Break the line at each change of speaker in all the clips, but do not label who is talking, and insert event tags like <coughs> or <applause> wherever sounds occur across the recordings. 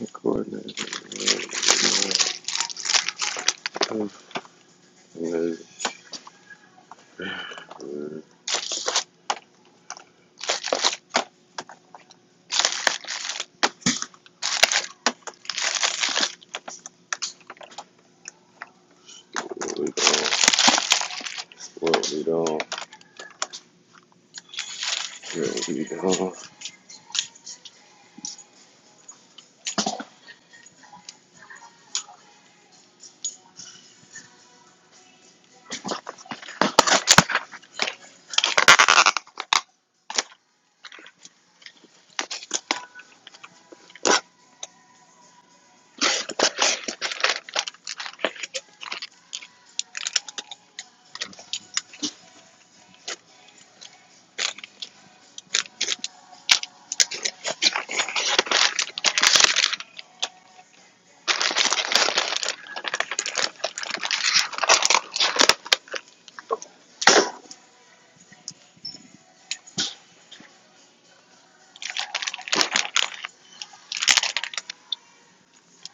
Recording of what we doing, what we doing, what we doing.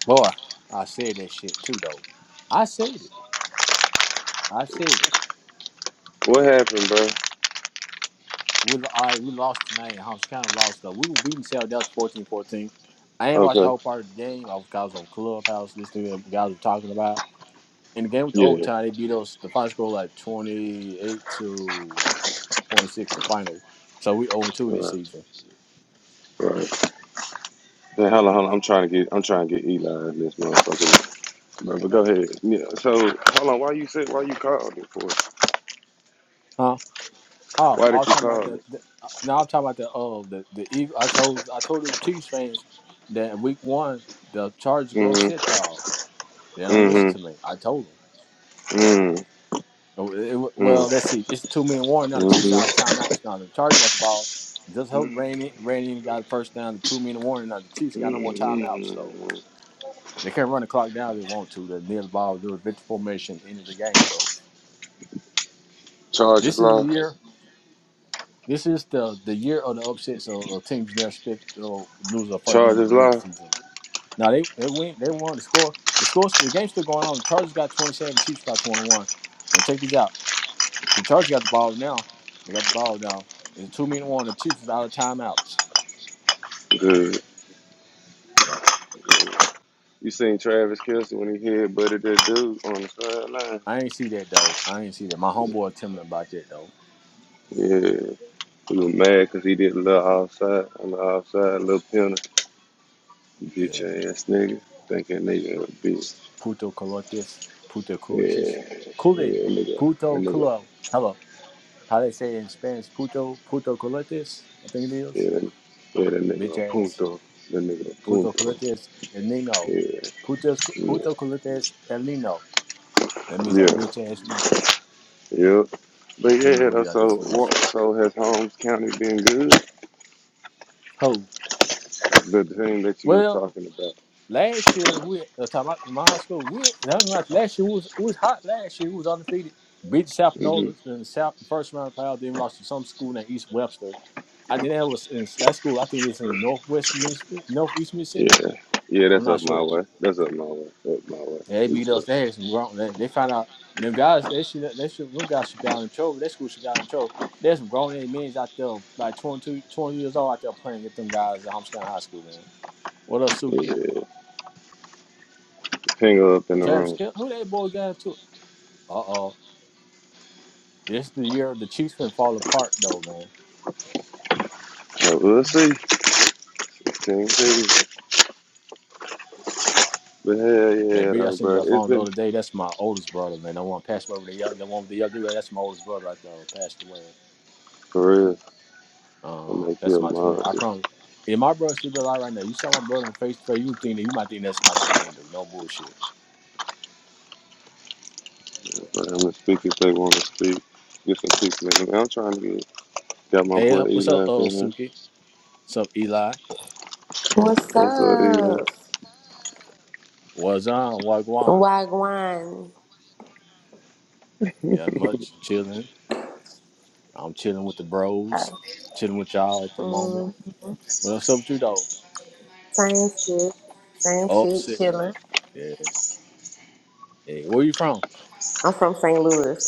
Boy, I said that shit too though. I said it. I said it.
What happened, bro?
We I we lost tonight in Holmes County lost though. We were beating South Delta fourteen fourteen. I ain't watched the
Okay,
whole part of the game. I was I was on Clubhouse listening to what guys were talking about. In the game with the
yeah,
overtime, they beat us the final score like twenty eight to twenty six the final. So we over two this
right,
season.
right. Now, hold on, hold on. I'm trying to get, I'm trying to get Eli in this motherfucker, bro. But go ahead. Yeah. So, hold on. Why you said, why you called it for?
Huh? Oh,
Why
I
did
was
you
talking about
call
the,
it?
the uh, no, I'm talking about the uh the, the Eagle I told I told the Chiefs fans that week one the Chargers go
Mm-hmm.
upset y'all. They don't listen to
Mm-hmm.
me. I told them.
Mm.
Oh, it- it- well,
Mm.
let's see. It's two minute warning. Now the Chiefs out of
Mm-hmm.
timeouts. Now the Chargers got the ball. Just help
Mm-hmm.
Randy. Randy got the first down. The two minute warning. Now the Chiefs got no more timeouts though.
Mm-hmm.
They can't run the clock down if they want to. They're near the ball. Do a victory formation. End of the game though.
Charges
This is the
lost.
year. This is the the year of the upsets. Of, of teams never expect to lose their first game of the
Charges
regular
lost.
season. Now they they win. They won. The score. The score. The game's still going on. The Chargers got twenty seven. Chiefs got twenty one. And check these out. The Chargers got the ball now. They got the ball now. It's a two minute one. The Chiefs is out of timeouts.
Good.
Yep.
You seen Travis Kelce when he headbutted that dude on the sideline?
I ain't see that though. I ain't see that. My homeboy telling about that though.
Yeah, we was mad because he did a little outside, on the outside, a little penalty. Bitch
Yeah.
ass nigga. Think that nigga a
Look.
bitch.
Puto Colotes. Puto Colotes.
Yeah,
Cule.
yeah, nigga. That
Puto
nigga,
Culo. Hello. How they say it in Spanish? Puto Puto Colotes. I think it is.
yeah, that, yeah, that nigga
Bitch
a
ass.
punto. That nigga a
Puto
punto.
Colotes. El Nino.
Yeah,
Puto
yeah,
puto Colotes. El Nino. That means that
yeah.
bitch ass nigga.
yeah. But
I think that
yeah,
what
that's
I just
so,
said. is-
what, so has Holmes County been good?
Ho.
The thing that you were
Well,
talking about.
Last year, we uh, talking about my high school. We like last year. We was, we was hot last year. We was undefeated. Beat South
hmm
Panola in the South first round pile. Then lost to some school named East Webster. I think that was in that school. I think it's in Northwest Mississippi, Northeast Mississippi.
Yeah. Yeah,
I'm
that's
not
up my
sure.
way. That's up my way. Up my way.
Yeah, they beat
East
us. They
West.
had some grown. They, they found out them guys. They should. They should. Them guys should got in trouble. That school should got in trouble. There's some grown ass men out there, like 22, 20 years old out there playing with them guys at Homestead High School, man. What up, Suki?
Yeah. Finger up in the
Travis
room.
Kelce. Who that boy got into? Uh oh. This is the year the Chiefs been fall apart though, man.
So we'll see. Same city. But hell
That
yeah,
video I
though,
sent
bro.
you your
It's
phone the
been
other day, that's my oldest brother, man. The one passed away with the yellow, the one with the yellow dude, that's my oldest brother right there, passed away.
for real. I
Uh,
make
that's
you a
my twin.
mod.
I promise. If my brother still be alive right now, you saw my brother in face to face, you think that you might think that's my twin, dude. No bullshit.
I'm gonna speak if they want to speak. Get some people in here. I'm trying to get got my
Hey,
boy
uh, what's
Eli
up,
up in
old
here.
Suki? What's up, Eli?
What's
What's up, Eli?
up?
What's on? Wagwan?
Wagwan.
Yeah, much chilling. I'm chilling with the
Uh,
bros, chilling with y'all at the moment.
mm,
What's up with you though?
same shit. Same shit,
Upset.
chilling.
Yeah. Hey, where you from?
I'm from St. Louis.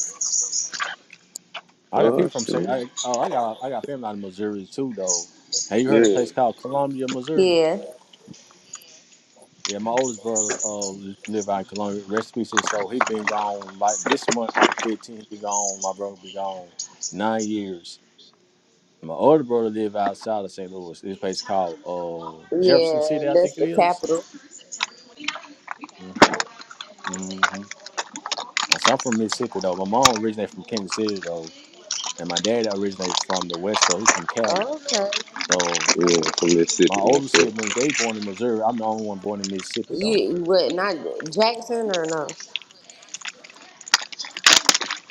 I got
Oh
people from St.
shit.
I, oh, I got I got family out in Missouri too, though. Have you heard of a
Yeah,
place called Columbia, Missouri?
Yeah,
Yeah, my oldest brother uh live out in Columbia. Rest in peace. his he been gone like this month on the fifteenth. Be gone. My brother be gone nine years. My older brother live outside of St. Louis. This place called uh Jefferson
yeah,
City, I think
that's
it
the
is.
capital.
Mm-hmm. So I'm from Mississippi though. My mom originated from Kansas City though, and my dad originated from the West Coast. He's from Cali.
Okay.
So
yeah. From
My
Mississippi
older
myself.
siblings, they born in Missouri. I'm the only one born in Mississippi though.
You, you what, not Jackson or no?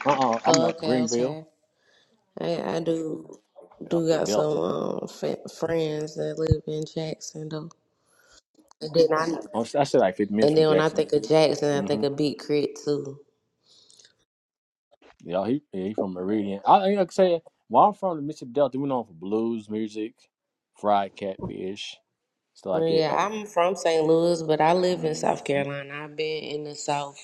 Uh uh i am not
Okay,
Greenville,
okay. I, I do do
up the
got some
Delta.
um, f- friends that live in Jackson, though. And then, I,
I I said like 50 minutes
and
from
then when I
Jackson.
think of Jackson, I think
Mm-hmm.
of Beat Crit, too.
Yeah, he yeah, he from Meridian. I I like I said, where I'm from, the Mississippi Delta, we known for blues music, fried catfish, stuff
Well,
like that
yeah,
though.
I'm from St. Louis, but I live in South
Mm-hmm.
Carolina. I've been in the South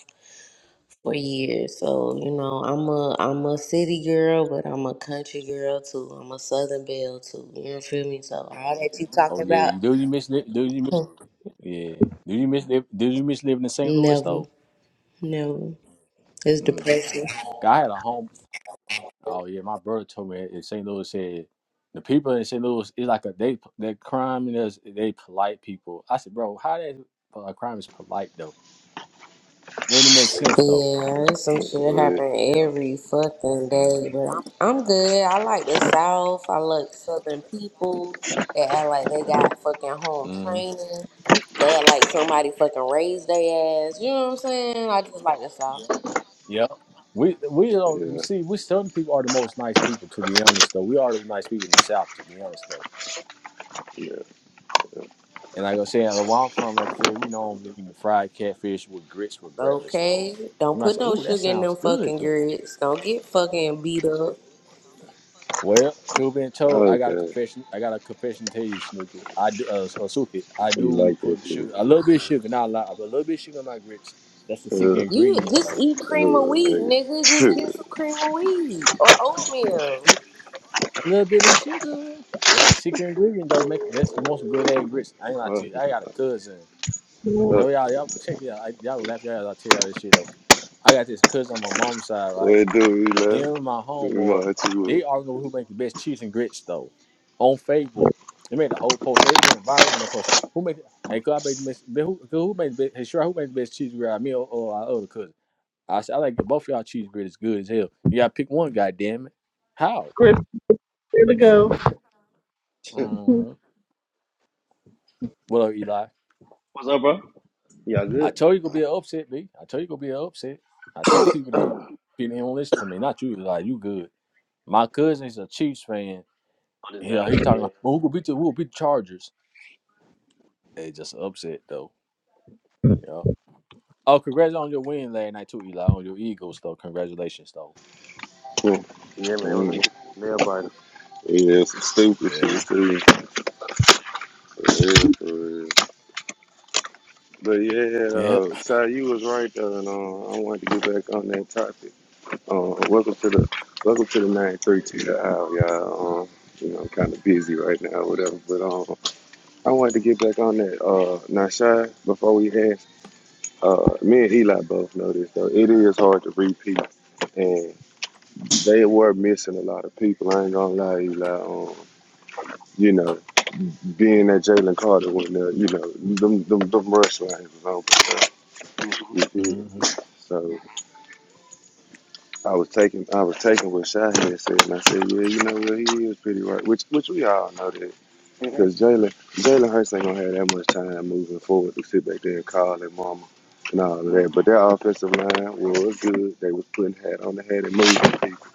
for years, so you know I'm a I'm a city girl, but I'm a country girl too. I'm a Southern belle too. You feel me? So all that you
Oh
talking
yeah,
about,
you do you miss li- do you miss
<laughs>
yeah do you miss li- do you miss living in St. Louis
never,
though?
never. It's
Mm.
depressing.
I had a home Oh yeah, my brother told me in St. Louis said the people in St. Louis is like a they that crime is they polite people. I said, bro, how that uh, crime is polite though? They didn't make sense though.
Yeah, it's some shit
What?
happen
Yep.
every fucking day, but I'm, I'm good. I like the South. I like Southern people. They act like they got fucking home
Mm-hmm.
training. They act like somebody fucking raised their ass. You know what I'm saying? I just like the South.
Yep. We we don't
Yeah,
see we Southern people are the most nice people to be honest though. We are the nice people in the South to be honest though.
yeah.
And like I was saying, where I'm from, like I said, we know eating fried catfish with grits with breakfast though.
Okay,
You
don't
might
put
say,
no
"Ooh, that
sugar in
sounds
them
good
fucking
though."
grits. Don't get fucking beat up.
Well, truth being told, I got a
Okay.
confession. I got a confession to tell you, Snooki. I do, uh, uh Suki. I
You
do
like that
put
shit?
sugar, a little bit of sugar, not a lot, but a little bit of sugar in my grits. That's the secret
Uh, uh,
You
ingredient,
just
though.
eat cream of wheat,
nigga.
nigga. Just get
<laughs>
some cream of wheat or oatmeal.
A little bit of sugar. That's the secret ingredient, though. Make that's you want some good egg grits. I ain't lie to
fuck,
you. I got a cousin.
fuck.
No, y'all, y'all check this out. I, y'all will laugh your ass. I tell y'all this shit though. I got this cousin on my mom's side, right?
What it do, Eli?
Him and my
Let me
homeboy,
mod
they
you
arguing over who makes the best cheese and grits though. On Facebook, they made a whole post. They went viral when they posted who made. Hey, could I make the best? Who, who made the best? Hey, sure, who made the best cheese grit? Me or, or our other cousin? I said I like it. both of y'all cheese grit is good as hell. You gotta pick one, goddamn it. How?
Chris, here to go.
Mm-hmm. What up, Eli?
What's up, bro? Y'all
I
good?
told you gonna be an upset, B. I told you gonna be an upset. I told people that people didn't want to listen to me. Not you, Eli. You good. My cousin is a Chiefs fan.
On this
He
game,
he's talking
yeah.
about, well, who will beat the who will beat the Chargers? Hey, just an upset though. Yeah. Oh, congrats on your win last night too, Eli. On your Eagles though. Congratulations though.
up. <laughs>
Yeah, man, it
Mm,
was
mm.
a nail biter.
Yeah, some stupid shit
Yeah.
too. For real, for real. But yeah,
Yep.
uh, Si, you was right though, and uh, I wanted to get back on that topic. Uh, welcome to the welcome to the nine thirty two hour, y'all. Um, you know, I'm kind of busy right now, whatever. But um, I wanted to get back on that. Uh, now, Shy, before we had, uh, me and Eli both know this though. It is hard to repeat, and they were missing a lot of people. I ain't gonna lie, Eli. Um, you know, being that Jalen Carter went there, you know them them, them rush lines was open. You
Mm-hmm.
feel?
hmm
So I was taking I was taking what Shy had said, and I said, yeah, you know what, he is pretty right, which which we all know that,
Mm-hmm.
because Jalen Jalen Hurts ain't gonna have that much time moving forward to sit back there and call that mama and all of that. But their offensive line was good. They was putting hat on the head and moving people,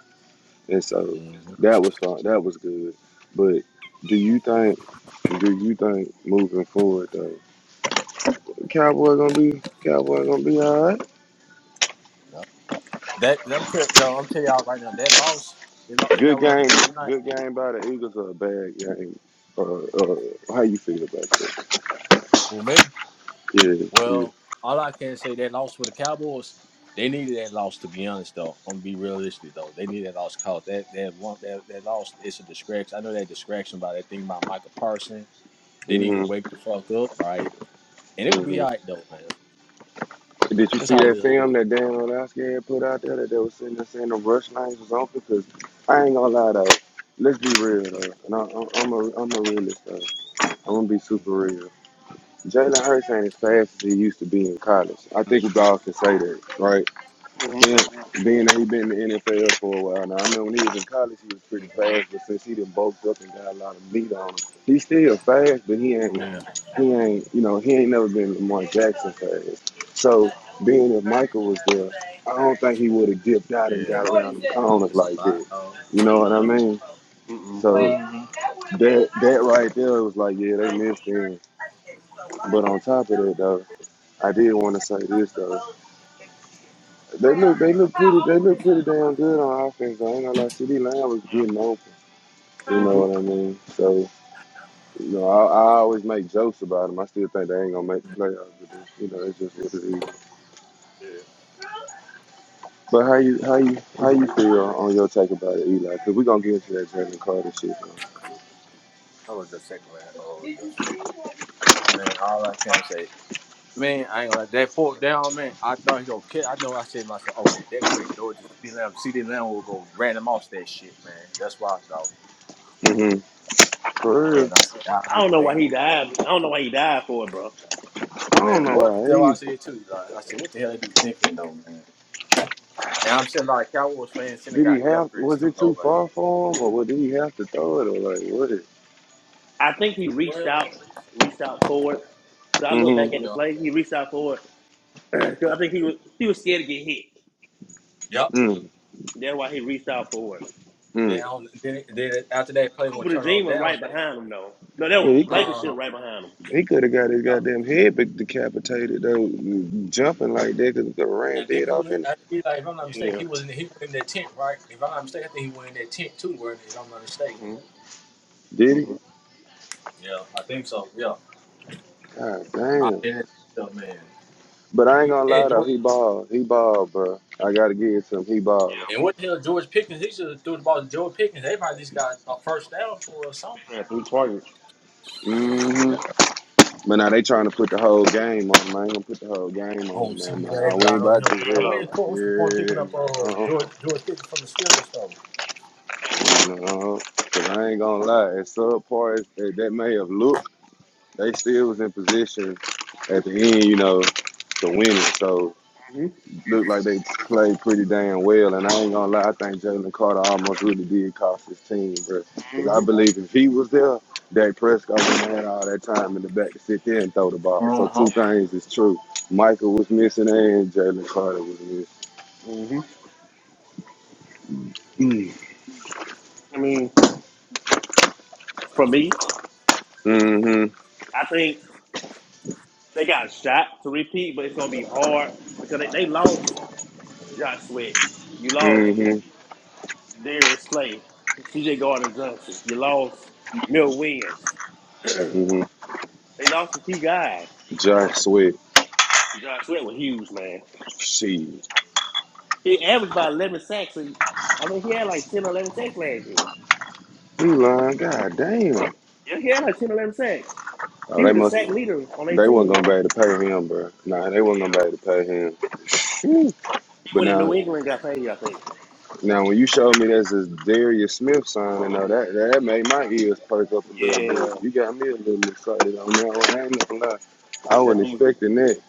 and so
hmm
that was fun. That was good. But do you think? Do you think moving forward though, Cowboy gonna be Cowboy gonna be all right?
Yep. That I'm tell, though, I'm telling y'all right now that loss, they lost the
Good
Cowboys
game,
last night.
good game by the Eagles or a bad game? Uh, uh, how you feel about that?
Well, me.
Yeah, yeah.
Well, all I can say that loss for the Cowboys, they needed that loss to be honest though. I'm gonna be realistic though. They needed that loss cause that that one that, that loss it's a distraction. I know that distraction by that thing about Michael Parsons. They need to
Mm-hmm,
wake the fuck up, right? And it could be all
mm-hmm.
right though, man.
Mm-hmm.
Did you
That's
see
how it
that
is.
film that Dan Orlowski had put out there that they were sitting there saying the rush lanes was open? Because I ain't gonna lie though, let's be real though, and I, I, I'm a I'm a realist though. I'm gonna be super
Mm-hmm.
real. Jalen Hurts ain't as fast as he used to be in college. I think we
hmm
all can say that, right? Yeah,
Mm-hmm.
being that he been in the NFL for a while now. I know when he was in college, he was pretty
Yeah.
fast, but since he done bulked up and got a lot of meat on him, he's still fast, but he ain't, he ain't, you know, he ain't never been Lamar Jackson fast. So being if Michael was there, I don't think he would have dipped out and
Yeah. And
got
what
around
is
them
that?
corners
It's a
like
lot
that.
of.
You know what I
Yeah.
mean?
Mm-hmm.
Well,
So
Mhm. that would have been
that
a
that
nice.
right there was like, yeah, they
But
missed
she
him.
already did, it, so why
But
get a
on
new
top of
note?
that, though,
Uh,
I did want to say
I'm
this though.
supposed to be next year.
They look, they
Well,
look pretty,
how
they
old
look
is her
pretty
car?
damn good on offense. I ain't gonna lie, CD Lamb was getting open. You
Huh?
Mm-hmm.
know what I mean? So, you know, I, I always make jokes about them. I still think they ain't gonna make the playoffs, but it's, you know, it's just what it is.
Yeah. Huh?
But how you, how you, how you
You
feel
what?
on your take about it, Eli? Cause we gonna get into that Jalen Carter shit. man.
Hold on just a second, man. Hold on just a second. Man, all I can say, man, I ain't gonna let that fourth down, man. I thought he gonna kick. I know I said to myself, okay, that can't do it. Just CD Lamb, CD Lamb will go random off that shit, man. That's what I thought.
mm hmm For real,
Man, I said,
I
God
don't know
damn.
why he died. I don't know why he died for it, bro.
I
Man,
don't know
what?
why.
That's what I
He,
said too. Like, I said, what the hell they do thinking though, man? And I'm sitting like Cowboys fans sitting
did
there
he
got death
have?
threats
Was
too
it
though,
too
man.
far for him, or what, did he have to throw it, or like what? It,
I think he reached
Well,
out, reached out for it. Cause I look back at the
mm-hmm.
yeah.
Mm-hmm. play, he reached out for it. <clears throat> Cause I think he was he was scared to get hit.
Yep.
Mm-hmm.
That's why he reached out for it.
Then, I don't- then, then after that play, one
Cooper the
turn
Dream
on
was
downs,
right
that
behind him though. No, that
Yeah,
was
he could.
Blankenship
uh
right behind him.
He could have got his
huh.
goddamn head decapitated though, jumping like that because he could have ran
I think
dead
he
off
was,
in. it.
I feel like if I'm not
Yeah.
mistaken, he was in he was in that tent, right? If I'm not mistaken, I think he went in that tent too, wasn't he? if I'm not mistaken.
Mm-hmm.
Did he?
Mm-hmm.
Yeah, I think so. Yeah,
God
I
damn.
said that stuff, man.
But I ain't gonna
And
lie though,
George,
he balled. He balled, bro. I gotta give it to him. He balled.
and what the hell, George Pickens? He should have threw the ball to George Pickens. They probably just got a first down for or something.
Yeah, three targets.
hmm
Yeah.
But now they trying to put the whole game on him. I ain't gonna put the whole game on
Oh,
him,
see,
man.
they
Nah, we ain't
relying on
about to
him.
do
But
that.
what
Yeah.
is, the point? what's the point of picking
Yeah,
up uh,
no,
Yeah.
George George Pickens from the Steelers though?
no. cause I ain't gonna lie, as subpar as that that may have looked, they still was in position at the end, you know, to win it. So
Mm-hmm.
Look like they played pretty damn well, and I ain't gonna lie, I think Jalen Carter almost really did cost his team, bro. Because
Mm-hmm.
I believe if he was there, Dak Prescott wouldn't have had all that time in the back to sit there and throw the ball. So
Uh
two
huh.
things is true: Michael was missing, and Jalen Carter was
hmm
missing. Mm.
I mean, for me,
hmm
I think they got a shot to repeat, but it's gonna be hard because they, they lost Josh Sweat. You lost
Mm-hmm.
Darius Slay, CJ Gardner Johnson. You lost Mill Williams.
Mm-hmm.
They lost some key guys.
Josh Sweat.
Josh Sweat was huge, man.
She.
He averaged about 11 sacks. a- I mean, he had like 10 or 11 sacks last year.
You lying? God damn.
Yeah, he had like 10 or 11 sacks.
Oh,
He
they
was the
must.
sack leader on their
They
team.
wasn't gonna
though.
be able to pay him, bro. Nah, they wasn't gonna
Yeah.
be able to pay him. Hmm.
He
But
went to
now
New England and got paid, I think.
Now, when you showed me that's this Darius Smith sign and all that, that made my ears perk up a little bit.
Yeah,
You got me a little excited on that one. I ain't gonna lie. I
that's
wasn't
huge.
expecting that.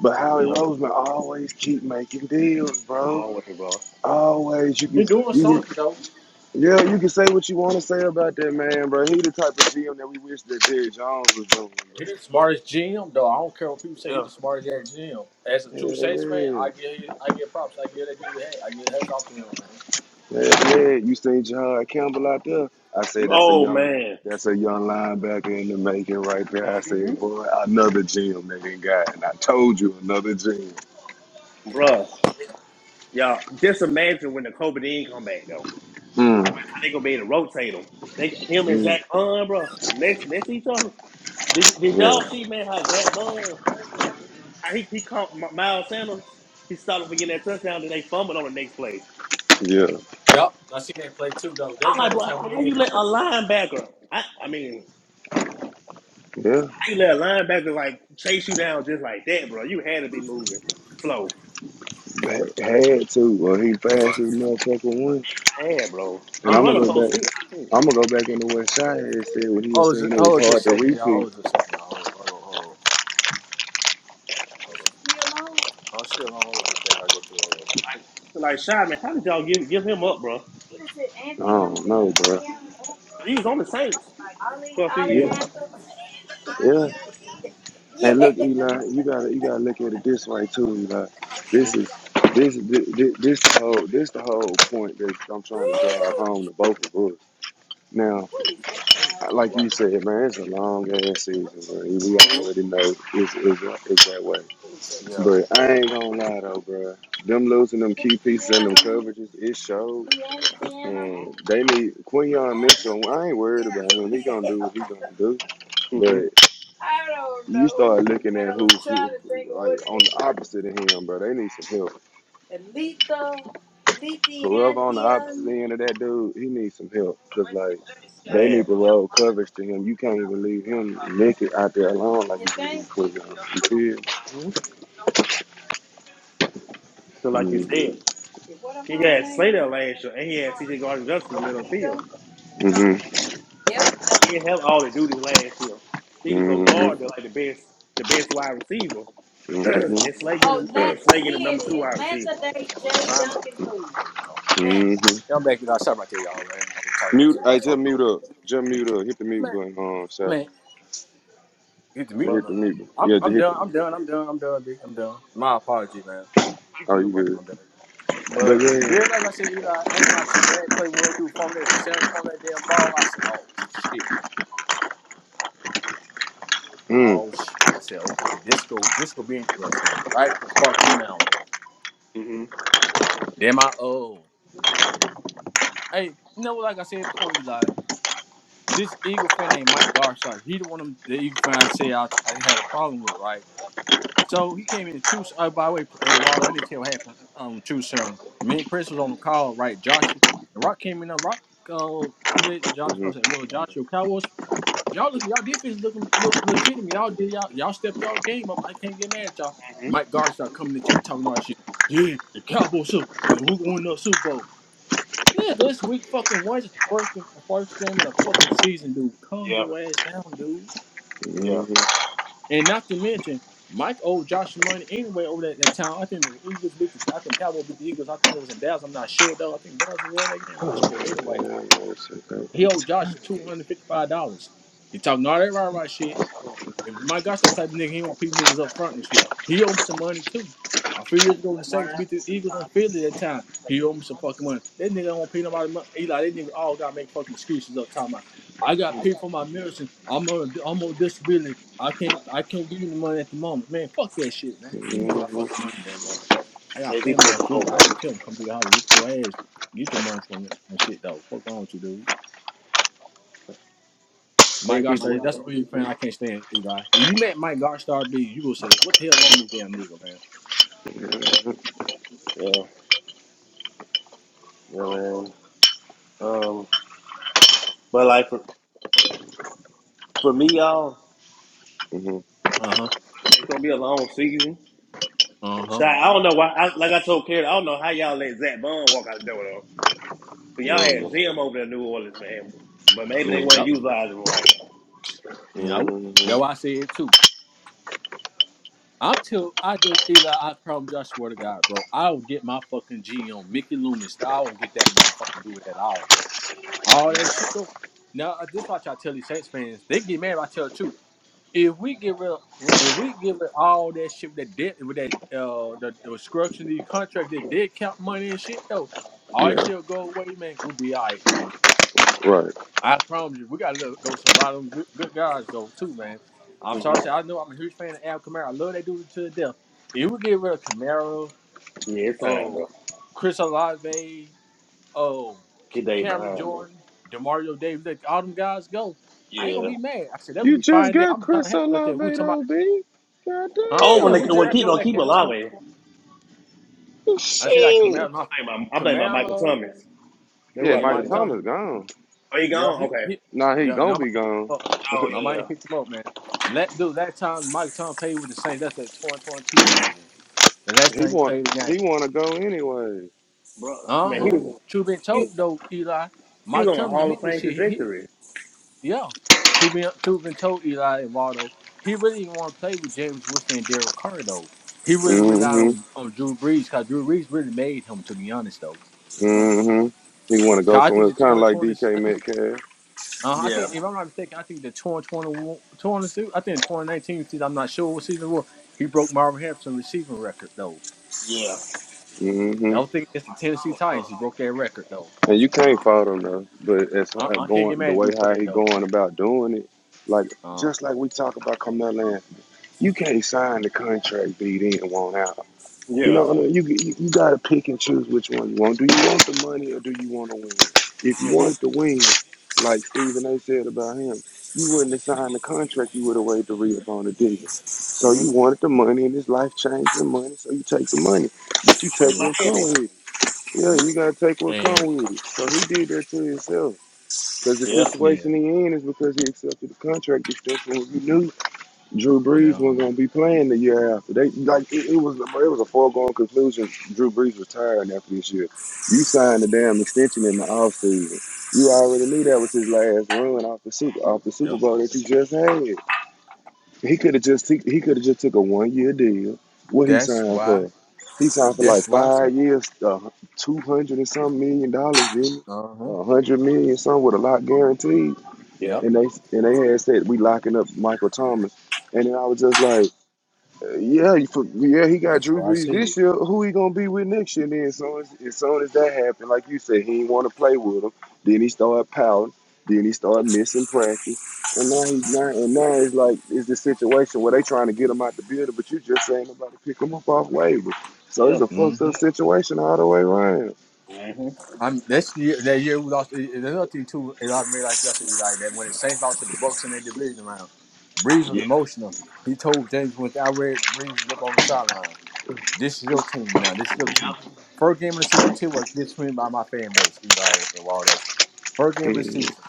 But Howie
Yeah.
Roseman always keep making deals, bro.
Always, bro.
Always, you
He
can,
doing
you
something
can,
though.
yeah, you can say what you want to say about that man, bro. He the type of GM that we wish that Jerry Jones was doing,
He the
bro.
smartest GM though. I don't care what people say. He
Yeah.
the smartest at GM. As a true Saints fan,
Yeah, yeah.
I give I give props. I give that dude hey, I give hats off to him, man.
Yeah, yeah. You seen John Campbell out there? I said that's a
Oh
young,
man,
that's a young linebacker in the making right there. I
hmm
said, boy, another gem, nigga, and guy. And I told you another gem.
bro. Y'all, just imagine when the COVID did come back though.
Mm,
How they gonna be able to rotate them? They him and Zach
mm,
Bond, bro, next next to each other. Did, did y'all
yeah,
see man how Zach Bond how he he caught M- Miles Sanders? He started for getting that touchdown, then they fumbled on the next play.
yeah,
Yup, I seen that play too though. That
I'm like, bro,
was the time we
how you
in.
let a linebacker? I, I mean,
yeah.
how you let a linebacker like chase you down just like that, bro? You had to be moving slow.
That had to. Well, he fast as motherfucker one.
Man, bro,
And
he
Huh?
I'm
run a
gonna go
four
back.
six.
I'm gonna go back in the West Side and said when he was
Hold on,
saying it
hold
was hard
just a
to
second, y'all. Hold
repeat.
just a second, y'all. Hold on, hold on, hold on. Hold on. I'm still on. Hold on just a second. I go to hold
Like, like Shyman, how did y'all give give him up, bro?
I don't know, bro.
He was on the Saints for a few
Yeah,
years.
yeah. And look, Eli, you gotta you gotta look at it this way too, Eli.
hmm
This
on. <laughs>
is this this, this this the whole this the whole point that I'm trying to drive
What
home to both of us. Now,
is that child?
like you
Right.
said, man, it's a long ass season, bro. We
It's
hmm
um,
already know it's, it's, it's that way.
what is that
Yeah.
But
child?
I ain't gonna lie though, bro. Them losing them key pieces and them
Anthianum,
coverages, it showed.
Leanthianum.
And they need Quinion
Oh,
Mitchell. I ain't worried about him.
yeah.
He gonna do what he gonna do.
hmm hmm
but.
<laughs> I don't
you
know.
start looking at
Hell,
who,
I'm trying
who,
to
who,
think of
like
what it
on the
is.
opposite of him, bro. They need some help.
Letha,
Whoever on the opposite
Lethianthium.
end of that dude, he needs some help because
Wait,
like
let me see. I
they
see
Bad.
need to
your
roll
mama
coverage to him. You can't
now.
even leave him
Um,
naked out there alone like
You
you can
think?
leave
Wait,
Quick on.
Your
You
mama.
feel?
hmm
Your mama.
So like you
Mm-hmm.
said,
Yeah, What her
he
mama
had
name? I
Slater
can't
last year, and he had C.J.
think.
Gardner Johnson in the middle of the field.
Orica.
Mm-hmm.
Yep,
He
Duncan.
didn't have all the duties last year. He could go guard
Mm-hmm.
to like the best, the best wide receiver, <clears throat> and Slay
Oh,
getting <clears throat>
Lanta.
Slay getting the
Here
number
it
two
is.
wide receiver.
Lanta Day I was J. trying to. Duncan Food. No. Lanta.
Mm-hmm.
Y'all back Y'all Stop right there, y'all, man. I'm talking about
Mute.
talking
I
about
just
talking
mute
over
up.
here.
Just mute up. Hit the mute
Man,
button, um, sir.
man, get the meat.
Just
But
hit the mute. Button.
I'm,
Yeah, just
I'm
hit
done.
the.
I'm done. I'm done. I'm done, B. I'm done. My apology, man.
you
Oh, you
good, but
good?
I'm done.
But
but
Yeah,
yeah.
like I said, Eli, I ain't gonna lie to you. When they play, when they do formula, when Sam's forming that damn ball, I said, oh shit,
Mm.
oh shit. I said, okay, this go, this go be interesting, right? The fucking now, man.
hmm
Damn, I oh, hey, you know what? Like I said before, Eli. this Eagle fan ain't Mike Garshike. He the one of them- the Eagle fan I say I, I had a problem with, right? So he came in and choose. Oh, by the way, hey Waldo, I need to tell you what happened. Um, choose serum. Me and Prince was on the call, right? Joshua and Rock came in. Uh, Rock, uh, today, Josh, I
Mm-hmm.
was saying, well, Joshua Cowboys, y'all look, y'all defense looking look, legitimate. Y'all did y'all y'all stepped y'all game up. I can't get mad at y'all.
Mm-hmm.
Mike Garshike coming to check talking all that shit. Yeah, the Cowboys up. and We're going to the Super Bowl. Nigga, it's week fucking one. It's the first, the first game of the fucking season, dude. Calm
yeah,
your ass down, dude.
yeah,
Mm-hmm.
And not to mention, Mike owed Josh some money anyway over that, that town. I think the Eagles beat the I think the Cowboys beat the Eagles. I think it was in Dallas. I'm not sure though. I think Dallas won that game. I'm not
Oh,
sure.
damn,
Anyway,
man, shit, that was-
he owed Josh two hundred fifty five dollars. He talking all that right right shit. If my guy's that type of nigga, he want people niggas up front and shit. He owed me some money too. A few years ago when the Saints beat the Eagles in Philly that time, he owed me some fucking money. That nigga don't want to pay nobody money. Eli, that nigga all gotta make fucking excuses up time. I got
Mm-hmm.
paid for my medicine. I'm on I'm on disability. I can't I can't give you the money at the moment. Man, fuck that shit, man. Let me get my fucking
Mhm.
money,
yeah,
nigga.
man.
I
Pay
got
people
family
what
in
you
Philly.
owe,
I
man.
would tell him come to the house, whoop your ass, get your money from me and shit though. Fuck wrong with you, dude.
Pay
Mike
people
Godstar,
what
that's
you
the only fan I can't stand, Eli. If you met Mike Godstar B, you gonna say, What the hell wrong this damn nigga, man?
owe. Yeah, yeah, man. Um, but like for, for me, y'all,
I
Uh huh.
it's gonna be a long season.
Uh huh.
So I I don't know why. I, like I told Kerry, I don't know how y'all let Zach Bond walk out the door though. But y'all
don't
had
know how
Jim over there in New Orleans, man. But maybe they
it is.
weren't
Yep.
utilizing him right.
You know, that's
Mhm.
why I say it too. I'm till I do Eli, I promise you, I swear to God, bro. I will get my fucking G on Mickey Loomis. I won't get that motherfucking do it at all. All that
hmm
shit go. Now uh, this is why I try to tell these Saints fans. They get mad if I tell the truth. if we give it, if we give it all that shit with that debt, with that uh the, the destruction of the contract, that dead count money and shit though, all that
Yeah,
shit will go away, man. We'll be all right, man.
right.
I promise you, we gotta let go some lot of them good, good guys go too, man. I'm
hmm
sorry, to say I know I'm a huge fan of Al Kamara. I love that dude to the death. If we get rid of Kamara,
Yeah, it's time,
oh,
bro.
Chris Olave, oh,
He
K-
day
Cameron
behind, bro.
Jordan, Demario Davis, let all them guys go. I ain't gonna
Yeah.
be mad. I said that gonna
You
be
just
fine. There,
got
I'm not
Chris
happy about that.
Olave
We were talking about
though, B.
Huh?
Oh, when
Yeah,
they
Goddamn.
we
when
jacked
keep
up
on
that
keep
kid.
alive, I
tw-
think
I said that
Shit.
Camaro, my
about, I think about Michael
Camaro.
Thomas. That's who
Yeah,
I
Yeah,
Michael
think
Mike
about.
Thompson.
Thomas gone.
Oh, he
Yeah,
gone?
he,
Okay.
he
Nah, he
yeah,
gonna be
nobody picked
gone.
him up.
Oh yeah, yeah,
Nobody picked him up, man. Let dude, that time Mike Tom played with the Saints, that's the 2022 season. The last
<laughs> he
time he
want
played the
he
game.
wanna go anyway.
bro. Man, he
Uh-huh.
Hey.
was
True been
he,
told though, Eli.
he was
Mike
on a
Thompson
Hall of
admit this
Fame
shit. He, he-
trajectory.
yeah. True been true been told Eli and Waldo. He really didn't want to play with James Winston and Derek Carr though. He really relied
Mm-hmm.
on, on Drew Brees because Drew Brees really made him, to be honest though.
Mm-hmm. He wanna go
'Cause I
somewhere.
think the
It's kinda
twenty
like
twenty,
DK
I think,
Metcalf.
uh, I
Yeah,
think if I'm not mistaken, I think the twenty twenty one, twenty two, I think twenty nineteen season. I'm not sure what season it was. He broke Marvin Harrison receiving record though.
yeah.
I
Mm-hmm.
don't think it's the Tennessee
Oh,
Titans.
oh.
He broke that record though.
And you can't fault him though. But as
I,
far as
I can't get
going the
mad at
way
dude for
how
that
he
though,
going
man.
about doing it, like
Uh,
just like we talk about Carmelo You can't sign the contract beat in want out. You
Yeah.
know, what I mean? you you, you got to pick and choose which one you want. Do you want the money or do you want to win? If you
hmm
want to win, like Stephen A. said about him, you wouldn't have signed the contract. You would have waited to read up on the deal. So
hmm
you wanted the
yeah,
money, and his life changed the money. So you take the money, but you take
yeah,
what
Miami.
comes with it. Yeah, you gotta take what comes
and
with it. So he did that to himself. Cause the
Yeah.
yeah,
situation he in is because he accepted the contract extension when he knew Drew Brees wasn't
no,
gonna be playing the year after. They like it, it was it was a foregone conclusion. Drew Brees retiring after this year. You signed the damn extension in the offseason. You already knew that was his last run off the super
hmm
off the Super
yep.
Bowl that you just had. He could have just took- he could have just took a one year deal. What he
That's
signed
why.
for? He signed for like
That's why I see.
five years, uh, two hundred and some million dollars, didn't he?
Uh huh.
A hundred million something with a lot guaranteed.
Yeah.
Yep.
And they and they had said we locking up Michael Thomas. And then I was just like yeah, for, yeah, he got
That's
Drew
why I
Brees
see it.
this year. Who he gonna be with next year? Then, as soon as, as soon as that happened, like you said, he didn't want to play with him. Then he started pouting. Then he started missing practice. And now he's not. And now it's like it's the situation where they trying to get him out the building, but you just saying nobody pick him up off waivers. So
Yeah.
it's a fucked
hmm
up situation all the way around.
hmm
I'm this year, that year we lost. and Another thing too, and I mean like I said, like that when the Saints lost to the Bucks in their division round, Breeze was
Yeah.
emotional. He told James when I read Breeze was up on the sideline. This is your team now. This is your team. First game of the season. I'm telling you what gets me by my fan base, Eli and Waldo. First game of the
Mhm,
season.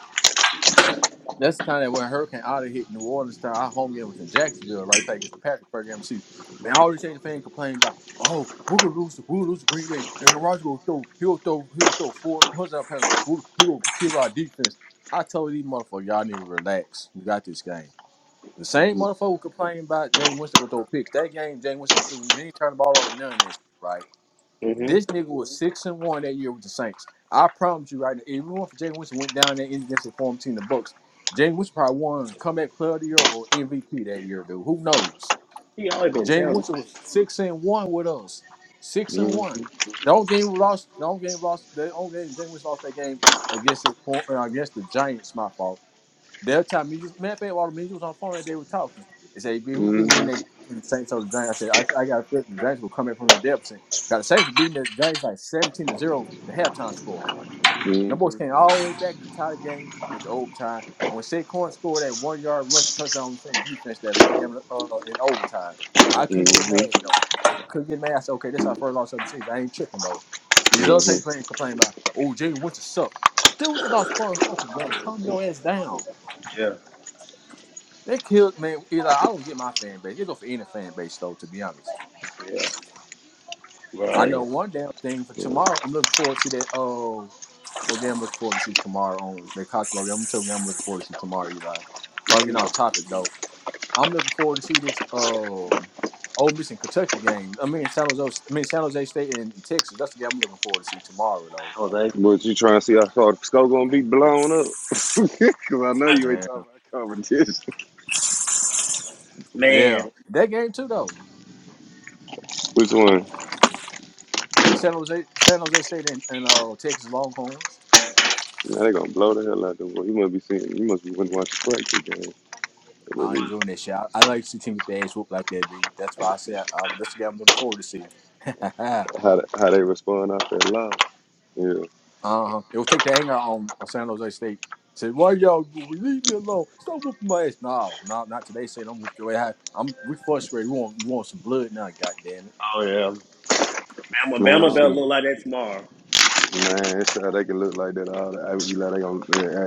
That's the time that when Hurricane Otter hit New Orleans, time our home game was in Jacksonville, right back against the Packers program season. Man, I already seen the fan complain about, oh, we're gonna lose, we're gonna lose to Green Bay, and Roger gonna throw, he'll throw, he'll throw four touchdown passes, we'll, he'll kill our defense. I told these motherfuckers, y'all need to relax. We got this game. The same
mhm,
motherfucker complaining about James Winston gonna throw picks. That game, James Winston ain't threw, he didn't the ball over none of this, shit, right?
Yeah. hmm
This nigga was six and one that year with the Saints. I promise you right now, even if it were for James Winston went down there against the former team, the Bucks, Jameis Winston probably won comeback player of the year or MVP that year, dude. Who knows?
He always been
Jameis
talented,
Winston
man.
was six and one with us. Six and one.
mhm,
The only game we lost, the only game we lost, the only game Jameis Winston lost that game against the for- uh, against the Giants. My fault. They'll tell me, man, I while me, you was on the phone that they were talking. They say, "Man, who think when
mhm,
they when the Saints or the Giants? I said, I, I got a feeling the Giants will come back from the depth saying, got the Saints were beating the Giants like 17 to 0 the halftime score. And the boys
mhm,
came all the way back to tie the game with the overtime. When Saquon scored that one yard rush touchdown on defense that last game uh, in overtime, I couldn't get
mhm,
mad though. Couldn't get mad. I said, okay, that's our first loss of the season. I ain't tripping though. These other
mhm.
Saints playing complaining about, oh, Jay Wentz suck. Dude just lost four fucking game. Calm your ass down.
Yeah.
They killed man. Eli, I don't get my fan base. They go for any fan base though. To be honest,
Yeah.
I
Right.
know one damn thing for tomorrow. I'm looking forward to see that. Oh, what game I'm looking forward to see tomorrow on the college ball game. I'm telling you, I'm looking forward to see tomorrow, Eli. So I'm
Ain't
getting
no
off topic though. I'm looking forward to see this. Um, Ole Miss and Kentucky game. I mean San Jose. I mean San Jose State and Texas. That's the game I'm looking forward to see tomorrow though.
Jose.
But you trying to see how far the skull gonna be blown up? <laughs> Cause I know you ain't
Man,
talking about competition.
yeah,
Man.
that game too though.
Which one?
San Jose, San Jose State and, and uh, Texas Longhorns.
Now they gonna blow the hell out of them. You must be seeing. You must be watching practice game. But
I
you-
enjoying that shit. I, I like to see Timothy ass whoop like that, B. That's why I say um, that's the guy I'm looking forward to see. <laughs> uh
How they- how they respond out there live? Yeah,
huh. It will take the anger on, on San Jose State. Say, why y'all leave me alone? Stop whooping my ass. No, no, not today. Say, don't whoop your ass. I'm we frustrated. We want we want some blood now. God damn it.
oh yeah. Bama
man. I
Bama
don't,
better
Shit.
look like that tomorrow.
man, it's how they can look like that. All that. I, you know, they gonna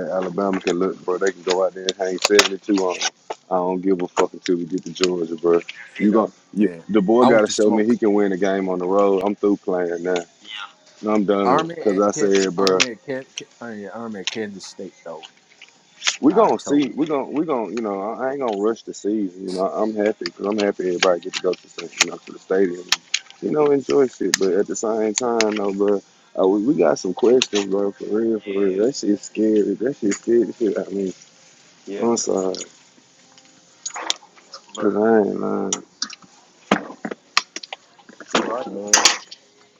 yeah, Alabama can look, bro. They can go out there and hang seventy two on. 'em. I don't give a fuck until we get to Georgia, bro.
You
You gonna
know.
you,
Yeah.
the boy
I want
gotta
to
show me
smoke.
he can win the game on the road. I'm through playing now.
Yeah.
No, I'm done
Army
because
at
I
Ken- uh,
said, bro,
Army at Ken- Ken- uh, yeah, Army at Kansas State though.
we
I
gonna see.
told.
We
you.
gonna we gonna you know I I ain't gonna rush the season. You know I'm happy because I'm happy everybody get to go to the, you know, to the stadium. You know enjoy shit, but at the same time, though, bro, uh, we, we got some questions, bro. For real, for real,
Yeah.
that shit's scary. That shit scared the shit out of me.
Yeah.
I'm sorry,
But
cause I ain't lying.
you right, man.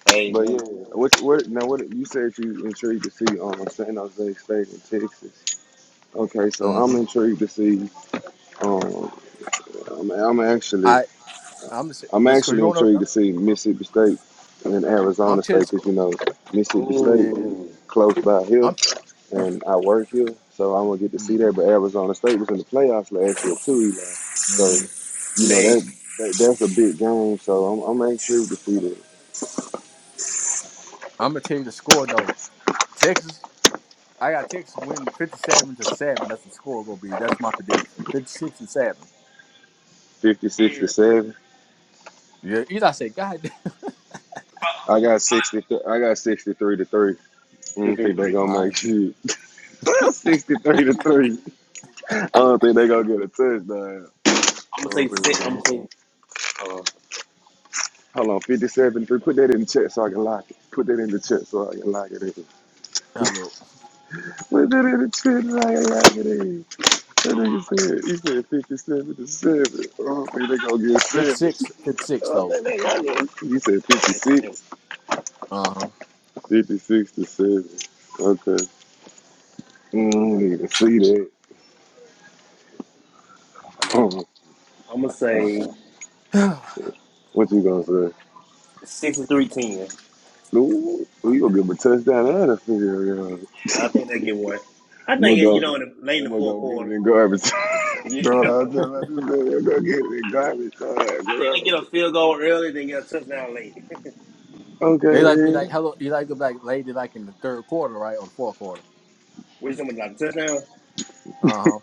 Hey,
But
man.
yeah, what what now? What you said you intrigued to see um San Jose State in Texas? Okay, so I'm
hmm
intrigued to see um I'm, I'm actually.
I I'm gonna say
I'm
this because
actually
you don't know.
intrigued to
I'm
see
I'm,
Mississippi State and
I'm
Arizona State
telling. you,
because you know Mississippi State
Yeah.
Oh
close by here,
I'm.
and I work here, so I'm gonna get to see that.
mhm.
But Arizona State was in the playoffs last year too, Eli. So
hmm
you know
man.
that, that that's a big game. So I'm I'm intrigued to see that.
I'm gonna tell you the score though. Texas, I got Texas winning 57 to seven. That's the score gonna be. That's my prediction. 56 and seven.
56 to seven.
Yeah, you I say, God damn.
I got 60. I got 63 to three. I
Two,
don't
three,
think they're
three.
gonna
All right,
make shit. <laughs> 63 to three. I don't think they're gonna get a touchdown. I
I'm gonna say
don't think they're
six.
gonna
I'm
man.
gonna say. Uh,
Hold on, 57 3. Put that in the chat so I can lock it. Put that in the chat so I can lock it in.
Hello.
Put that in the chat so I can lock it in. That nigga said, he said 57 to 7. I don't think they gonna get 7. I
56, 56
don't
though.
think they gonna get 7. He said
I think
56.
Uh
56 to 7. Okay. Mm, need to see that. <laughs>
I'm gonna
uh,
say
huh.
what you gonna say?
sixty-three ten.
Ooh,
<sighs>
you gonna give him a touchdown and a field goal.
I
<laughs>
think they get one. I
We'll
think you
go.
know in the, late in
Then
the
we'll
fourth
go get it
quarter.
in garbage. <laughs>
Yeah, <laughs> I think
Throw it out there. <laughs> I just said, "We'll go get it in garbage. Throw it
they get a field goal early, then get a touchdown late.
Okay,
they like be like,
then.
hello. You like to be like, lady, like in the third quarter, right, or the fourth quarter.
<laughs> Which something like a touchdown? Yeah,
Uh huh.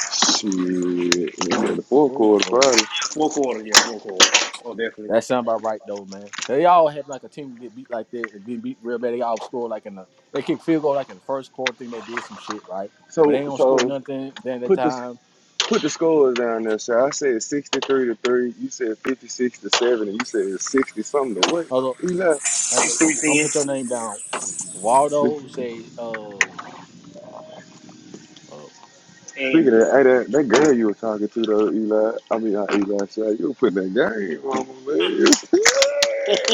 Shit, we're in the fourth
Oh,
quarter
Lord.
Friday.
Fourth quarter, yeah, fourth quarter. Oh, definitely
That sound about right though, man. They all have like a team get beat like that, they get beat real bad. They all score like in the they kick field goal like in the first quarter. Thing they did some shit right, but they
So,
ain't gonna score
so
nothing. Then at that
put the
time,
put the scores down there. So I said sixty-three to three. You said fifty-six to seven, and you said sixty something to what?
hold up,
Eli,
I-
six
I'm
three
gonna
ten
put your name down. Waldo
60.
say, uh, uh,
speaking
and.
of that, hey, that, that girl you were talking to though, Eli. I mean, not Eli. So you were putting that game on, man. <laughs>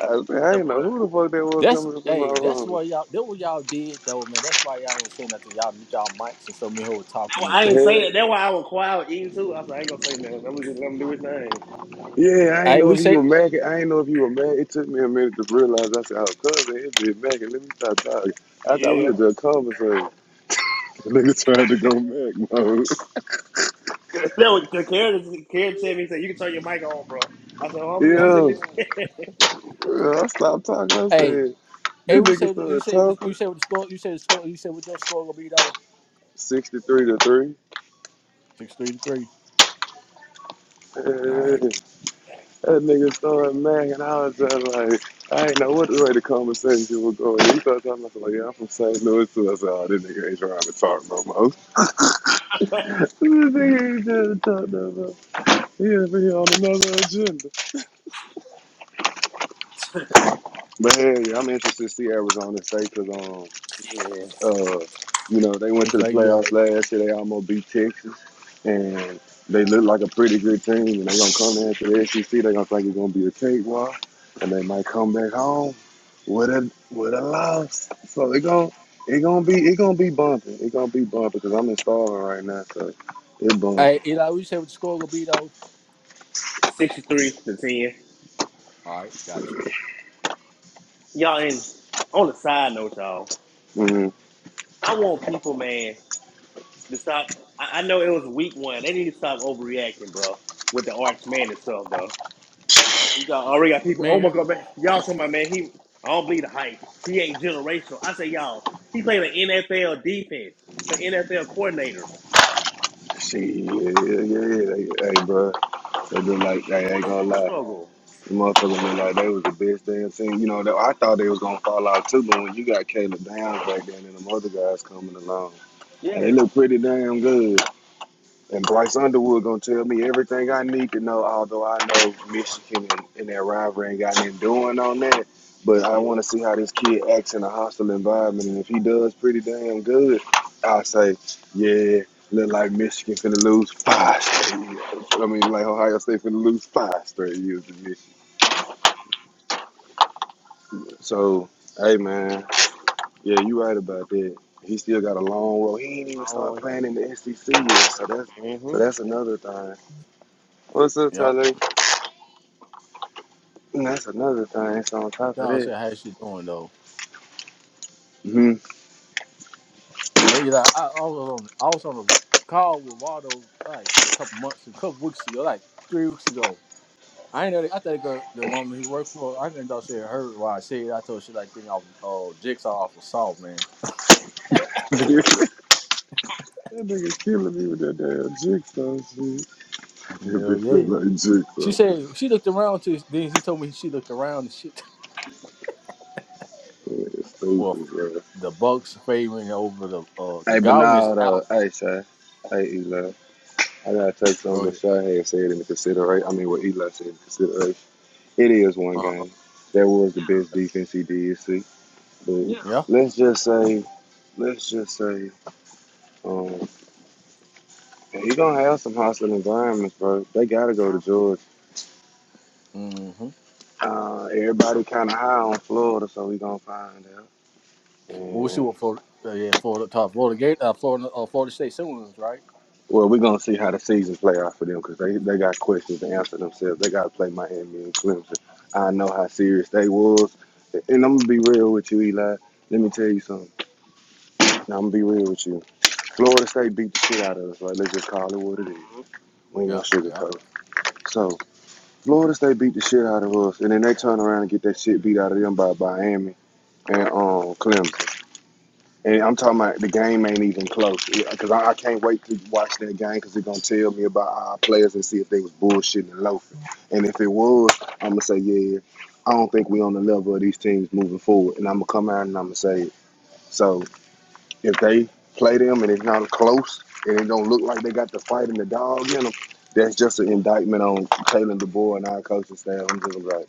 I, was like, I
That
did
boy.
know who
That
the fuck that was
that's
coming up in my
hey, that's
room.
what y'all that what y'all did though, man. That's why y'all ain't saying nothing. Y'all mute y'all mics and so me who were talking
why
and
I didn't
shit
say
though.
The
that. That's why I was quiet eating too. I was like, I ain't gonna say nothing. I'm just let him do his thing.
hell? Yeah, I ain't
Hey,
know
we
if you
say,
were Mackin. I ain't know if you were Mac. It took me a minute to realize. I said, "Oh, cousin, it be Mackin. Let me stop talking." I thought we
Yeah.
were
<laughs>
just conversating. <laughs> The nigga tried to go Mac mode.
That was the Karen, Karen said me said you can turn your mic on, bro. I said, oh,
<laughs>
I'm, I'm just
yeah,
listening.
I stopped talking. I
hey,
said,
hey,
"This
we
nigga
say, you
started
say, what- you
talking."
say what the score, you say the score, you say what your score gonna be though.
Sixty-three to three.
Six three to three. All right.
Hey. That nigga started mad, and I was just like, I ain't know what the way the conversation was going. He started talking about, like, yeah, I'm from St. Louis, too. I said, oh, this nigga ain't trying to talk no more. <laughs> this nigga ain't trying to talk no more. He over here on another agenda. But hey, I'm interested to see Arizona State because um,
<laughs> yeah.
Uh, you know, they went to
Looks
the
like you
playoffs
already.
last year. They almost beat Texas, and they look like a pretty good team. And they're gonna come into the SEC. They're gonna think it's gonna be a cakewalk, and they might come back home with a with a loss. So it gon' it gonna be it gonna be bumping. It gonna be bumping because I'm in Starving right now, so it's
Hey,
bumping.
Eli, we say what the score gonna be though.
Sixty three to ten.
All right, got you,
Y'all in on the side note, y'all.
Mm-hmm.
I want people, man, to stop. I, I know it was week one. They need to stop overreacting, bro, with the Arch Man and stuff, though. You got already got people. Oh my
man.
God, man, y'all talking about man? He, I don't believe the hype. He ain't generational. I say y'all, he played an NFL defense, an NFL coordinator.
See, yeah, yeah, yeah, yeah. Hey, bro, they just like they ain't gonna
Don't
lie.
struggle.
Motherfuckers looked like they was the best damn team. You know, that- I thought they was gonna fall out too, but when you got Caleb Downs back then and them other guys coming along,
Yeah.
and they look pretty damn good. And Bryce Underwood gonna tell me everything I need to know, although I know Michigan and, and that rivalry ain't got nothing doing on that. But I want to see how this kid acts in a hostile environment, and if he does pretty damn good, I say, yeah, look like Michigan finna lose five straight years. I mean, like Ohio State finna lose five straight years. this year. So, hey man, yeah, you right about that. He still got a long road. He ain't even start
Mm-hmm.
playing in the SEC yet. So that's so that's
Mm-hmm.
another thing. What's up,
Yep.
Tyler? And That's another thing. So on top of
Y'all
that,
said how she doing though.
hmm
Hey, Eli, I, I was on I was on a call with Waldo like a couple months, a couple weeks ago, like three weeks ago. I ain't know. I thought the girl, the woman he worked for, I didn't thought she had heard what I said. I told her she like think off uh, jigsaw off of salt, man.
<laughs> that nigga killing me with that damn jigsaw shit. <laughs> That
Hell
bitch look
yeah.
like
She
jigsaw.
said she looked around to then she told me she looked around and shit. <laughs>
it's
Well,
stupid, bro.
the Bucks favoring over the uh the
Hey, but
Godwin's
now though,
out.
hey, Shay, hey, Eli, I gotta take something
Go
that Shay had said into consideration. I mean, what Eli said into consideration. It is one
ahead.
game. That was the best defense he did see. But
Yeah.
Yeah.
let's just say, let's just say, um, he gonna have some hostile environments, bro. They gotta go to Georgia.
Mm-hmm.
Uh, everybody kind of high on Florida, so we gonna find out.
We'll see
And
what Florida, uh, yeah, Florida top Florida Gate, uh, Florida, uh, Florida State Seminoles, right?
well, we gonna see how the season play out for them because they they got questions to answer themselves. They gotta play Miami and Clemson. I know how serious they was, and I'm gonna be real with you, Eli. Let me tell you something. Now, I'm gonna be real with you Florida State beat the shit out of us. Like, let's just call it what it is. We ain't gonna
Yeah. Yeah.
sugarcoat. it. So, Florida State beat the shit out of us, and then they turn around and get that shit beat out of them by Miami and um, Clemson. And I'm talking about the game ain't even close. Because I, I can't wait to watch that game because they are gonna tell me about our players and see if they was bullshitting and loafing. And if it was, I'm gonna say, yeah, I don't think we on the level of these teams moving forward. And I'm gonna come out and I'm gonna say it. So, If they play them and it's not close and it don't look like they got the fight and the dog in them, that's just an indictment on Taylor DeBoer and our coaching staff. I'm just like,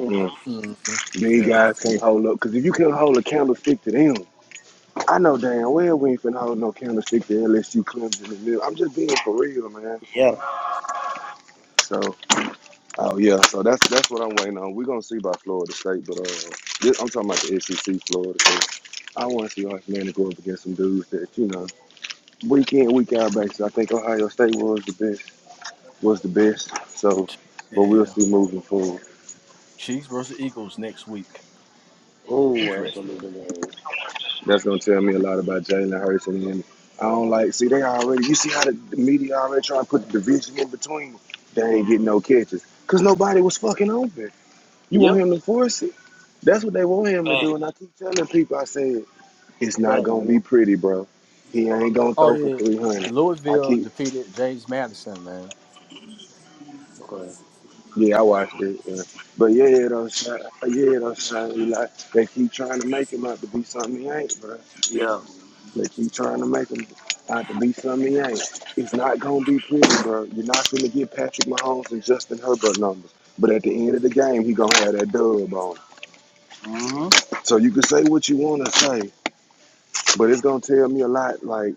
Mhm.
Mm-hmm.
These
Yeah.
guys can't hold up. Because if you can not hold a candlestick to them, I know damn well we ain't finna hold no candlestick to LSU, Clemson, and Mill. I'm just being for real, man.
Yeah.
So, oh yeah, so that's that's what I'm waiting on. We're gonna see about Florida State, but uh, this, I'm talking about the SEC Florida. State. I want to see Arch Manning go up against some dudes that you know week in, week out basis. I think Ohio State was the best. Was the best. So, but we'll
Yeah.
see moving forward.
Chiefs versus Eagles next week.
Oh, that's
Interesting.
gonna be the
That's gonna tell me a lot about Jalen Hurts and him. I don't like. See, they already. You see how the, the media already trying to put the division in between. them. They
name.
ain't getting no catches because nobody was fucking open. You want
Yep.
him to force it? That's what they want him to
Thanks.
do. And I keep telling people, I said, it's not
Thanks.
gonna be pretty, bro. He ain't gonna
Oh
throw for
yeah,
three hundred. I
Louisville
keep
defeated James Madison, man.
Yeah, I
Yeah.
watched it. Yeah. But yeah, it don't shine. Yeah, it don't shine. Eli, they keep trying to make him out to be something he ain't, bro.
Yeah.
They keep trying to make him out to be something he ain't. It's not gonna be pretty, bro. You're not gonna get Patrick Mahomes and Justin Herbert numbers. But at the
Mm-hmm.
end of the game, he gonna have that dub on. him.
Mm-hmm.
So you can say what you wanna say, but it's gonna tell me a lot. Like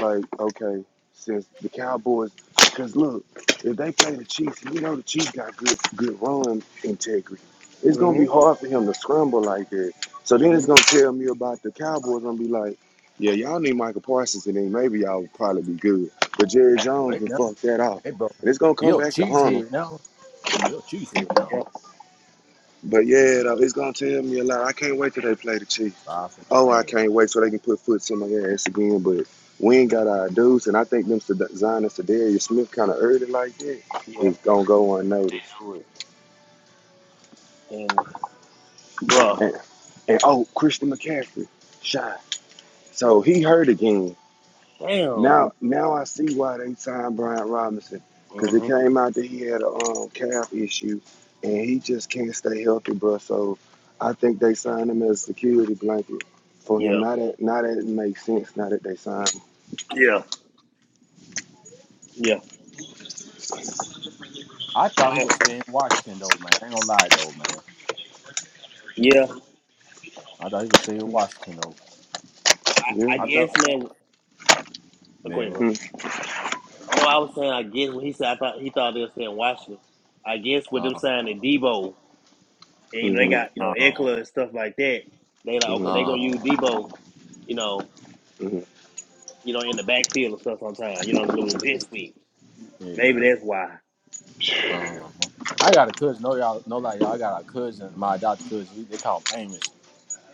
Like, okay, since the Cowboys, because look, if they play the Chiefs, you know the Chiefs got good good run integrity. It's gonna be hard for him to scramble like that. So then
Mm-hmm.
it's gonna tell me about the Cowboys. I'm gonna be like, yeah, y'all need Michael Parsons, and then maybe y'all would probably be good. But Jerry Jones
Right
then
now,
fucked that off,
hey bro,
and it's gonna
he a
come back to haunt him.
cheesehead now. He a cheesehead
Yeah,
now.
But yeah, though, it's gonna tell me a lot. I can't wait till they play the Chiefs.
Five from
Oh, I
Japan.
can't wait so they can put foot in my ass again. But we ain't got our dudes, and I think them Zion and Darius Smith kind of early like that
yeah,
is gonna go unnoticed.
do it. And bruh,
And, and oh, Christian McCaffrey, shy. So he hurt again.
damn. He,
Now, now I see why they signed Brian Robinson because it
hmm
came out that he had a um, calf issue, and he just can't stay healthy, bro. So I think they signed him as a security blanket for
Yeah,
him. Now that now that it makes sense. Now that they signed,
yeah, yeah,
I thought he
I,
was stay in Washington though, man. I ain't gonna lie though, man.
yeah.
I thought you were say
him. Hmm,
Washington though.
I,
yeah.
I
I thought
guess, man. Okay,
Yeah.
bro.
Hmm,
No, I was saying I guess when he said I thought he thought they were saying Washington. I guess with
Uh
them signing Debo and you know, they
Mm-hmm.
got you know
uh huh.
Eckler and stuff like that. They like okay,
Mm,
they
Uh huh.
gonna use Debo, you know,
hmm
you know in the backfield and stuff sometimes, You know, little jet sweep.
Yeah.
Maybe that's why.
Uh huh. I got a cousin. No y'all no like y'all I got a cousin, my adopted cousin, he- they call him Amos.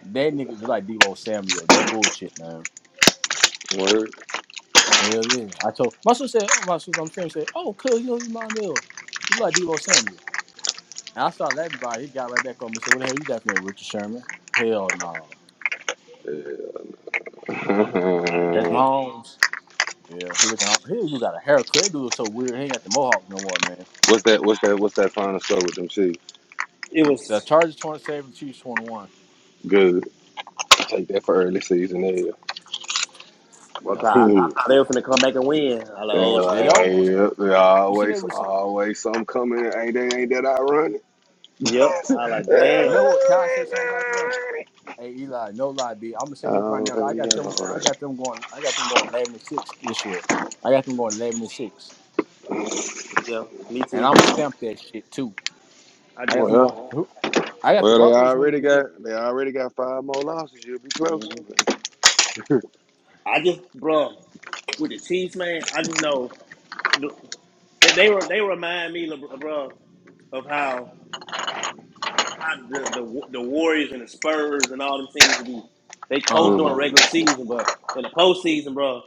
That nigga just like Debo Samuel. No bullshit, man.
Word.
Hell yeah. I told my sister said, Oh my sister, I'm saying say, Oh, cuz you know you my mill. You like Debo Samuel. And I started laughing about it. He got right back on me said, What the hell you laughing at, Richard Sherman? Hell no. That's
<laughs>
Mahomes. Yeah, he looking out. He even got a haircut. That dude looks so weird. He ain't got the mohawk no more, man.
what's that? What's that? What's that final score with them Chiefs?
It
The
was.
Chargers 27, the Chiefs 21.
Good. Take that for early season L.
Yep.
Okay, I, I
<laughs>
thought they were finna come back and win. I like,
yeah,
oh
It
like,
shit.
almost
yeah,
though.
yeah,
You seen they
always,
receive.
always some coming. Ain't that? Ain't that ironic?
Yep. I like
You
damn.
know what? Can I say something about it though?
<laughs> oh
Hey Eli, no lie, B. I'm gonna say this right now.
yeah.
I got them. I
alright.
got them going. I got them going eleven and six this year. I got them going eleven and six,
Yeah, me
and
too.
I'm stamped that shit too.
I
I
just
got them going.
Well.
who- I got the
Well, they
Broncos winning
already
the division.
got they already got five more losses. You'll be close.
hmm
<laughs> mm-hmm,
I just bro with the Chiefs, man, I just know th- they they, were, they remind me LeBron, bro of how, how the, the the Warriors and the Spurs and all them teams to be they coach
Uh
during the
huh.
regular season, but in the postseason, bro,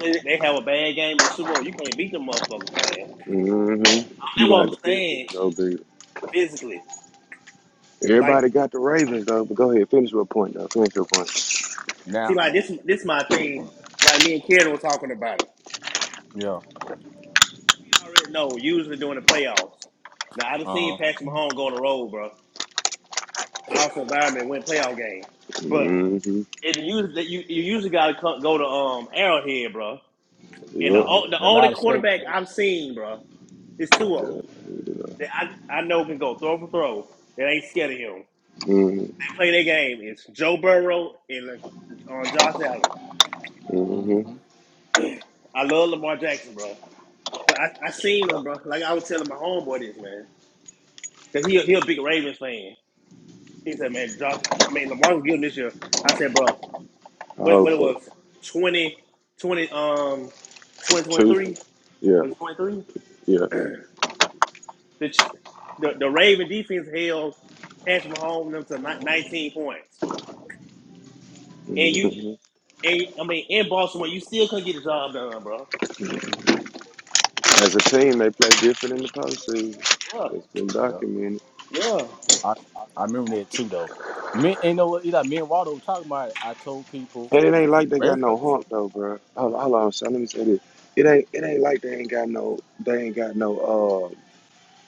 they they have a bad game in the Super Bowl. You can't beat them motherfuckers, man.
mm-hmm. You
That's what
gonna have
I'm
to
saying
physically go big.
physically.
Yeah.
Like,
Everybody got the Ravens though, but go ahead, finish your point though. Finish your point.
see,
Now.
like this this my thing. Like me and Karen were talking about it.
Yeah.
I already know, usually during the playoffs. Now I done seen
Uh huh.
Patrick Mahomes go on the road, bro. Hostile environment, win playoff game, but
Mm-hmm.
it usually you you usually gotta go to um Arrowhead, bro. And the
Yep.
Uh huh.
the
The
only
loudest state.
quarterback I've seen, bro, is two of them
Yeah.
that I I know can go throw for throw. That ain't scared of him.
Mm-hmm.
They play their game. It's Joe Burrow and uh, on uh, Josh Allen.
Mm hmm.
Mm-hmm.
I love Lamar Jackson, bro. But I, I seen him,
Yeah.
bro. Like I was telling my homeboy this, man, because he he a big Ravens fan. He said, man, Josh, I mean, Lamarcus Gillen this year. I said, bro,
I
when,
hope
when it
so.
was twenty twenty um,
Two.
2023,
Yeah.
was it 23?
Yeah.
The, the, the Raven defense held Patrick Mahomes and them to 19 points. And you,
hmm
and I mean, in Baltimore, you still couldn't get the job done, bro.
As a team, they play different in the postseason.
Yeah,
It's been
Yeah.
documented,
yeah.
I, I remember that too though. Me and you know what, Eli, me and Waldo were talking about it. I told people
and it ain't like they
every-
got no hump though, bro. Hold, hold on, son. Let me say this. It ain't. It ain't like they ain't got no. They ain't got no. Uh.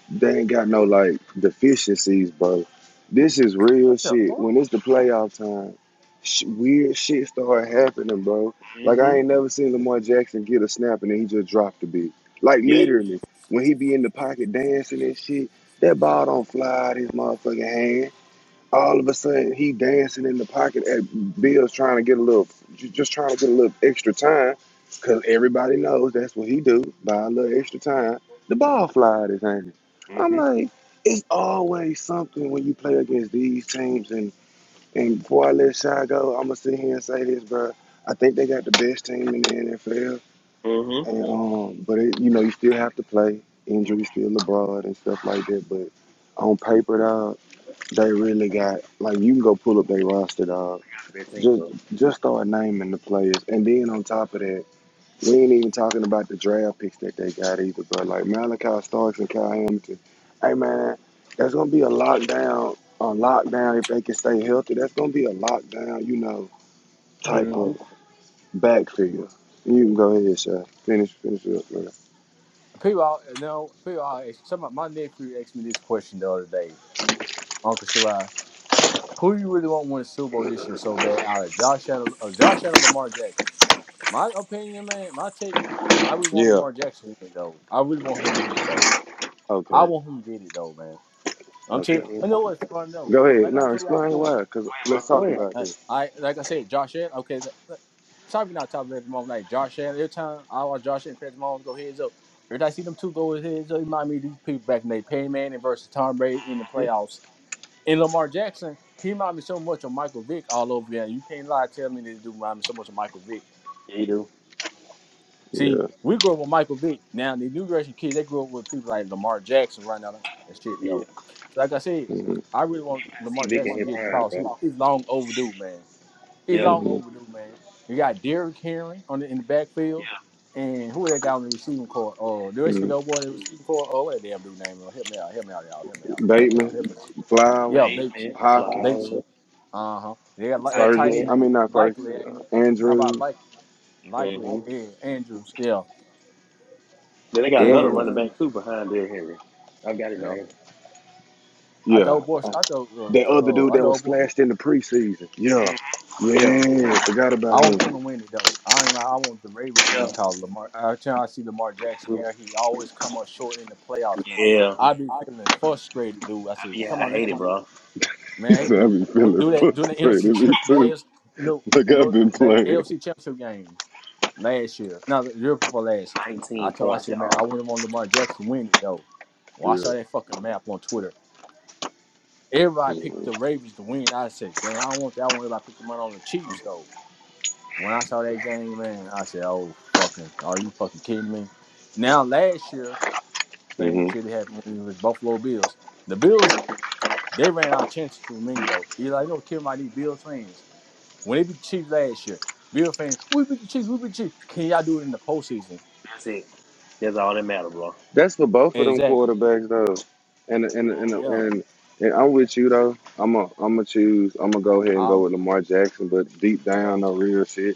They ain't got no like deficiencies, bro. This is real
What the
shit.
fuck?
When it's the playoff time, sh- weird shit start happening, bro. Like
hmm
I ain't never seen Lamar Jackson get a snap and then he just dropped the beat. Like
Yep.
literally, when he be in the pocket dancing and shit, that ball don't fly out his motherfucking hand all of a sudden he dancing in the pocket at Bill's trying to get a little, just trying to get a little extra time, cause everybody knows that's what he do. Buy a little extra time, the ball fly out his hand. I'm
Mm-hmm.
like, it's always something when you play against these teams. And and before I let Shy go, I'ma sit here and say this, bro. I think they got the best team in the NFL,
Mm-hmm.
and um, but it, you know you still have to play. Injuries still abroad and stuff like that, but on paper, dawg, they really got like you can go pull up their roster, dog.
Been seen,
Just
bro.
just start naming the players, and then on top of that, we ain't even talking about the draft picks that they got either, bro. Like Malachi Starks and Kyle Hamilton. Hey man, that's gonna be a lockdown. A lockdown if they can stay healthy. That's gonna be a lockdown, you know, type
Mm-hmm.
of backfield. You can go ahead, sir. Finish, finish it up, man.
people all you know, people all ask somebody, my nephew asked me this question the other day, Uncle Shirai, who you really want to win the Super Bowl this year so bad out of Josh Allen or Josh Allen Lamar Jackson? My opinion, man, my take, I really want
Yeah.
Lamar Jackson to win it though. I really want him to win it though. I
Okay.
want him to get it though, man. I'm
Me
telling
Okay.
you I
too.
know what's fun though.
Go ahead.
Like I
No,
told y'all
explain
before,
why. Cause
Hey, bro.
let's
Go
talk about
Uh,
this.
I like I said, Josh Allen. Okay, th- th- it's probably not top of the moment. Like Josh Allen, every time I watch Josh Allen, Patrick Mahomes go heads up. Every time I see them two go heads up, it remind me of these people back in the day, Peyton Manning versus Tom Brady in the
Mhm.
playoffs. And Lamar Jackson, he remind me so much of Michael Vick all over again. You can't lie, tell me this dude remind me so much of Michael Vick.
Yeah, you do.
See,
Yeah.
we grew up with Michael Vick. Now the new generation kids, they grew up with people like Lamar Jackson right now and shit
Yeah.
though.
You
So like I said,
hmm
I really want
can see
Lamar
Vic in
Jackson to
his
get a
prime,
call. He's,
bro.
he's long overdue, man. It's
Yeah.
long
hmm
overdue, man. You got Derrick Henry on the, in the
Yeah.
backfield, and who that guy on the receiving court? Oh, the rest of the boy in the receiving court. Oh, what that damn dude name? Oh, help me out, help me out, y'all, help me out, help me out,
Bateman,
help me out.
Flowers,
Yeah,
Eight
Bates,
man,
Hopkins,
Bates.
Flowers,
Uh huh. They
the
got
tight
li- that tight
Ferguson.
end
end.
I
name.
mean, not
Likely,
Ferguson,
ain't it?
uh,
How about
Andrews.
like likely?
Mm-hmm.
Yeah, Andrews. Yeah,
Then they got
Yeah,
another
and
running back too behind Derrick Henry. I've got it,
yeah.
man.
I
yeah.
thought boy.
I,
I thought.
that
Uh,
other
oh,
dude
I
that
know
was
boy.
flashed in the preseason. Yeah,
Yeah.
Uh huh.
yeah. Forgot
I
about
want them
him.
to win it though. I ain't like I want the Ravens win
Yeah.
it
Me
because Lamar. Every time I see Lamar Jackson
too.
here, he always come up short in the playoffs, man.
Yeah.
I be feeling frustrated, dude. I
I
said,
mean,
come
I
on, let
hate it,
this
bro.
<laughs>
man
I've
hate that.
been
When-
feeling
Do that during the <laughs> NFC
frustrated. Me
champ- the
too.
AFC, no,
Like I've
no,
been
that
playing.
AFC championship game last year. No, the year before last. I
19
told I
points,
said, man, I
y'all.
want him on Lamar Jackson to win it though. Well, I
Yeah.
saw that fucking map on Twitter. Everybody picked the
hmm
Ravens to win. I said, damn, I don't want that. I want everybody to pick the money on the
Mhm.
Chiefs though. When I saw that game, man, I said, "Oh fucking, are you fucking kidding me?" Now last year, same shit happened with the Buffalo Bills. The Bills they ran out of chances for me though. Eli don't care about these Bills fans. When they beat the Chiefs last year, Bill fans, we beat the Chiefs, we beat the Chiefs. Can y'all do it in the postseason?
That's it. That's all that matter, bro.
That's for both of them
Exactly.
quarterbacks though, and and and
Yeah.
and. And I'm with you though. I'm a, I'm gonna choose. I'm gonna go ahead and go
Um.
with Lamar Jackson, but deep
You
down,
know,
no real shit.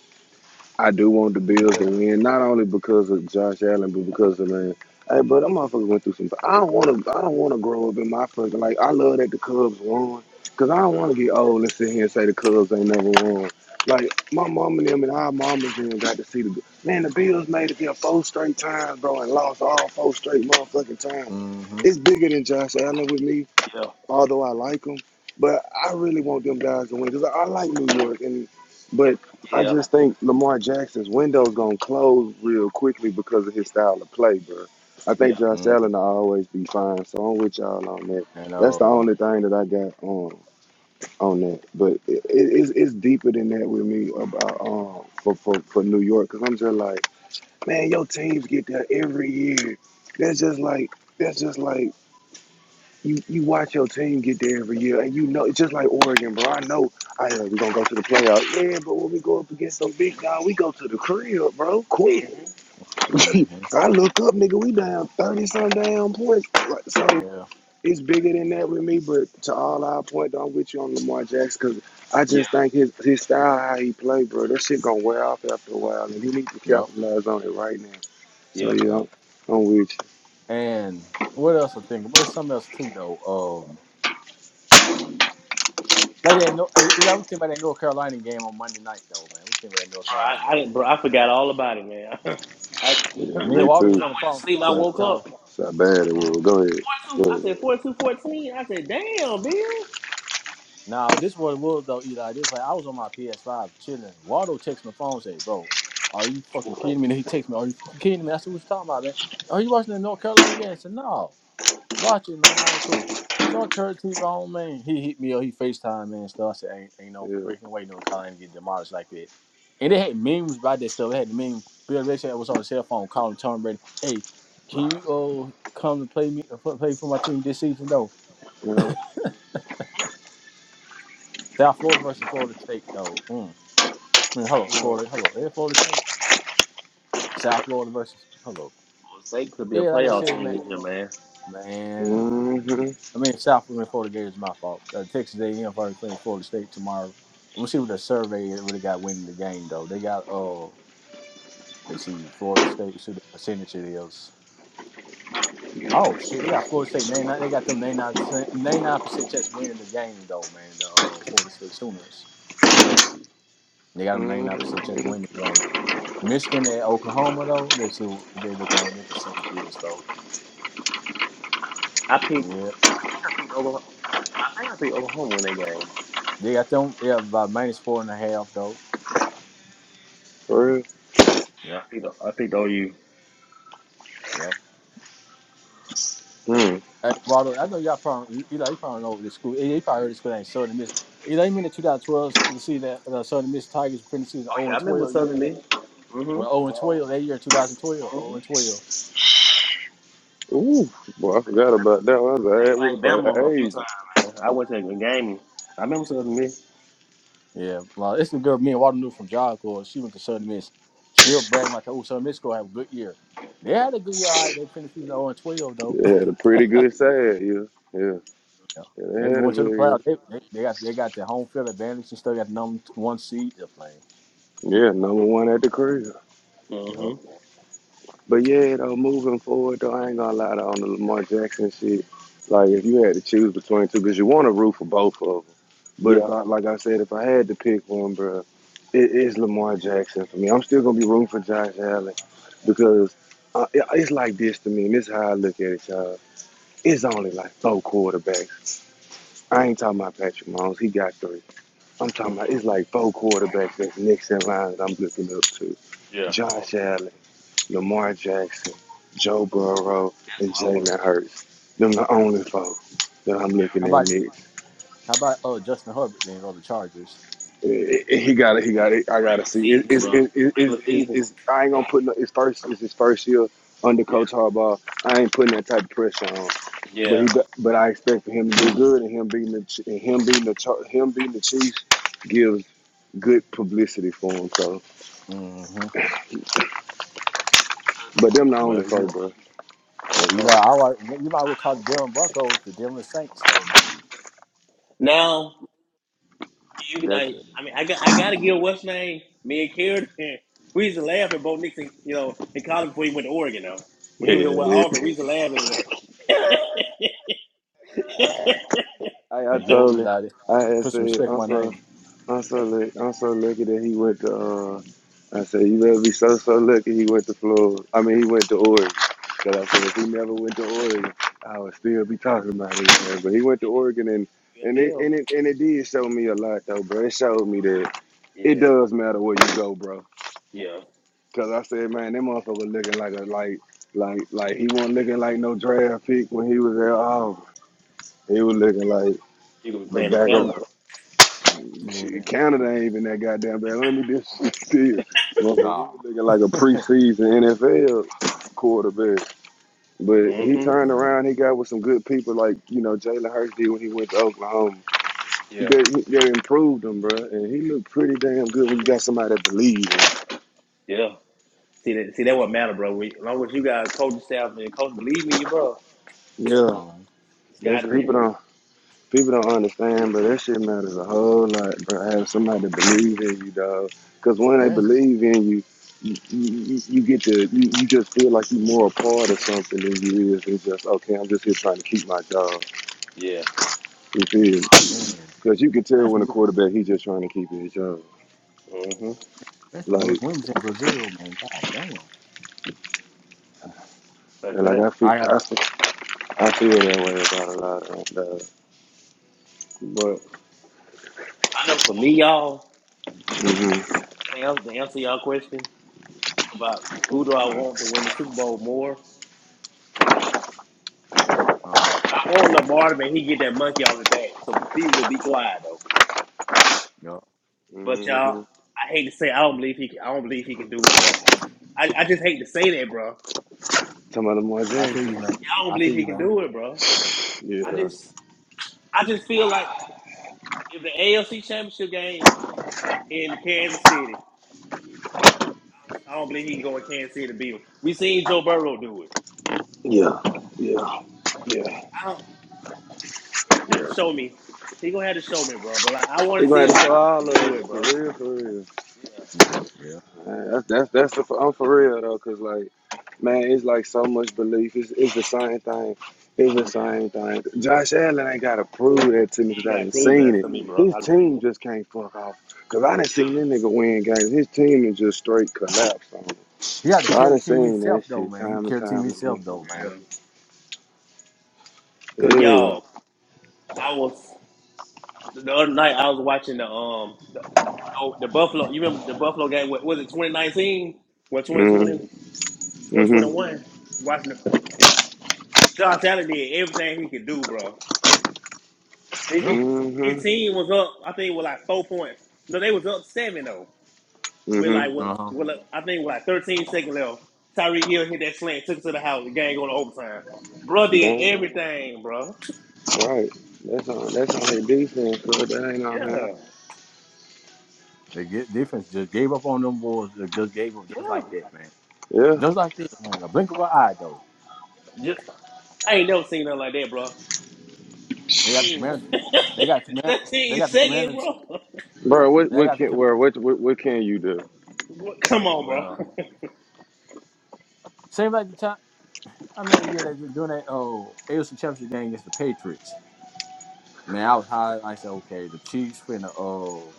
I do want the
we
Bills to
deserve it.
win, not only because of Josh Allen, but because of man. Hey, bro, that motherfucker went through some. I don't want to. I don't want to grow up in my fucking like. I love that the Cubs won, cause I don't want to get old and sit here and say the Cubs ain't never won. Like my mom and them and our mamas and got to see the man. The Bills made it there four straight times, bro, and lost all four straight motherfucking times.
Mm-hmm.
It's bigger than Josh Allen with me
Yeah.
although I like them, but I really want them guys to win because I, I like New York, and but I
Yeah.
just think Lamar Jackson's window's gonna close real quickly because of his style of play, bro. I
Yeah.
think Josh
Mm-hmm.
Allen will always be fine, so I'm with y'all on that.
And
That's the
um.
only thing that I got on on that, but it, it, it's, it's deeper than that with me about um for for, for New York because I'm just like, man, your teams get there every year. That's just like that's just like you you watch your team get there every year, and you know it's just like Oregon, bro. I know I uh, we gonna go to the playoffs, yeah. But when we go up against some big guy, we go to the crib, bro. Quick,
Mhm.
<clears throat> <laughs>
Mm-hmm.
I look up, nigga. We down thirty some damn points. Like, So
Yeah.
it's bigger than that with me. But to all our point, I'm with you on Lamar Jackson because I
Yeah.
just think his his style, how he play, bro. That shit gonna wear off after a while, and he need to
Yep.
capitalize on it right now. So
Yep. Bro,
yeah,
Yep.
I'm, I'm with you.
And what else I think? There's something else too though. Um. Like that, no, hey, you know, I was thinking about that North Carolina game on Monday night, though, man. We think about that North
I,
Carolina
I
game.
didn't, bro.
Though.
I forgot all about it, man. <laughs> I, I
Yeah,
Me
I
and
me
Walter was
too.
on the
went to
phone,
sleep. I
So,
woke
so.
up.
so bad it was.
uh.
Go ahead. Go
42,
ahead.
I said 42 14. I said, damn, Bill.
Now this is what it was though, Eli. This way, I was on my PS5 chilling. Waldo texted my phone, say, "Bro, are you
Yeah,
fucking kidding me?" And he texted me, "Are you fucking kidding me?" I said, "What you talking about, man? Are you watching the North Carolina game?" I said, "No, watch it, man. All right, cool." So I turned the TV on, man. He hit me up. He Facetime man and stuff. I said, "Ain't, ain't no
yeah,
freaking way North Carolina get demolished like that." And they had memes about that stuff. They had the meme. Bill Belichick was on his cell phone calling Tom Brady, "Hey, can you uh, come to play me uh, play for my team this season?" though?
yeah.
South Florida versus Florida State, though. Mm. Man, hello,
Mm.
Florida. Hello, yeah, Florida State, South Florida versus hello.
State could be a
Yeah, like I
playoff
said,
team
man.
this year, man.
Man,
mm-hmm,
I mean, South Florida, Florida Gators is my fault. Uh, Texas A&M first playing Florida State tomorrow. We'll see what the survey is, what they got winning the game though. They got uh, let's see, Florida State. See what the percentage it is. Oh shit, they got Florida State. They they got them ninety nine percent ninety nine percent chance winning the game though, man. The uh, Florida State Sooners.
Mm-hmm.
They got them ninety nine percent chance
mm-hmm.
winning the game. Michigan and Oklahoma though. Let's see what they look like. Their percentage is though.
I picked.
Yeah,
I picked Oklahoma. I think I picked Oklahoma in that game.
they got them. Yeah, about minus four and a half though.
First,
I
Yep,
picked, I picked OU. Oh
yep.
mm.
Hey, Waldo, I know y'all probably you, know you probably know this school. You probably heard this school ain't Southern Miss. You know, you mean the 2012 the season that the Southern Miss Tigers finished the season 0
yeah, I
and
remember
12. You
Southern
remember that?
Miss. Mm-hmm.
Well, 0 and 12 that year, 2012,
mm-hmm.
0 and 12.
Ooh, boy, I forgot about that. one. I was at
They
one
played
for
Bama a
the
few times.
ages.
Man. I went to a game. I remember Southern Miss.
Yeah, well, it's the girl me and Waldo knew from Job Corps. She went to Southern Miss. She'll brag like, "Oh, Southern Miss go have a good year." They had a good year, all right. They finished the season 0 and 12 though.
They
<laughs>
had a pretty good side, yeah, yeah,
Yeah.
yeah.
They
They had a
went to the playoffs.
good,
They, they, they got they got the home field advantage and still got the number one seed to play.
yeah. Yeah, number one at the crib.
Yep.
Mm-hmm.
But yeah, though, moving forward, though, I ain't gonna lie though, on the Lamar Jackson shit. Like, if you had to choose between two, because you want to root for both of them. But
Yeah.
if I, like I said, if I had to pick one, bro, it is Lamar Jackson for me. I'm still gonna be rooting for Josh Allen because uh, it- it's like this to me, and this is how I look at it, y'all. It's only like four quarterbacks. I ain't talking about Patrick Mahomes. He got three. I'm talking about it's like four quarterbacks that's next in line that I'm looking up to.
Yeah.
Josh Allen. Lamar Jackson, Joe Burrow,
That's
and
what I want to
Jalen
see.
Hurts. Them the only four that I'm
Yeah.
How
looking at
about
next.
how about oh Justin Herbert then on the Chargers?
Eh, eh, He got it. He got it. I gotta
Regular
see. It,
season,
it's,
bro.
it, it, it's,
Regular
it's,
season.
it's, I ain't gonna put no. His first It's his first year under
Yeah.
Coach Harbaugh. I ain't putting that type of pressure on. But he,
Yeah.
but I expect for him to do good, and him being the, and him being the, him being the Chiefs gives good publicity for him. So,
Mm-hmm.
but them the only
Well, Eli,
four, bro.
On the
well Eli, <laughs>
post.
I like you might well call the Denver Broncos the Denver Saints though, man.
Now. You can,
That's
like, I mean, I got, I gotta give what's name. Me and Karen, we used to laugh at Bo Nixon, you know, in college before he went to Oregon. Though when
yeah.
he was in West
Uh,
It,
Auburn, we used to laugh at his ass.
I, I
and get with
told
Eli. to
her, I had
Put some
said,
respect
I'm
on my
so,
name.
I'm so, lu- I'm so lucky that he went to, uh, I said, you better be so, so lucky he went to Florida. I mean, he went to Oregon. Because I said, if he never went to Oregon, I would still be talking about it. man. But he went to Oregon and,
<laughs>
and it,
UFL.
and it, and it did show me a lot though, bro. It showed me that it
Yeah,
does matter where you go, bro.
yeah.
Cause I said, man, that motherfucker looking like a, like, like, like he wasn't looking like no draft pick when he was at Auburn. He was looking like
You gonna be
the
playing in
back of
Canada.
Shit,
Yeah.
Canada ain't even that goddamn bad. Let me just <laughs> tell you, motherfucker, he
No.
was looking
<laughs>
like a preseason NFL quarterback. But he
hmm
turned
yeah.
around, he got with some good people like, you know, Jalen Hurts did when he went to Oklahoma.
Yeah,
They, they improved him, bro, and he looked pretty damn good when you got somebody that believes.
yeah. See that? See that? What matter, bro? We, as long as you got a coaching staff and coach believe me, you, bro.
Yeah,
Um.
Sky
there's
the
people
limit.
don't. People don't understand, but that shit matters a whole lot, bro. Have somebody believe in you, dog. Because when they
Man,
believe in you, you, you, you get to, you, you just feel like you're more a part of something than you is. It's just, okay, I'm just here trying to keep my job.
Yeah.
You feel? me?
man,
Because you can
man,
tell when
some
a
good,
quarterback, he's just trying to keep his job.
hmm
man, some good
Like,
women's in Brazil, man. God damn.
That's
and like
that.
I feel,
I got.
I feel, I feel that way about a lot of dog.
But I know for me, y'all,
Mm-hmm.
to answer y'all question about who do I want to win the Super Bowl more,
Uh huh.
I want Lamar to make he get that monkey off his back. So people will be quiet though.
Yup.
But
Mm-hmm.
y'all, I hate to say I don't believe he can, I don't believe he can do it, bro. I, I just hate to say that, bro.
Talking about Lamar
I feel you,
Jackson.
man.
I don't
I
believe
feel
he
you,
can
man.
do it, bro. I
Yeah.
just I just feel like if the AFC Championship game in Kansas City, I don't believe he can go in Kansas City to beat him. We seen Joe Burrow do it.
Yeah. Yeah. Yeah.
I don't, he gonna
Yeah.
have to show me. He gonna have to show me, bro. But like, I want
He'
to
gonna
see
have to
him
show all of
do
us
it,
for
bro.
real, for real.
Yeah,
Yeah. Yeah.
Man, that's that's that's the I'm for real though, cause like, man, it's like so much belief. It's it's the same thing. It's the
yeah.
same thing. Josh Allen ain't gotta prove that to me, cause
He
I
ain't got
didn't
proven
seen
that
it.
to me, bro.
His
I just seen
team
him.
just can't fuck off, cause I didn't seen that nigga win games. His team is just straight collapse on him.
He had to
So I
carry the
done
team
seen that
himself, though,
shit
man. He
time and
carried the team
time again.
himself, though, man.
Yeah. Cause y'all,
Yeah.
I was the other night. I was watching the um the, oh, the Buffalo. You remember the Buffalo game? What was it? 2019? Well, twenty twenty
Mhm.
twenty twenty
Mhm.
one? Watching the, Josh Allen did everything he could do, bro. He-
Yeah.
he- His
Mhm.
team was up. I think with like four points. No, they was up seven though. With
Mhm.
like what?
Uh huh.
With like, I think with like 13 seconds left. Tyreek Hill hit that slant, took it to the house. The game going to overtime. Bro did
Damn.
everything, bro.
Right. That's on that's on his defense, but that ain't on him.
Yeah,
They get defense just gave up on them boys. They just gave up just
yeah.
like that, man.
Yeah,
Just like that, man. A blink of an eye, though.
Just, I ain't never seen nothing like that, bro. I
They got the
mean,
commanders. They got
<laughs>
command.
that
They
team
got the
second,
commanders.
bro.
bro. What
They
what
got the
can
com-
bro, what, what what can you do,
What- Come on,
well.
bro.
Same like the time. I mean, the year they been doing that. Oh, AFC Championship game against the Patriots. Man, I was high. I said, okay, the Chiefs finna uh,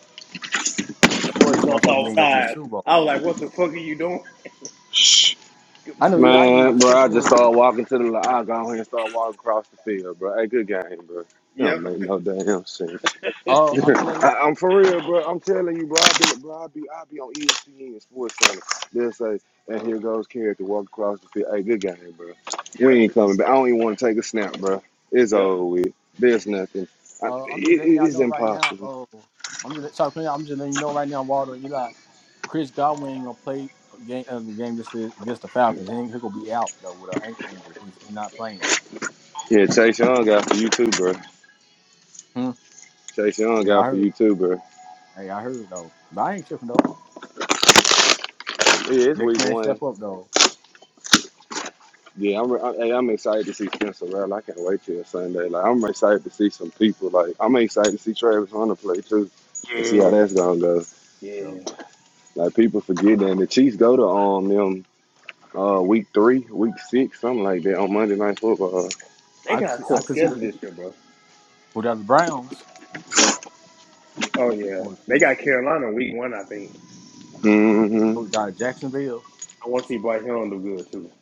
<laughs>
win
Before it
this
jumped
motherfucking
outside,
game, go to the Super
I
Bowl.
was like, "What the fuck are you doing?"
I know you. I knew you
man,
were
bro? I
shaking your
just
head.
started walking to the li I go here and start walking across the field, bro. Hey, good game, bro. You
Yep,
don't make no damn sense. <laughs>
Oh, I'm just letting you.
I, I'm for real, bro. I'm telling you, bro. I be, bro. I be, I be on ESPN Sports Center. They'll say, and here goes Carrick to walk across the field. Hey, good game, bro. We
yep,
ain't coming back. I don't even want to take a snap, bro. It's
yep.
over with. There's nothing. I,
Uh, I'm just
it,
letting
it-
y'all
it's
know right now.
impossible.
Oh, I'm just sorry, Quinn, I'm just letting you know right now, Waldo and Eli. Chris Godwin ain't gonna play a game uh, the game against the, against the Falcons. He ain't he gonna be out though with an ankle injury. He's, not playing.
Yeah, Chase Young got for you too, bro.
Hmm.
Chase Young
Yeah, I
got for
heard.
you too, bro.
Hey, I heard though. But I ain't tripping though.
Yeah, it's
Next
week
man
one.
step up though.
Yeah, I'm. I, hey, I'm excited to see Spencer Rattler. I can't wait till Sunday. Like, I'm excited to see some people. Like, I'm excited to see Travis Hunter play too, to see how
Yeah,
that's gonna go.
You
yeah.
know,
Like, people forget that the Chiefs go to um them uh week three, week six, something like that on Monday Night Football.
They
I could
got a
see, I
tough
could see
schedule
the
this year, bro.
without the Browns
Oh yeah,
or the
they
Chiefs
got Carolina week one, I think.
Mm-hmm.
or the Jacksonville.
I want to see Bryce Young do good too.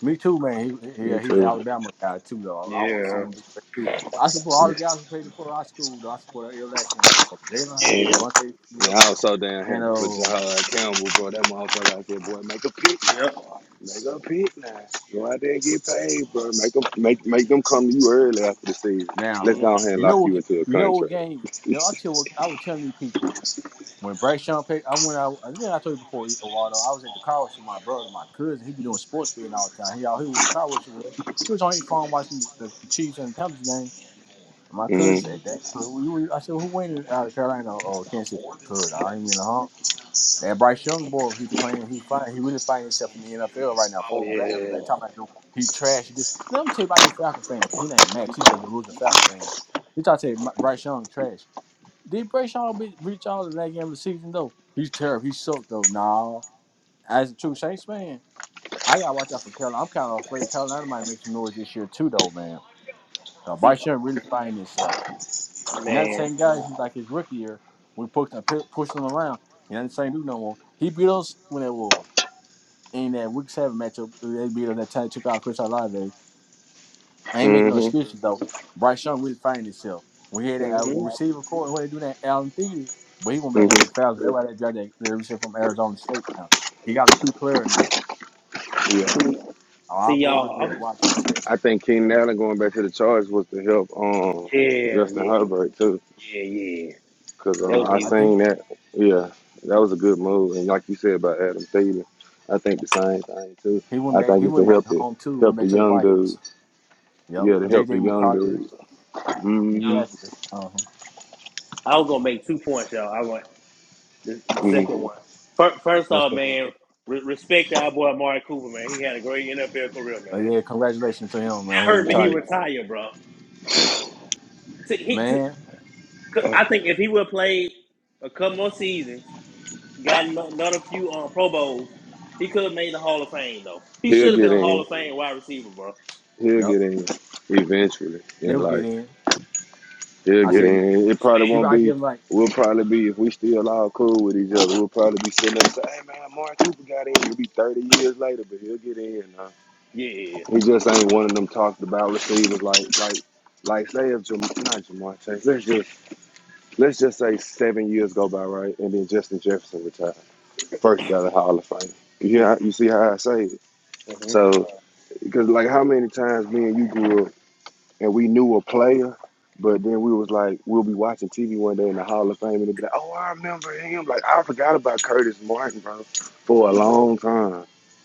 Me too, man. He,
You
yeah, he's an
too.
Alabama guy too, though. I want to see
Yeah,
him do great too. I support all the
Yeah.
guys who played for our school. Though. I support every last one, of them, from Jalen Hurts,
yeah,
Devontae
Man,
Smith,
I was so damn
and
happy for
um.
Jahad Campbell, bro. That motherfucker out there, boy, make a pick. now.
yep.
Make a pick now. Go out there and get paid, bro. Make them make make them come to you early after the season.
Now,
Let's go ahead and
you know
lock
what?
you
ga-
into a
You know what
contract.
game? No, I tell what I was telling these people when Brayshawn Pay. I went out. I think I told you before, Waldo. I was at the car wash with my brother, my cousin. He be doing sports betting all the time. He out here with the car wash. He was on his phone watching the, the Chiefs and Panthers game. My cousin
hmm
said that. Who you- I said, who winning out of Carolina or Kansas City? Cuz I ain't mean to harm. That Bryce Young boy, he playing, he fighting, he really finding himself in the NFL right now.
Oh
Four back,
yeah.
back time I he trashed it. Let me tell you about these Falcon fan. He ain't Max. He's a losing Falcon fan. This I tell you, my- Bryce Young trash. Did Bryce Young be, reach all the that game of the season though? He's terrible. He sucked though. Nah, as a true Saints fan, I gotta watch out for Carolina. I'm kind of afraid Carolina might make some noise this year too though, man. Uh,
See,
Bryce Young really finding himself. And
man.
that same guy, he's like his rookie year, we pushed him, pushed him around. And that same dude no more. He beat us when it was in that week seven matchup. uh, They beat us that time took out Chris Olave. I ain't making no
hmm
excuses though. Bryce Young really finding himself. We hear that uh,
hmm
receiver court when they do that Allen Thiede, but he went back to
hmm
the Falcons. Everybody that dropped that, that receiver from Arizona State now. He got a key player now.
Yeah.
See, see
Our boys
y'all.
better
I'm,
watch ourselves.
I think Keenan Allen going back to the Chargers was to help um
yeah,
Justin
yeah,
Herbert too.
yeah, yeah.
Cause
That
uh,
was
I
I
easy.
think
seen that. Yeah, that was a good move. And like you said about Adam Thielen, I think the same thing too.
he went
I
back.
think
He
it's to
went back
help the
home too. Went
help the
back to the
young
Vikings.
dude.
Yep.
Yeah, to help
J.J.
the young
McCarthy.
dude. hmm
McCaffrey. Uh huh.
I was gonna make two points, y'all. I was The, the
hmm
second one. First, first
What's
off,
that?
man, re- respect our boy Mark Cooper, man. He had a great NFL career,
Oh
man. That
yeah, congratulations to him, man. He
hurt me.
Oh,
He
yeah.
retired.
retired, bro. T- he, t-
Man,
I think if he would have played a couple more seasons, got another few um, Pro Bowls, he could have made the Hall of Fame, though. He
He'll
should have been
get
a Hall
in.
of Fame wide receiver, bro.
He'll
yep.
get in eventually in
He'll get
life.
in.
He'll
I
Cool.
get
said,
in. It probably
people
won't
I
be.
give him like,
We'll probably be if we still all cool with each other. We'll We'll he'll probably be be sitting there and say, "Hey man, Mark Cooper got in. in." 30 years later, but he'll get in. uh,
Yeah.
He just ain't one of them talked about receivers like like like say if Jam- not Jamar Chase. Let's just let's just say seven years go by, right? And then Justin Jefferson retired, first ballot Hall of Fame. You hear? how-
Mm-hmm.
You see how I say it? So because like how many times me and you grew up and we knew a player. But then we was like, we'll be watching TV one day in the Hall of Fame, and it'd be like, oh, I remember him. Like I forgot about Curtis Martin, bro, for a long time.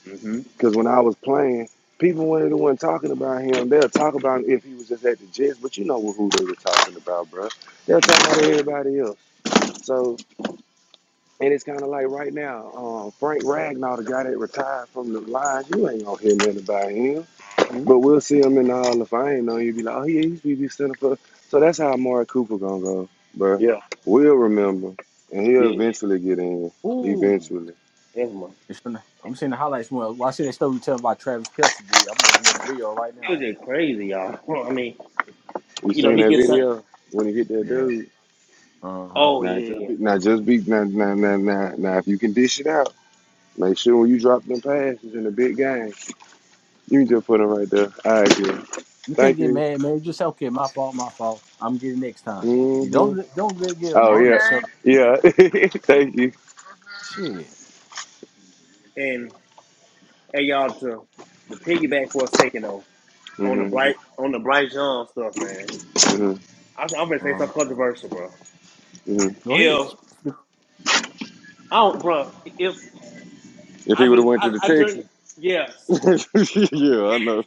Mm-hmm.
Because when I was playing, people weren't the one talking about him. They'll talk about him if he was just at the Jets, but you know who they were talking about, bro. They'll talk about
Mm-hmm.
everybody else. So, and it's kind of like right now, um, Frank Ragnar, the guy that retired from the Lions, you ain't gonna hear nothing about him.
hmm
But we'll see him in the Hall of Fame, though. You'll be like, oh, yeah, he used to be center for. So that's how Amari Cooper gonna go, bro.
Yeah.
We'll remember, and he'll
Yeah.
eventually get in.
ooh.
Eventually,
That's my.
It's in the- I'm seeing the highlights Well, I see that story you tell about Travis Kelsey did. I'm looking at the video right
It
now.
was just crazy, y'all. <laughs> I mean,
you
you know,
seen
he
that
gets.
video when he hit that
Yeah.
dude?
Uh huh.
Oh
Now just
yeah.
be now just be now now now now, now if you can dish it out, make sure when you drop them passes in the big game, you can just put them right there. All right, girl.
You can't
Thank
get
you.
mad, man. You just say, okay, my fault, my fault. I'm getting next time. You
hmm
don't let- don't let get
Oh
among yourself.
yeah, yeah. <laughs> Thank you.
Shit.
and. Hey y'all to the piggyback for a second though on the
hmm
bright on the bright John stuff, man.
hmm
I, I'm gonna say
Uh huh.
something controversial, bro.
hmm
Go ahead.
If I don't, bro, if
If he
I
would have
bel
went to
I,
the
I drink,
Texas,
yes,
<laughs> yeah, I know.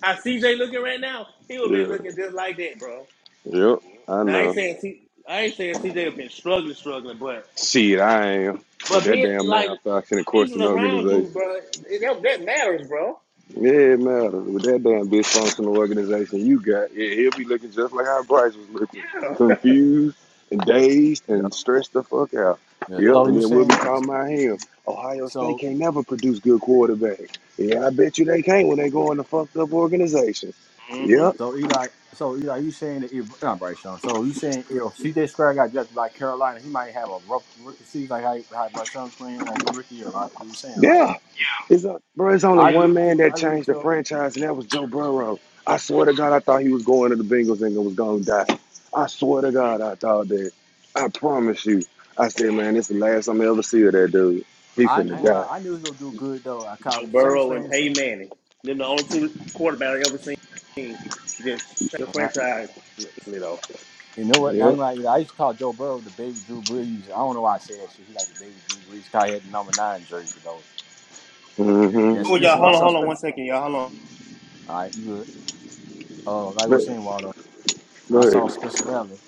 how CJ looking right now, he would been
Yeah,
looking just like that, bro.
yep, I
Now I ain't
know.
saying C, I ain't saying CJ have been struggling, struggling, but
Shit, I am with
but
that
being
damn
like the
math action and course
pieces
an
around
organization.
you, bro, that, that matters, bro.
Yeah, it matters. With that damn dysfunctional organization you got, yeah, he'll be looking just like how Bryce was looking. Confused and dazed
Yeah.
and stressed the fuck out.
yeah.
Yeah.
Yep,
So
and
you
yeah.
then we'll be
saying?
talking about him. Ohio State
So
can't never produce good quarterbacks. Yeah, I bet you they can't when they go in the fucked up organization. Yep.
So Eli, so Eli, you saying that if not Bryce Young? So you saying if CJ Square got drafted by Carolina, he might have a rough rookie season like how, how Bryce Young playing like he rookie year, right? You were saying right?
Yeah. It's a, bro, it's only
I agree
one
with
man
you.
that
I agree
changed
with
the
you.
franchise, and that was Joe Burrow. I swear to God, I thought he was going to the Bengals and was going to die. I swear to God, I thought that. I promise you. I said, man, this is the last I'm ever see of that dude. He
I, I
hmm
finna
ain't gonna
die.
lie. I knew he would do good though. I call
Joe
the Saints
Burrow and
fans
Peyton
saying,
Manning. Them the only two quarterbacks I ever seen just change the
and I,
franchise. Easily though.
you know what? I ain't
Yep.
like I used to call Joe Burrow the baby Drew Brees. I don't know why I say that shit. He like the baby Drew Brees. 'cause He had the number nine jersey though.
Mm-hmm.
Then
Oh y'all,
Spencer
hold on,
Russell,
hold on, one
Spencer.
second, y'all. Hold on.
All right, you good? Uh, like I was
But,
saying, Waldo.
go
When I saw
ahead.
Spencer Rattler,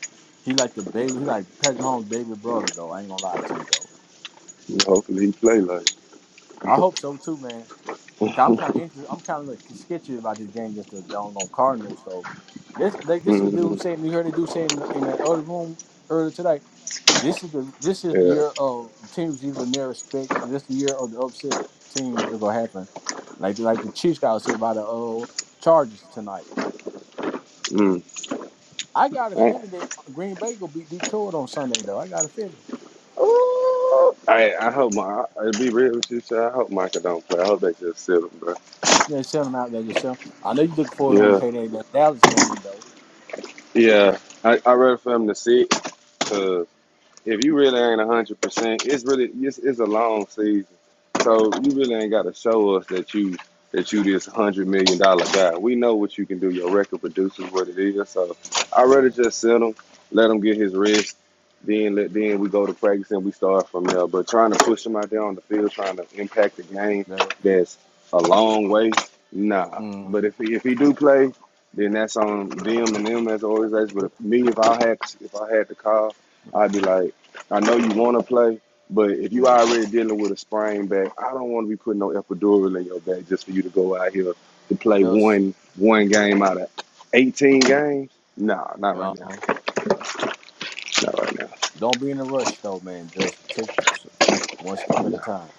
he like the baby, he like Patrick Mahomes' baby brother though. I ain't gonna lie to you though.
hopefully he play like.
I hope so too, man. i I'm
<laughs>
kind of interested. I'm kind of like sketchy about this game against the doggone Cardinals. So this, like this, was dude
Mm-hmm.
saying you heard the dude saying in the, in the other room earlier today. This is the this is the
Yeah.
year of teams you can never expect. This is the year of the upset teams that gonna happen. Like like the Chiefs got upset by the uh, Chargers tonight.
Mm.
I got a
I,
feeling that Green Bay gonna beat Detroit on Sunday though. I got a feeling.
Ooh. I, I hope my. I'll be real with you, sir. I hope Micah don't play. I hope they just sit him, bro.
Yeah, sell him out there. Just sell. I know you're looking for him to
Yeah.
pay that, that Dallas game though.
Yeah. I I rather for him to sit. Uh, If you really ain't a hundred percent, it's really it's, it's a long season. So you really ain't got to show us that you that you this hundred million dollar guy. We know what you can do. Your record produces what it is. So I rather
Yeah,
just send him, let him get his rest. Then let then we go to practice and we start from there. But trying to push him out there on the field, trying to impact the game,
that.
that's a long way. Nah.
Mm,
But if he if he do play, then that's on them and them as always. But if, me, if I had if I had to call, I'd be
mhm.
like, I know you want to play. But if you
Yeah,
already dealing with a sprain back, I don't want to be putting no epidural in your back just for you to go out here to play
just
one one game out of eighteen games. Nah, not right
uh
now.
huh.
Not right now.
Don't be in a rush though, man. Just take one
No,
step at a
no.
time.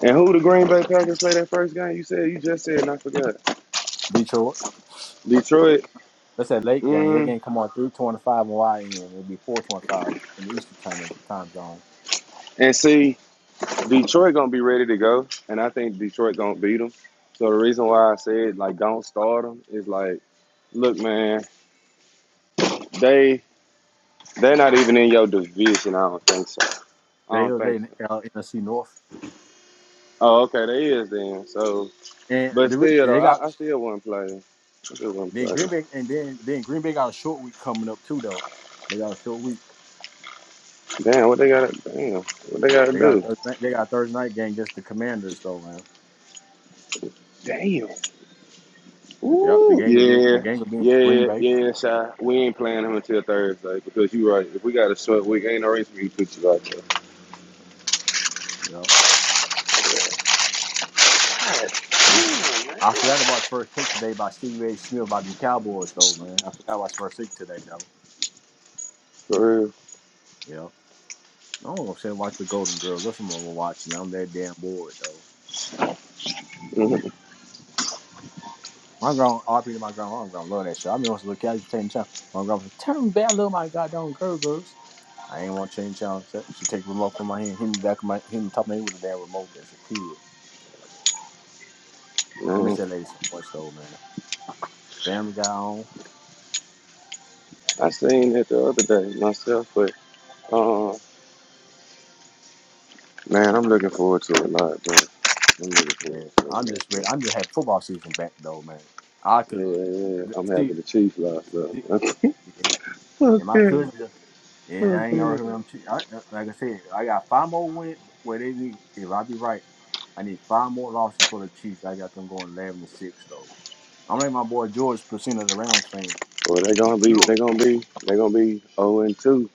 And who the Green Bay Packers play that first game? You said you just said, and I forgot.
Detroit.
Detroit.
That's that late game. That
Mm.
game come on three twenty five on YN. It'd be four twenty five in the Eastern time time zone.
And see, Detroit gonna be ready to go, and I think Detroit gonna beat them. So the reason why I said like don't start them is like, look, man, they they're not even in your division. I don't think so. I
They
don't think
they in
so.
uh, NFC North,
Oh, okay, they is then. So,
and
but
the, re-
still
they
though,
got
I, I still wouldn't play. it. I still wouldn't
then
play.
Green
it.
Bay, and then then Green Bay got a short week coming up too though. They got a short week.
Damn, what they got? to Damn, what they got to
They got
do?
a Thursday night, they got a Thursday night game against the Commanders though, man. Yep, the
Whew,
gang will be the
Yeah,
gang will be in Green
yeah,
Bay.
yeah, shy. We ain't playing him until Thursday because you right. If we got a short week, ain't no reason for you to put you out there.
Yep. Yeah. I forgot to watch first pick today by Stevie A. Smith about them Cowboys though, man. I forgot to watch first pick today though.
For real.
Yep. I don't know if I watch the Golden Girls. That's what I'm gonna watch, man. I'm that damn bored though. My grown RP to my grown, my grown love that show. I mean, I was a little kid, I used change the channel. My grown said, "Turn me back, I love my goddamn girl girls." I ain't want to change the channel. So She take the remote from my hand, hit me back, of my hit me top of my head with the damn remote as a kid. I miss
Mhm.
that lady so much though, man. Family Guy on.
I seen it the other day myself, but uh, man, I'm looking forward to it a lot, bro. I'm
Yeah,
looking forward to
I'm
it
just
a
ready.
lot,
I'm just happy football season back though, man. I
bro.
could
Yeah, yeah, yeah. I'm
see,
happy the Chiefs lost, though.
see
<laughs>
and my
okay,
cousin. Yeah, I ain't
okay.
gonna hurt him. too. I, uh, like I said, I got five more wins. Well, they need, if I be right, I need five more losses for the Chiefs. I got them going eleven and six though. I'm like my boy George percent of the Rams fan.
Well, they gonna
You
be,
know-
they gonna be, they gonna be zero and two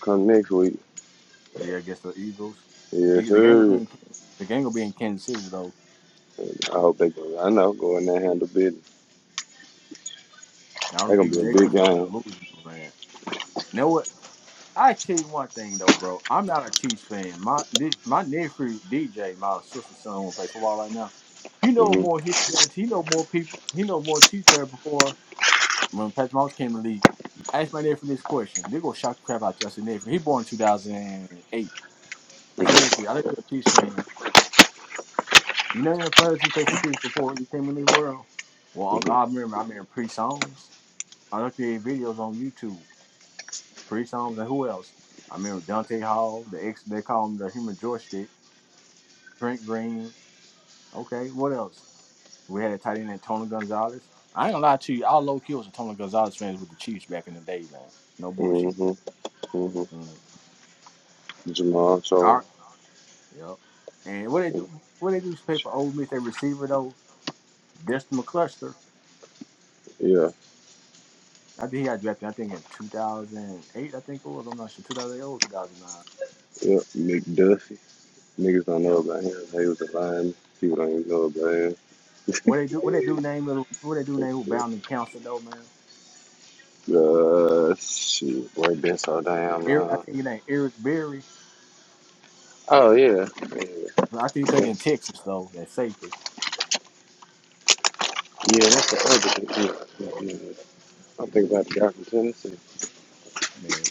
come next week.
yeah, against the Eagles.
Yes,
E- The game will be
sir.
in the game will be in Kansas City though.
I hope they go. I know, go in there and handle business.
And all the
they gonna
people
be a
they
big
just so
game.
delusional, man. You know what? I tell you one thing though, bro. I'm not a Chiefs fan. My this, my nephew DJ, my sister's son, who play football right now. He know
Mm-hmm.
more history. He know more people. He know more Chiefs player before when Patrick Mahomes came to the league. I asked my nephew this question. They gonna shock the crap out you. I said, nephew, he born in 2008. I said, nephew, I know you're a Chiefs fan. You know any players who played for Chiefs before you came in this world? Well, I, I remember. I remember pre songs. I looked at their videos on YouTube. Priest Holmes, and who else? I remember Dante Hall, the ex they call him the human joystick. Trent Green. Okay, what else? We had a tight end named Tony Gonzalez. I ain't gonna lie to you, all low key was a Tony Gonzalez fans with the Chiefs back in the day, man. No bullshit.
Mm-hmm. Mm-hmm.
Mm.
Jamal
All right.
Charles.
Yep. And what they do what they do is pay for old Miss their receiver though, Destin McCluster.
Yeah.
I think he got drafted, I think in two thousand eight, I think it was. I'm not sure, two thousand eight or two thousand nine.
Yep. McDuffie. Niggas don't know
Yep.
about him. He was a lineman. People don't even know about
What they do what they do name is what they do name who
him.
bound and counsel though, man.
Uh, shit. Boy, been so damn
Eric, I
long.
think his name Eric Berry.
Oh yeah. Yeah,
I think he played in Texas though. That safety,
yeah that's the other thing. Yeah, yeah, yeah. I'm thinking about the guy from Tennessee.
man.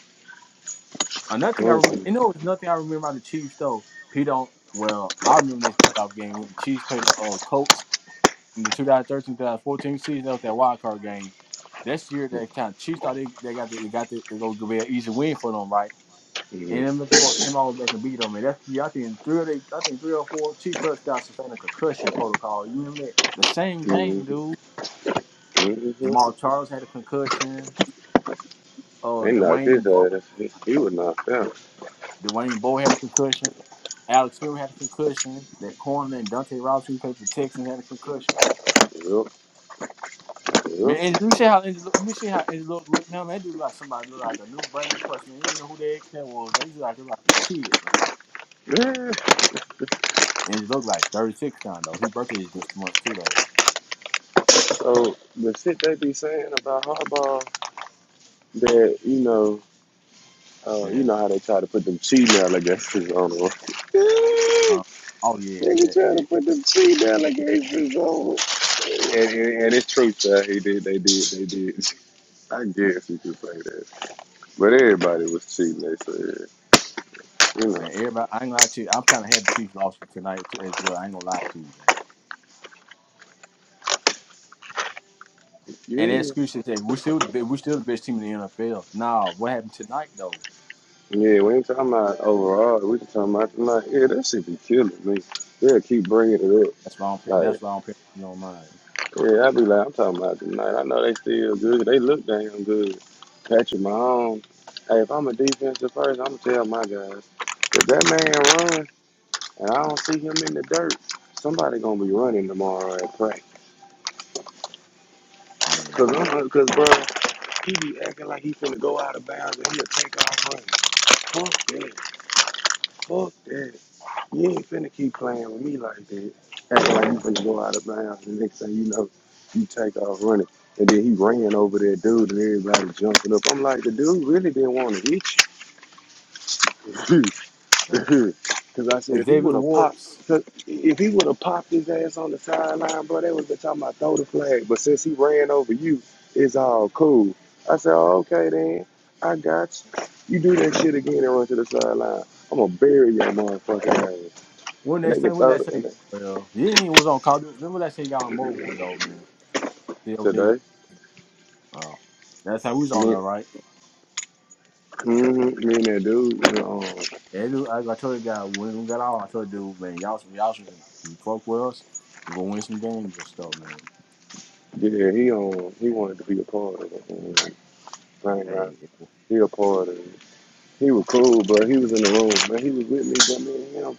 Another
I
thing I
don't
re-
see
you know, it's nothing I remember about the Chiefs though. Pete don't. Well, I remember this playoff game when the Chiefs played the uh, Colts in the 2013-2014 season. That was that wild card game. That's the year that kind of Chiefs thought they, they got the, they got the, they gonna be an easy win for them, right? And
Mm
then the Bucks came all back and beat them. And that's the year I think three or they, I think three or four Chiefs players got sustained a concussion protocol. You remember that? The same
hmm
game, dude.
hmm
Jamal Charles had a concussion. Uh,
They knocked his
Dwayne Bo,
ass. He, he was knocked out.
Dwayne Bo had a concussion. Alex Smith had a concussion. That corner and Dante Robinson who played for the Texans had a concussion.
Yep,
Man,
yep.
and let me see how Andrew, look- let me see how Andrew look, look now. Man, that dude look like somebody look like a new brand new person. You even know who that kid was? They look like look like a kid, man.
Yeah.
And he look like thirty six now though. His birthday is this month too though.
So the shit they be saying about Harbaugh, that you know, uh, you
Yeah.
know how they try to put them cheating allegations on him. <laughs>
Um, oh yeah,
they be
eh,
trying to
eh.
put them cheating allegations on him, and, and, and it's true, sir. He did. They did. They did. <laughs> I guess you could say that. But everybody was cheating. They said, you know,
man. Everybody, I ain't gonna lie to you. I'm kind of happy Chiefs lost tonight too as well. I ain't gonna lie to you, man. And that
yeah.
excuse is that we're still the be- we're still the best team in the NFL. Nah, what happened tonight though?
Yeah, we ain't talking about overall. We just talking about tonight. Yeah, that shit be killing me. They'll keep bringing it up.
That's why I'm pick- that's
Like,
why I'm picking on mine.
yeah, I be like, I'm talking about tonight. I know they still good. They look damn good. Patrick Mahomes. Hey, if I'm a defensive first, I'm gonna tell my guys if that man run and I don't see him in the dirt, somebody gonna be running tomorrow at practice. Cause
Mm-hmm.
I'm, cause bro, he be acting like he finna go out of bounds and he'll take off running. Fuck that. Fuck that. You ain't finna keep playing with me like that. Acting like you finna go out of bounds. The next thing you know, you take off running. And then he ran over that dude and everybody jumping up. I'm like, the dude really didn't want to hit
Yeah.
you. <laughs> Because I said,
And
if he would
Xavier
have popped,
Ward's.
cause if he would have popped his ass on the sideline, bro, they would have been talking about throw the flag. But since he ran over you, it's all cool. I said, oh, okay then. I got you. You do that shit again and run to the sideline. I'm going to bury your motherfucking ass
When
and
next
they can
time? What
throw
that
it.
thing?
And they,
Well, he ain't even was on call. Remember that thing he got on mobile though, man. CLD.
today.
Oh, that's how we was on
Me,
there, right?
mhm, me and that dude, um,
And dude, I I told the guy when we got out. I told the dude, man, y'all some y'all some you fuck with us, we're gonna win some games and stuff, man.
yeah, he um, he wanted to be a part of it. And thank God,
Hey,
he a part of it. He was cool, but he was in the room, man. He was with me, but me and him,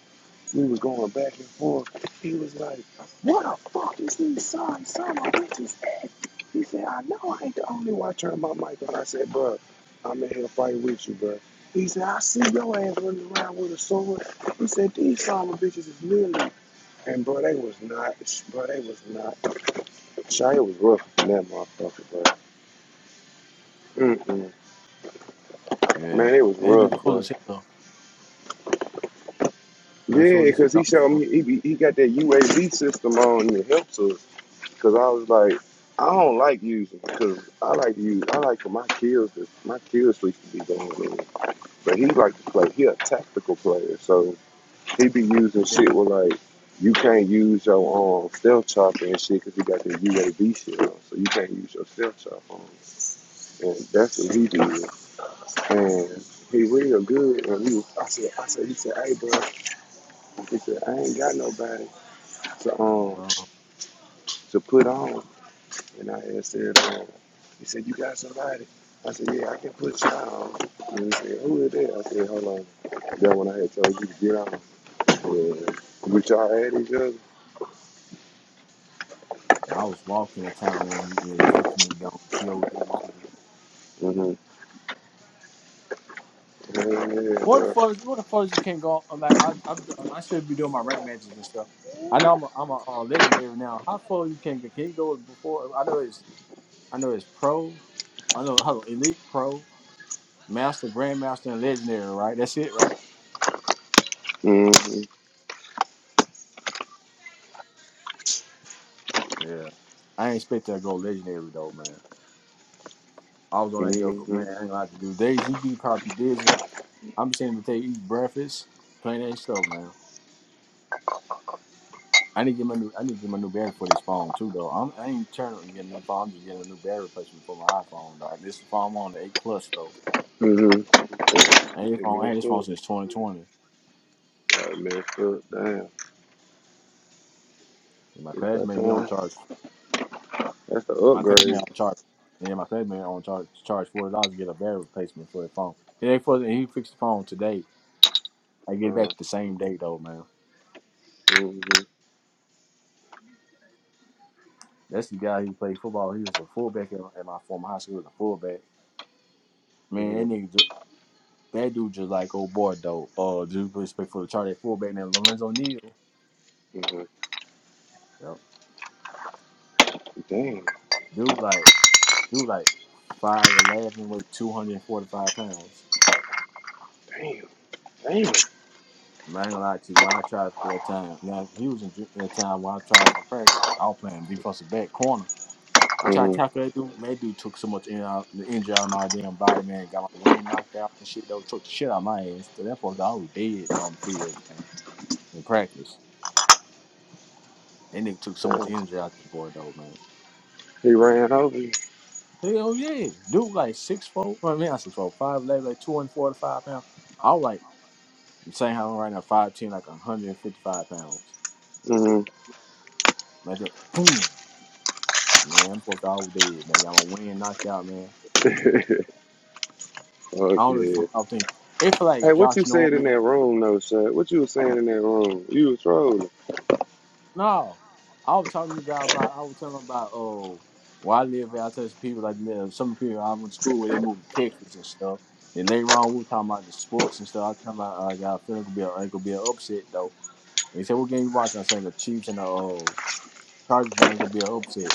we was going back and forth. He was like, "What the fuck is these signs? Son of bitches at?" He said, "I know I ain't the only one." I turned my mic on. I said, "Bro, I'm in here fighting with you, bro." He said, "I see your ass running around with a sword." He said, "These son of bitches is millions." And bro, they was not, bro, they was not. Shia was rough in that motherfucker, bro. Mm-mm. Man,
yeah,
it was
and they do
rough,
cool
bro.
as hell. Maybe we should go
Yeah,
get some
because he
thumbs.
showed me, he, be- he got that UAV system on and it helps us. Because I was like, I don't like using because I like to use, I like for my kills, to, my kills streaks to be going in. But he like to play, he a tactical player. So he be using shit with like, you can't use your um, stealth chopper and shit because he got the UAV shit on. So you can't use your stealth chopper on. And that's what he did. And he real good. And we, I said, I said, he said, hey, bro. He said, I ain't got nobody to um
Yeah.
to put on. And I had said, um, he said, you got somebody? I said, yeah, I can put you on. And he said, who is that? I said, hold on. That one I had told you to get on. Yeah. We y'all at each other.
I was walking to town when you when you texted me on COD mobile.
Mm-hmm. Yeah,
What the
bro.
fuck? Is, What the fuck? Is You can't go. I'm like, I, I've done. I still be doing my rank matches and stuff. I know I'm a, I'm a uh, legendary now. How far you can get? Can you go before? I know it's I know it's pro. I know hello elite pro master grandmaster and legendary. Right? That's it. Right?
Mm-hmm.
Yeah. I ain't expect to go legendary though, man. I was on that joke,
Mm-hmm.
man. I ain't gonna have to do days. You be probably busy. I'm just saying to take eat breakfast, playing that stuff, man. I need to get my new I need to get my new battery for this phone too though. I'm, I ain't trying to get a new phone. I'm just getting a new battery replacement for my iPhone. Dog. This is the phone I'm on the eight plus though.
Mm-hmm.
I ain't
It
phone. I had this
messed up.
phone since 2020.
I messed up. Damn.
my
It's that
classmate he on
time.
charge.
That's the
My classmate
upgrade.
on charge. Yeah, my classmate on charge charge forty dollars to get a battery replacement for the phone. It ain't for the, he fixed the phone today. I get it
Um,
back the same day though, man.
Mhm,
That's the guy who played football. He was a fullback at, at my former high school. He was a fullback. Man, that
mhm,
nigga, ju- that dude just like old boy though. Uh, dude, respect for the chart at fullback. And then Lorenzo Neal.
mhm.
Yep.
Damn,
Dude like dude like five eleven, weighed two hundred and forty five pounds.
damn, damn.
And I ain't gonna lie to you, when I tried for that time, now he was in, ju- in that time when I tried for practice, I was playing defensive back corner. I tried to
Mhm,
tackle that dude, man, that dude took so much in out, the injury out of my damn body, man, got my wind knocked out and shit, that took the shit out of my ass. To that point, I was dead, man, on the field, man, in practice. That nigga took so much
damn.
energy out the boy, though, man.
He ran over you.
Hell yeah. Dude, like 6'4", I mean, not 6'4", 5'11", like 245 pounds. I was like, I'm saying how I'm right now, 5'10, like 155 pounds.
Mhm.
Man, just, boom. Man, I'm fucked all dead, man. I'm a win knockout, man.
<laughs>
I
Fuck
don't know what the
yeah.
fuck I was thinking. It feel like
Hey, what you
Josh
said in
Norman.
that room, though, Shut? What you was saying in that room? You was trolling.
No. I was talking to a guy about, I was telling him about, oh, where I live at, I tell some people, like, there- some people I went to school where they moved to Texas and stuff. And later on, we were talking about the sports and stuff. I was talking about, like, I feel it could be, a, it could be an upset, though. And he said, what game you watching? I said, the Chiefs and the uh, Chargers game could be an upset.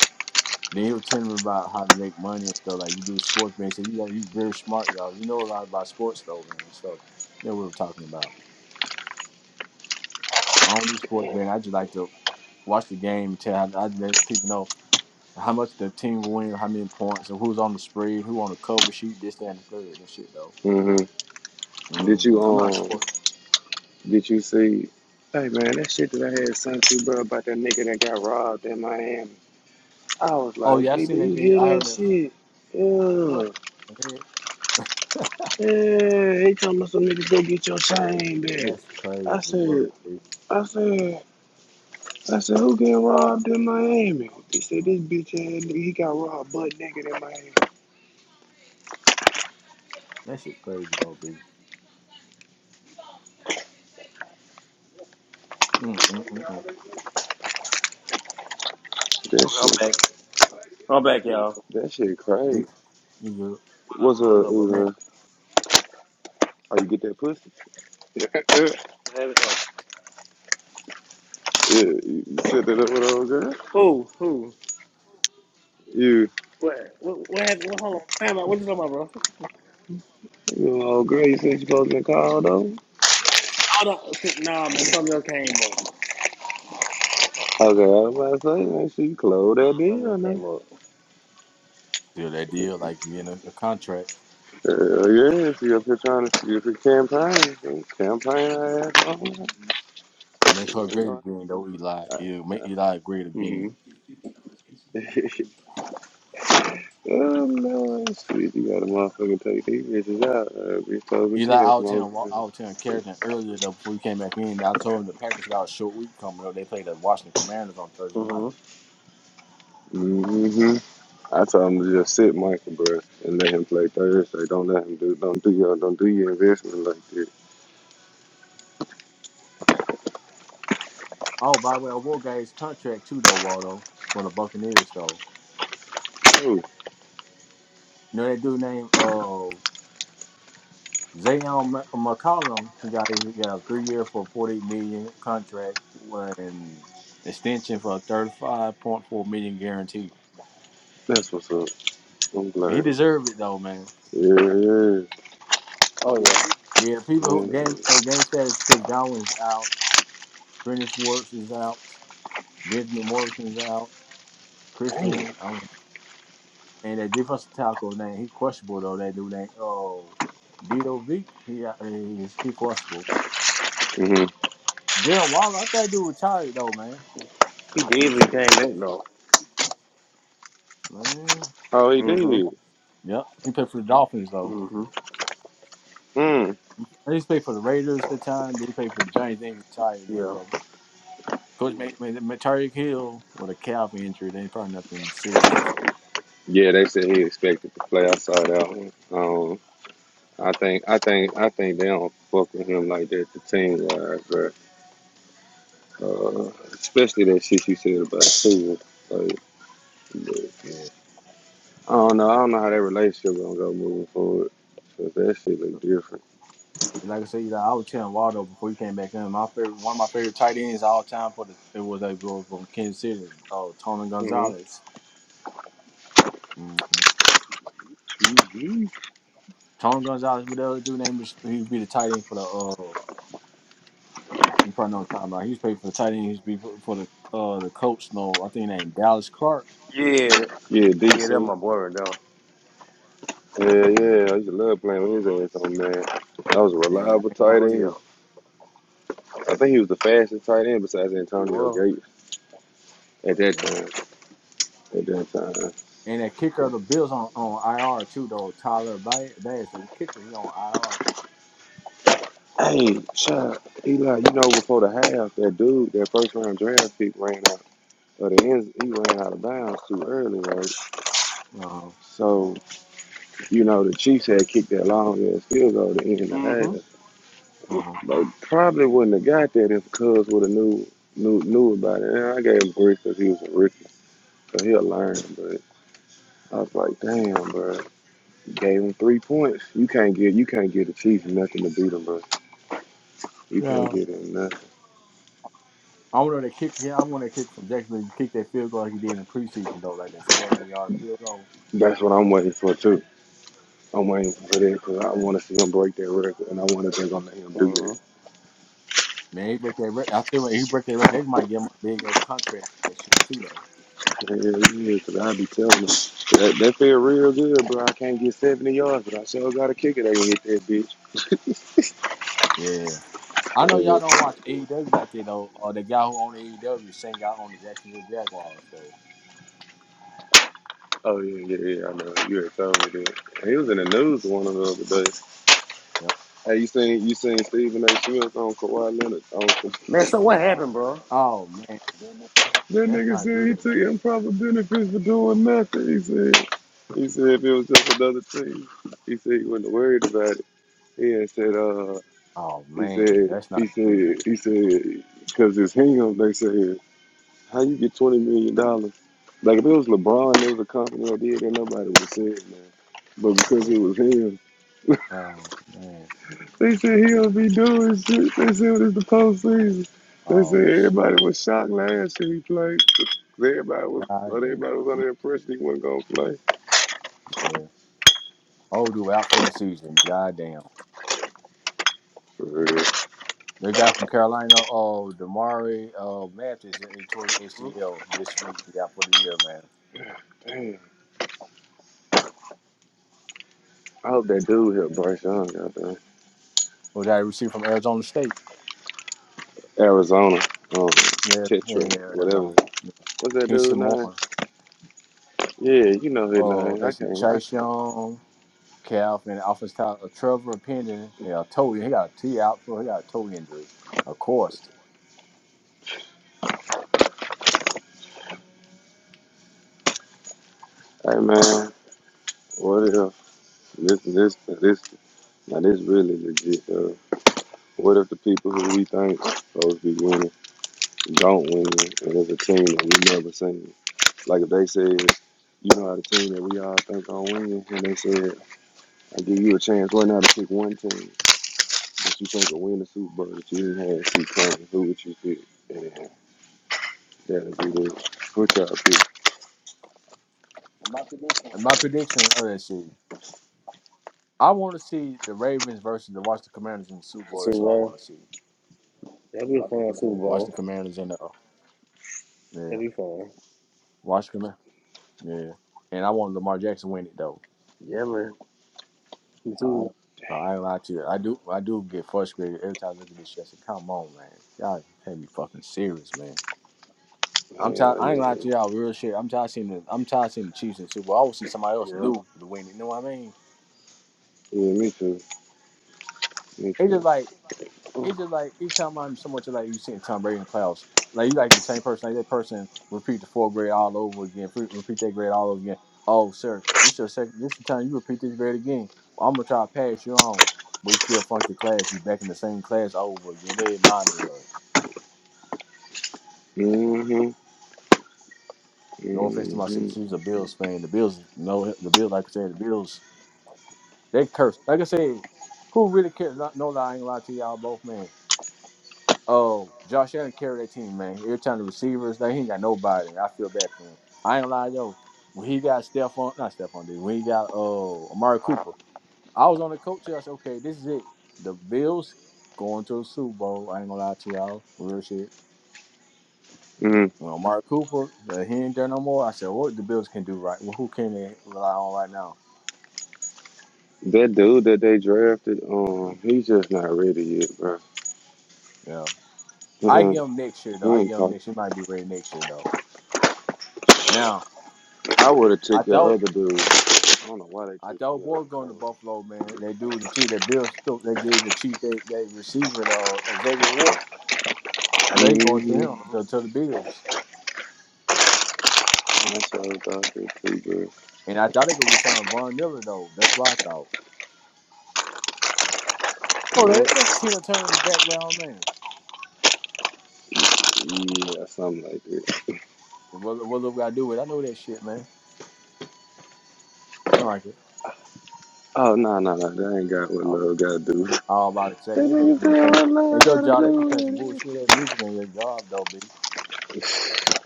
Then you were telling me about how to make money and stuff. Like you do sports betting. So you like you very smart, y'all. You know a lot about sports though, man, and stuff. That we were talking about. I don't do sports betting. I just like to watch the game and tell I, I let people know how much the team will win, how many points, and who's on the spread, who on the cover sheet, this, that, and the third and shit though.
Mm-hmm. Did
hmm
you,
I'm not a
um,
sports.
did you see, hey, man, that shit that I had sent you, bro, about that nigga that got robbed in Miami? I was
Oh
like,
yeah, I
B, do
seen that
you
video. I
hear
heard
that
it.
shit?
What?
Yeah.
the heck?
Yeah, he talking about some niggas go get your chain
<laughs>
back.
That's crazy
I
work.
said,
B.
I said, I said, who get robbed in Miami? They said this bitch had he got robbed butt naked in Miami.
That shit crazy though, B. Mm mm mm mm.
That
Okay, I'm
shit,
back. I'm back, y'all.
that shit
You
crazy.
you good?
What's
What's
up,
up, bro?
man?
uh, how you get that pussy? <laughs>
What happened? Oh.
Yeah, you set that up with an old girl?
Who? Who?
You,
What? What, what happened? What, hold on. Time out. What you talking about, bro?
you know, girl, you said you supposed to call though.
Oh no, <laughs> nah, man. Something else came up.
okay, I was about to say, make sure you close that
Something
deal
else
now.
came up.
Seal that deal like you in a, a contract.
Hell yeah, she up here trying to, if you're campaigning, she campaign her ass on.
Make her
You
great
know,
again, though, Eli. Yeah, make Eli great again.
Mhm.
you know, <laughs> Oh no, it's sweet. You got a motherfucking take these bitches out. Uh, bitch told me
Eli
she had
out
some
of
older
town, wa- out of town carried him earlier, though, before he came back in. I told him the Packers got a short week coming up. They played the Washington Commanders on Thursday night.
Mhm.
hmm I told him to just sit Michael, bro, and let him play Thursday. Don't let him do, don't do your, don't do your investment like this.
Oh, by the way, I will got his contract, too, though, Waldo, for the Buccaneers, though.
Ooh,
You know that dude named uh, Zayon McCollum? He got, he got a three year for $48 million contract and extension for a $35.4 guarantee.
that's what's up. I'm
He
glad.
deserved it, though, man.
Yeah, yeah.
Oh yeah.
Yeah, people who
Man.
game uh, game status. Chris Godwin is out. Greenwich Works is out. Benjamin Morrison is out.
Damn.
Christian, um, and that defensive tackle name he questionable though. That dude name oh Dito V. He got he's he questionable.
hmm
Darren Waller, I think dude retired though, man.
He did. but He came back though.
Man,
Oh, he
Mhm.
did.
yep, he played for the Dolphins though.
Mhm.
Mm.
He used to play for the Raiders at the time. Then he played for the Giants. Then he retired. Then he
Yeah.
back. Coach made made Tyreek Hill with a calf injury. Then probably nothing serious though.
Yeah, they said he expected to play. I saw that one. Um, I think, I think, I think they don't fuck with him like that. The team wise, Uh, especially that shit you said about Tua. Like, but
Yeah.
I don't know. I don't know how that relationship gonna go moving forward. Cause that shit look different.
And like I said, you know, I was telling Waldo before you came back in, my favorite, one of my favorite tight ends all time for the it was a boy from Kansas City, uh, Tony
Mhm.
Gonzalez. Mm-hmm.
hmm
Tony Gonzalez, what the other dude name was? He would be the tight end for the uh, you probably know what I'm talking about. He was paid for the tight end. He used to be for, for the uh the Colts. No, I think named Dallas Clark.
Yeah. that-
Yeah,
Yeah. That's
DC.
my boy, right there.
Yeah,
Mm,
yeah. I used to love playing with his ass on man. That was a
man, I
reliable
ain't lying
tight
to
Oh
you.
yeah.
end. I think he was the fastest tight end besides
He
Antonio
was.
Gates at that
Yep.
time. At that time.
And that kicker of the Bills on, on IR too though. Tyler Bass, the kicker, he on
Hey, child, Eli, you know before the half, that dude, that first round draft pick ran out of the end. He ran out of bounds too early, right?
IR. Uh huh.
So. you know, the Chiefs had kicked that long ass field goal to end the
hmm
half.
Uh huh.
They probably wouldn't have got that if Cuz would have knew knew knew about it. And I gave him three because he was a rookie, so he'll learn. But I was like, damn, bro, gave him three points. You can't get you can't get the Chiefs nothing to beat them, bro. You can't
Yeah.
get him nothing.
I want to kick. Yeah, I want that kick from Jacksonville. to Kick that field goal like he did in the preseason though, like that seventy yard field goal.
That's what I'm waiting for too. I'm waiting for that because I want to see him break that record, and I wonder if they're gonna let him do that.
hmm
Man, he break that record. I feel like he break that record. They might give him a big ass contract for that shit too though.
Hell yeah, because I be telling them. That, that feel real good, bro. I can't get 70 yards, but I sure got a kicker that can hit that bitch.
Yeah, I know y'all
Yeah.
don't watch AEW like that though. Or the guy who owned AEW sang out on the Jacksonville Jaguars though.
Oh, yeah, yeah, yeah, I know. You already told me that. He was in the news one of the other days.
Yep.
Hey, you seen you seen Stephen A. Smith on Kawhi Leonard? On, that
Man, so what happened, bro?
Oh man,
Mhm.
that's
nigga
not
said
good.
he took
Man.
improper benefits for doing nothing, he said. He said if it was just another team, he said he wasn't worried about it. He had said, uh,
Oh
he
man,
said,
that's not
he
good.
said, he said, because it's him, they said. How you get twenty million dollars? Like if it was LeBron, it was a company that did that nobody would have said man. But because
Yeah.
it was him,
Oh man.
they said he'll be doing shit. They said it's the postseason. They
Oh
said
shit.
everybody was shocked last year he played. 'Cause Everybody was, well,
God
everybody was
damn.
under the impression he wasn't gonna play.
Yeah. Oh, dude, out for the season. God damn.
For real.
They got from Carolina, uh, Damari uh, Mathis, he tore his ACL this week. He out for the year, man.
Damn. I hope that dude here, Bryce Young, goddamn
Who that received from Arizona State.
Arizona, um,
Yeah, yeah,
Tetra,
yeah Arizona.
whatever. What's that
He's
dude
Samoan.
name? Yeah, you know his
Uh,
name. I
let's see,
can't. I,
Chase Young, Calvin, offense top, uh, Trevor Penning. Yeah, toe. He got a T out for. He got a toe injury, of course.
hey man, what if this this this? Now this really legit. though. what if the people who we think supposed to be winning don't win, and it's a team that we never seen? Like if they said, you know, how the team that we all think gonna win, and they said, I give you a chance right now to pick one team that you think will win the Super Bowl that you didn't have two times. Who would you pick? And that'll be the what y'all pick.
And my prediction. Oh, let's see. I want to see the Ravens versus the Washington Commanders in the Super Bowl.
So
That's what I
well,
want to see.
that'd be fun.
Washington Commanders in the. Uh, yeah.
That'd be fun.
Washington. Yeah, and I want Lamar Jackson to win it though.
Yeah, man. Dude,
Uh, I ain't lie to you. I do. I do get frustrated every time I look at this shit. I say, "Come on, man, y'all can't be fucking serious, man." I'm tired.
Hell
I
yeah,
ain't lying
yeah,
to y'all. Real shit. I'm tired of seeing the. I'm tired of seeing the Chiefs in the Super Bowl. I want to see somebody else
yeah.
new to win it. You know what I mean?
Yeah, me too, me
It's just
too.
like it's just like you come on so much like you seen Tom Brady in the playoffs. Like you like the same person, like that person repeat the fourth grade all over again, repeat that grade all over again. Oh, sir, this your second, this time you repeat this grade again. Well, I'm gonna try to pass you on, but you still flunk the class. You back in the same class over again. They didn't mind me though.
Mm-hmm. Mm-hmm.
No offense to my sister, she's a Bills fan. The Bills, no, the Bills, like I said, the Bills, they curse. Like I said, who really cares? No, no lie, I ain't gonna lie to y'all both, man. Oh, Josh Allen carried that team, man. Every time the receivers, they ain't got nobody. I feel bad for him. I ain't lying though. When he got Stephon, not Stephon, dude. When he got oh, Amari Cooper, I was on the coach. I said, okay, this is it. The Bills going to the Super Bowl. I ain't gonna lie to y'all, real shit.
Mm-hmm.
When Amari Cooper, uh, he ain't there no more. I said, what the Bills can do right? Well, who can they rely on right now?
That dude that they drafted, um, he's just not ready yet, bro.
Yeah,
He
I
ain't,
give him next year
he
though. I
ain't
give him
talk.
next. year. He might be ready next year though. Now
I would have
I
took that
thought
other dude. I don't know why they
I
took
thought boy
Keelan
going to
Cole.
Buffalo, man. They do the chief. They Bill Stokes. They gave the chief. They they receiver though Xavier Ward. I thought he going to
Mm-hmm.
him to, to the Bills.
That's what I thought they too, bro.
And I thought they could resign Von Miller though. That's what I thought. Oh, that,
What?
that's Tina Turner in the background, man.
Yeah, something like that.
And what what look I do with? it? I know that shit, man. Sound like it.
Oh, no, no, no. That ain't got what
Oh,
love got to do. <laughs>
all about to say
That
they
nigga
basically been
said
playing.
what love
Hey, your
got to
job. They be
do
playing some
with it.
bullshit. That music in your job though, B.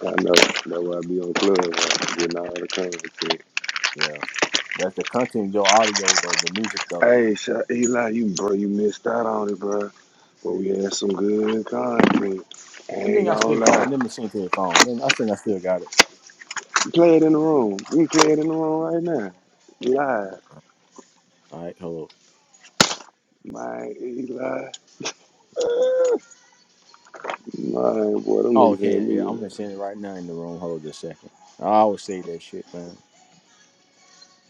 I know. That's why I be on club, right? getting all the content.
Yeah, that's the content. Your audio though, the music though.
Hey, Sha Eli, you, bro, you missed out on it, bro. But we had some good content. I
I
ain't
think I
gonna
still
lie.
got it. Let me sync to your phone. Let me- I think I still got it.
Play it in the room. We can play it in the room right now. Live.
All right, hello.
My Eli. My boy, them
Oh,
niggas
okay.
had
Yeah,
me
yeah,
in
I'm
there.
gonna send it right now in the room. Hold just a second. I always say that shit, man.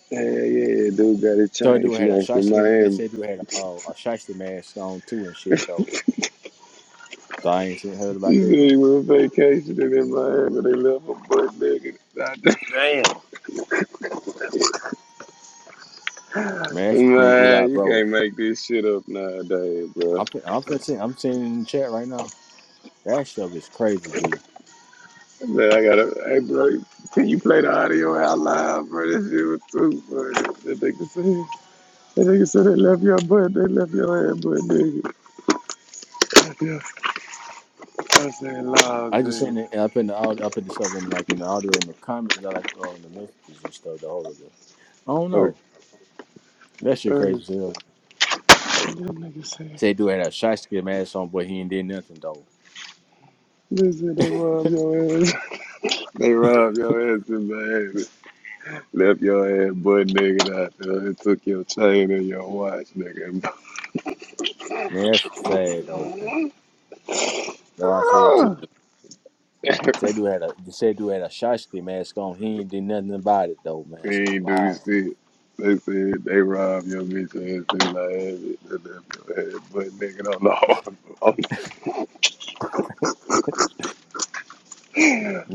Yeah, yeah, yeah, dude got his
So I
chain
do had a
snatched in
shyster. They
Miami.
said you had a, uh, a shyster mask on too and shit though. So I ain't seen heard about
He
that
said he
then.
went on vacation and in Miami. They left a butt nigga <laughs> out
Damn.
there.
Man, man, Eli,
Man, you
bro.
can't make this shit up nowadays, bro.
I'm fin- I'm fin- send- I'm sending it in the chat right now. That stuff is crazy, b.
Man, I gotta, hey, bro, can you play the audio out loud, bro? This shit was too funny. That nigga said, that nigga said they left your butt, they left your ass butt nigga. <laughs> Yeah. I said, Lord
I just
Jesus.
sent it up in the audio, up in the stuff in like in the audio in the comments, like oh, in the messages and stuff. The whole of this. I don't
Okay.
know. That
Uh,
shit crazy
them
as hell.
niggas said,
Say dude had a shyster mask on, but he ain't did nothing though.
listen, they
<laughs>
rub your ass. <laughs> they rub your ass in the ass. Left your ass butt nigga out there and took your chain and your watch, nigga. <laughs>
Man, that's sad though. No, I said too.
Ah! <laughs>
Say dude had a say dude had a shashki mask on. He ain't did nothing about it though, man. I
he
said,
ain't do
wow,
shit. They said they robbed your bitch ass in the ass. They left your ass butt nigga on the hard.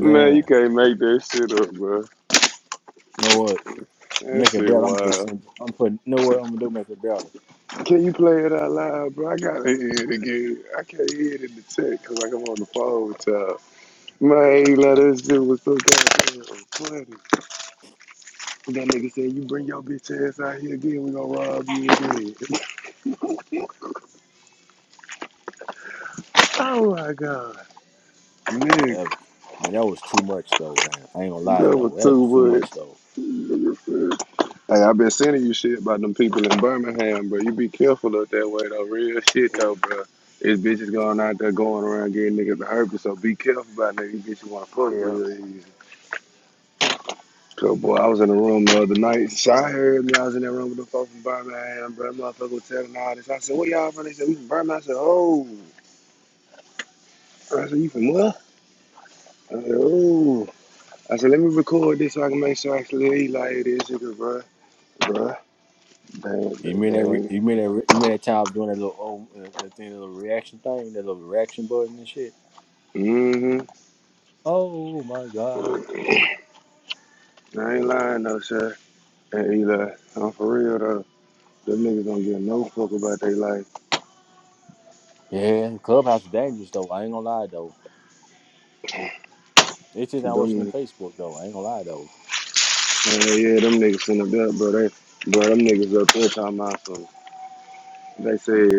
<laughs> Man, you can't make that shit up, bro.
You know what?
That
Make it
shit
better. I'm just
wild.
send, I'm putting. You know what I'm gonna do? Make it better.
Can you play it out loud, bro? I gotta hear it again. I can't hear it in the chat because like I'm on the phone with y'all. Man, let us do was so goddamn funny. That nigga said, "You bring your bitch ass out here again, we gonna rob you again." Oh my god, nigga,
Yeah, man, that was too much though, man. I ain't gonna lie
that
though.
was
That was too
too much.
much though.
Nigga said, Hey, i been sending you shit about them people in Birmingham, bro. You be careful up that way though. Real shit though,
Mm.
bro. It's bitches going out there going around getting niggas the herpes, so be careful about niggas. You bitches wanna
Oh,
fuck
yeah.
real easy. Good boy. I was in the room the other night. Shy heard me. I was in that room with the folks from Birmingham, bro. That motherfucker was telling all this. I said, where y'all from? They said, we from Birmingham. I said, oh. I said, you from where? I said, oh. I said, let me record this so I can make sure I actually eat like this nigga, bro. Bro. Dang,
You mean that? re-
dang.
You mean that? re- You mean that time I was doing that little oh, uh, that thing, that little reaction thing, that little reaction button and shit. Oh my god.
Mm-hmm. I ain't lying, though, sir. Hey, Eli, I'm for real, though. Them niggas don't give no fuck about their life.
Yeah, Clubhouse is dangerous though. I ain't gonna lie though. It's just not worse
Them
than Facebook though. I ain't gonna lie though,
niggas. Yeah, yeah, them niggas sitting up there, bro. They, bro, them niggas up there talking about some. They said.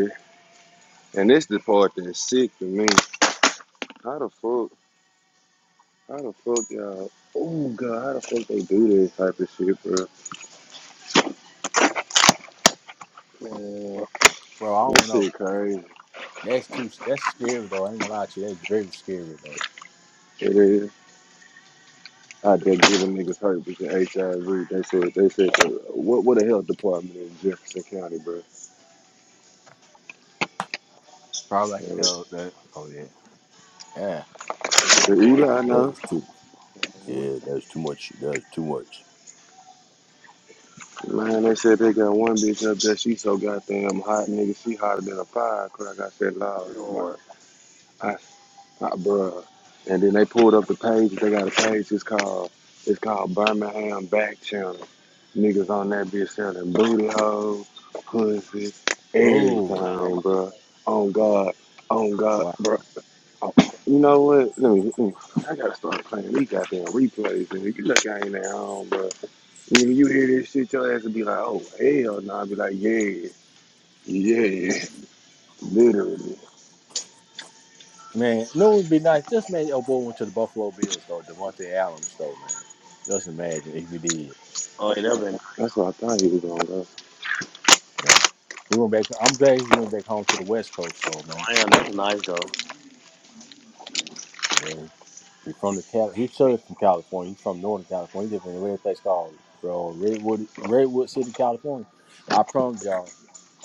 And this the part that's sick to me. How the fuck, how the fuck y'all, oh god, how the fuck they do this type of shit, bro?
Man, Man,
bro. I
That
don't know.
shit crazy.
That's too. That's scary though. I ain't gonna lie to you. That's very scary though.
It is. How they give them niggas herpes and HIV. They said, they said, so what, what the health department in Jefferson County, bro?
Probably like
And
the, the oh yeah. Yeah.
the
Boy,
Eli, I know.
that's too. Yeah, that's too much. That's too much.
Man, they said they got one bitch up there. She so goddamn hot, nigga. She hotter than a firecracker. I said, Lord, have mercy.
Lord.
I Uh, bruh. And then they pulled up the page. They got a page. It's called it's called Birmingham Back Channel. Niggas on that bitch selling booty hoes, pussy,
Oh
Wow.
everything, bruh. On God, on God,
wow,
bruh. Oh, You know what? Let me, mm, I gotta start playing these goddamn replays. And you look, I ain't at home, bruh. Nigga, you hear this shit, your ass would be like, oh hell, no. I'd be like, yeah, yeah, literally.
man. No, it'd be nice. Just made El boy went to the Buffalo Bills though. Devontae Adams though, man. Just imagine if he did.
Oh, yeah, that been
That's what I thought he was gonna go.
Yeah. He went back. I'm glad he went back home to the West Coast though, man.
damn. That's nice, though.
Yeah. He from the Cal. He served from California. He from Northern California. He live in a red place called uh, Redwood, Redwood City, California. I promise y'all.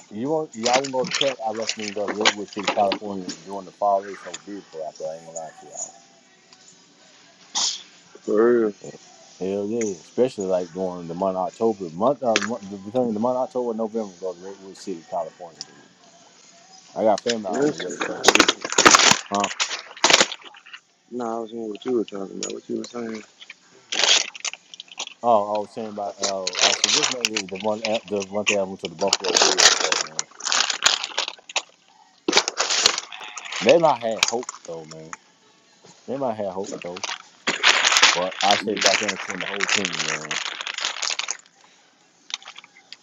You want y'all wanna go to cat? I recommend you go to Redwood City, California during the fall. It's so beautiful out there. I ain't gonna lie to y'all.
For real.
Yeah. Hell yeah, especially like during the month of October, month, uh, month between the month of October and November, go to Redwood City, California. Dude, I got family out on
That's
the West
it.
Coast too. Huh?
No, I was hearing what you were talking about, what you were saying.
Oh, I was saying about uh, I should just maybe the one uh, the one thing I went to the Buffalo Bills though, man. They might have hope though, man. They might have hope though, but I said
Yeah.
Josh Allen carried the whole team, man.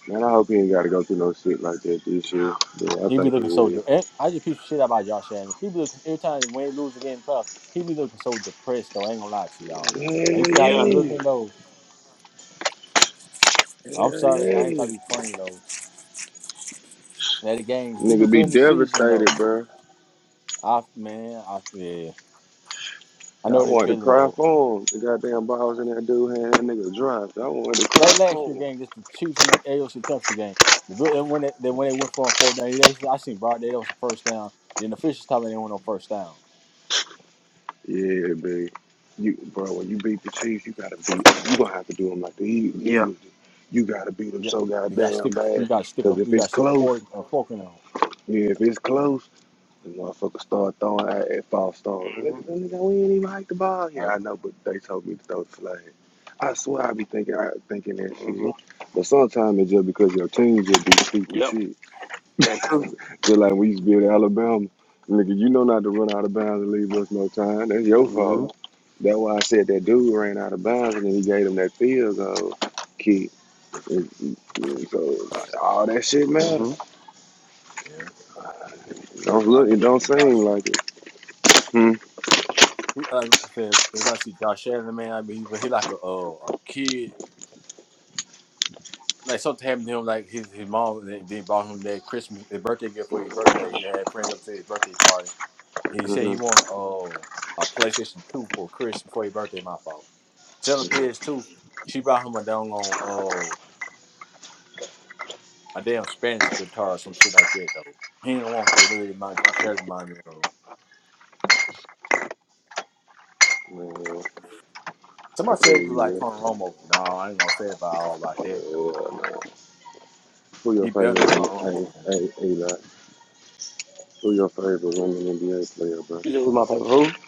Man, I hope he ain't got to go through no shit like that this year. But I
He be
think he
looking so.
will.
De- I just piece of shit about Josh Allen. He be looking every time when he lose the game in the playoff, He be looking so depressed. Though I ain't gonna lie to y'all, man. Now,
Yeah,
you see how he be
Yeah.
yeah.
looking though. I'm sorry, I ain't
yeah,
trying
yeah.
to be funny though. That the game, he do
Nigga be
good in the season
devastated,
though.
bro.
I man, I yeah, I
Yeah, I
know that
wanted to
feeling
cry
though, man.
for him. The goddamn balls in that dude hand, that nigga dropped. I wanted to cry
Like last
for
year
him.
game, just the Chiefs in the AFC Championship game. The Bill- and When they, then when they went for a fourth down, they, I seen Broad Day. That was the first down. Then the officials time they went on first down.
Yeah, baby. You, bro, when you beat the Chiefs, you gotta beat. You gonna have to do them like the Eag-
Yeah.
Eagles. do. You gotta beat them
Yeah,
so
you got
goddamn
stick. a-
bad.
You got stick.
Cause
a-
if
You got
it's
stick a
close,
fork, a fork in them.
yeah, if it's close. The motherfuckers started throwing at, at false stones.
hmm
Nigga, nigga, we ain't even hiked the ball here.
Uh,
I know, but they told me to throw the flag. I swear I be thinking I thinking that shit.
hmm
But sometimes it's just because your team just be stupid
Yep.
shit.
That's true.
Just like we used to be at Alabama. Nigga, you know not to run out of bounds and leave us no time. That's your fault.
hmm
That's why I said that dude ran out of bounds and then he gave him that field goal kick. And- and So like, all that shit
hmm
matters.
Yeah.
Don't look,
I'd
it
be looking
don't
at
seem
Josh Allen.
like it. Hmm.
He- Like I said, if I see Josh Allen, man, I mean, he, he like a uh, a kid. Like something happened to him, like his his mom they, they bought him that Christmas, his birthday gift for his birthday. He had friends up to his birthday party. he said he wanted uh, a PlayStation Two for Christmas for his birthday. My fault. Selling a
hmm
PS Two, she bought him a down on uh, a damn Spanish guitar or some shit like that though. He didn't want that. It was my Josh Allen mind me though.
I
Somebody said
feel
it was like
you
Tony Romo. No, I ain't gonna say about all
would.
about that though.
Uh, nah. Who your
He better than Tony
favorite woman? Hey,
Romo. man.
hey, Eli. Who your favorite woman NBA player, bro?
You said who's my favorite? Who?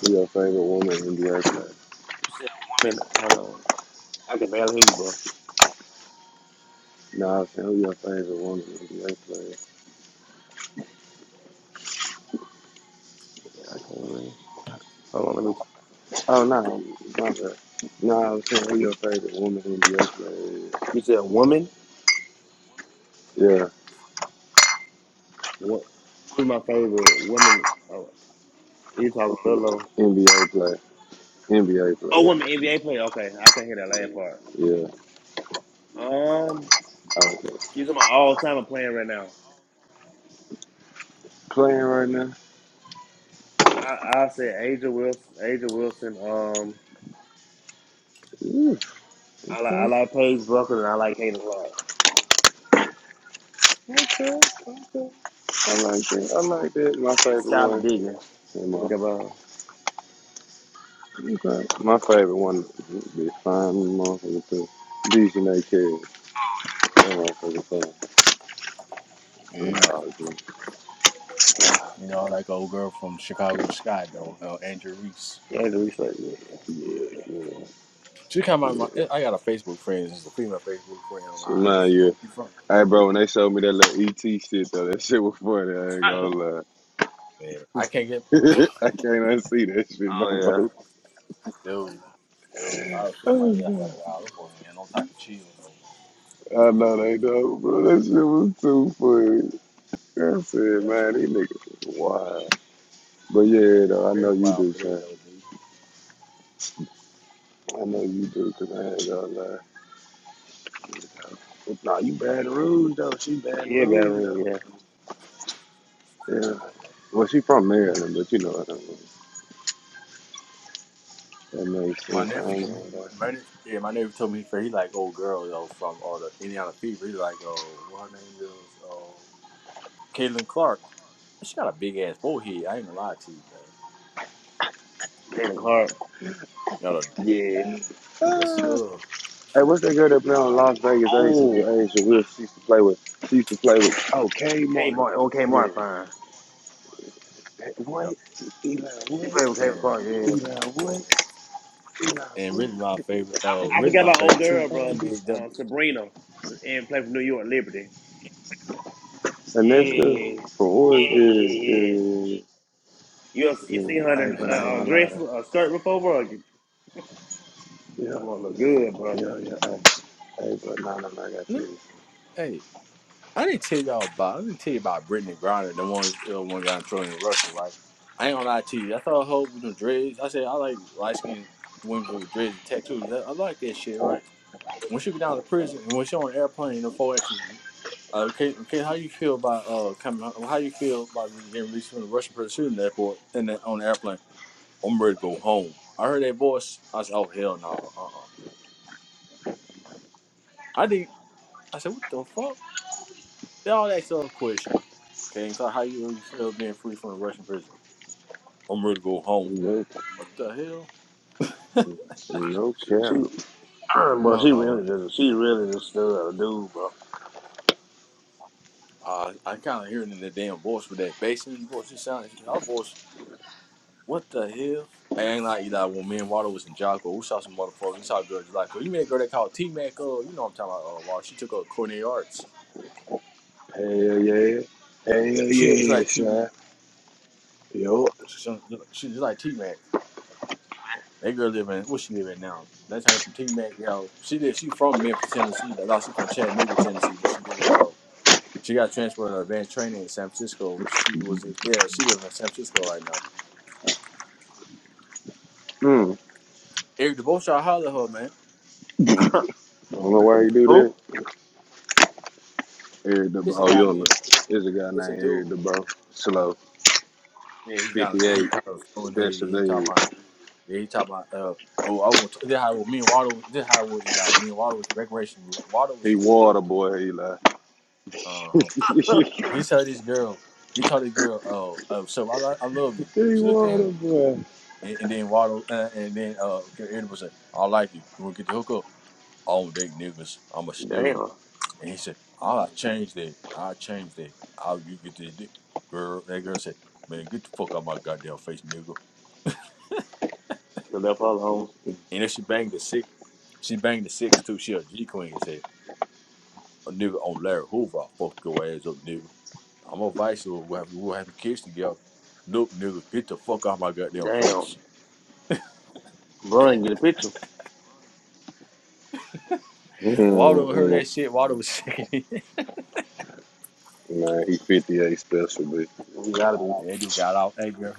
Who your favorite woman NBA player?
You said woman. Hold on. I can barely hear you, bro.
Nah, I was saying who your favorite woman NBA player?
Yeah, I can't really. Hold on. Let me.
Oh, no, nah, my bad. Nah, I was saying who your favorite woman NBA player is.
You said woman. what? Who's my favorite woman? You talking Lilo?
Yeah, NBA player. NBA
Oh,
player.
I'm an NBA player. Okay, I can hear that last part.
Yeah.
Um,
Okay.
you talking my all time playing right now?
Playing right now?
I I say Aja Wilson. Aja Wilson. Um,
Yeah.
I like I
Okay.
like Paige Buckles and I like Hayden Clark
Okay. Okay. I like that. I like that. My
and
favorite
Skylar
one.
Diggins.
and my
Look about
Okay. My favorite one be Find Me Motherfucker too. DJ That motherfucker fine.
Yeah. You know, like old girl from Chicago Sky, though, uh, Andrew Reese.
yeah, the research. Yeah,
Yeah,
yeah.
She come out of my.
yeah.
I got a Facebook friend. It's a female Facebook friend of
So
mine.
mind you,
You from.
hey bro, when they showed me that little ET shit though, that <laughs> shit was funny. I ain't
<laughs>
gonna
Man, I can't get.
lie. <laughs> I can't unsee that shit no
Oh
more.
Dude, dude. I was sitting right
Oh,
here. I said,
God.
wow, those folks ain't got no type of chill, though, man.
I know they don't, bro. That shit was too funny. I said,
That's,
man, these niggas is wild. But
yeah,
yeah,
they
though, I
very
know you
wild
do,
for that,
son.
though, B.
I know you do, cause I ain't gonna lie. Nah, you Baton Rouge though. She
yeah,
Baton
yeah, Baton
Rouge though.
Rouge. Yeah,
Yeah. Well, she from Maryland, but you know what I mean. That makes
My
sense. I
nephew
ain't
told me.
know that.
My, yeah, my nephew told me, he like old girl, though, from all the Indiana Fever. He's like, oh, what her name is? Oh, Caitlin Clark. She got a big ass forehead. I ain't gonna lie to you, man.
Hayden Clark.
No, no.
Yeah.
Yes,
Ah.
sir.
Hey, what's that girl that play on Las Vegas Aces?
Oh,
The Aces Will used to play with. She used to play with. Oh, Kay
Kate
Martin.
Martin.
Yeah.
Okay.
Hey, What?
Yep.
Eli
She
Wood.
played with Hayden
And
Clark. Yeah.
Eli Wood. Eli
and
Wood.
really my
That
favorite.
bitch.
Uh,
That
I
really
forgot
my
about old
favorite two
bitch.
girl,
That
bro.
bitch.
NBA.
Uh, Sabrina, and played for New York Liberty. Yeah,
Oh yeah.
Aneska
yeah,
from Oregon.
yeah,
Yeah,
yeah.
yeah,
You ever-
yeah, yeah.
you seen
yeah.
her
Hey,
in
And
but I ain't
a, a
now,
gonna lie
dress,
though.
a skirt before, bro? Come
Yeah,
on, look good, bro.
yeah, yeah. Hey, hey but no, no, no, I got
lem-
you.
hey, I didn't tell y'all about. I didn't tell you about Brittany Griner, the one uh, one guy in Troy in Russia, right? I ain't gonna lie to you. I thought her with them dreads. I said I like light skinned women with dreads and tattoos. I, I like that shit, right? When she get down to prison and when she on an airplane, the four extra. Uh, okay, okay. How you feel about uh coming? How you feel about getting released from the Russian prison shooting the airport and the, on the airplane? I'm ready to go home. I heard that voice. I said, oh, hell no. Uh-uh. I didn't. I said, what the fuck? They all asked her a question. Okay, and how you, you feel being free from the Russian prison? I'm ready to go home.
No,
What the hell? <laughs>
no
She, she <clears throat>
cap.
bro, she
Uh-oh.
really
yeah.
just, she really just stood a dude, bro.
Uh, I kind of hear it in the damn voice with that bass in the voice. It sounds, like our voice, what the hell? I ain't like Eli when me and Water was in Jocko. We saw some motherfuckers. We saw girls like her. You mean a girl that called T-Mac, Oh, you know what I'm talking about, uh, Water. She took her culinary arts.
Hell yeah. yeah. Hell
She's just
yeah,
like T-Mac.
Shy. Yo.
She's, she's just like T-Mac. That girl live in where she live at now. That's her from Team Mac. Yo, she did. She from Memphis, Tennessee. though. No, she from Chattanooga, Tennessee, but she live in uh. She got transferred to advanced training in San Francisco. She was yeah. She live in San Francisco right now.
Mm.
Eric DeBoschar holler at her man.
I don't know why you
<laughs>
do
Who?
that. Eric DeBro.
It's a
Oh, you
guy
don't look.
man. and-
There's a guy
It's a
named Eric
dude.
DeBro. Slow.
Yeah, he got he
58.
kind of he he
Special
talking
Ed.
about yeah he talking about uh oh I want to, this how me and Waddle this how we Eli me and Waddle was recreation Waddle was
He
shooting pool
water boy, he like.
uh huh
<laughs>
<laughs>
he
he told this girl he told this girl oh oh so I I love you she looked at him
water boy.
And, and then Waddle, uh, and then uh, Eddie was like, "I like you. You want to get the hook up? I don't date niggas. I'm a stud."
Damn.
And he said, "I'll change that. I'll change that. I'll you get the dick. girl." That girl said, "Man, get the fuck out my goddamn face, nigga."
So that follow home?
And then she banged the six. She banged the six too. She a G queen. He said, "A nigga on Larry Hoover, I'll fuck your ass up, nigga. I'm a vice. We'll have we'll have kids together." Look, nigga, get the fuck out my goddamn
Damn.
face.
Bro, I didn't get a picture.
Waldo heard
Mm-mm.
that shit. Waldo was <laughs> sick. of it. <laughs>
Nah, he 58 special, but
You gotta be.
and dude got off. Hey, girl.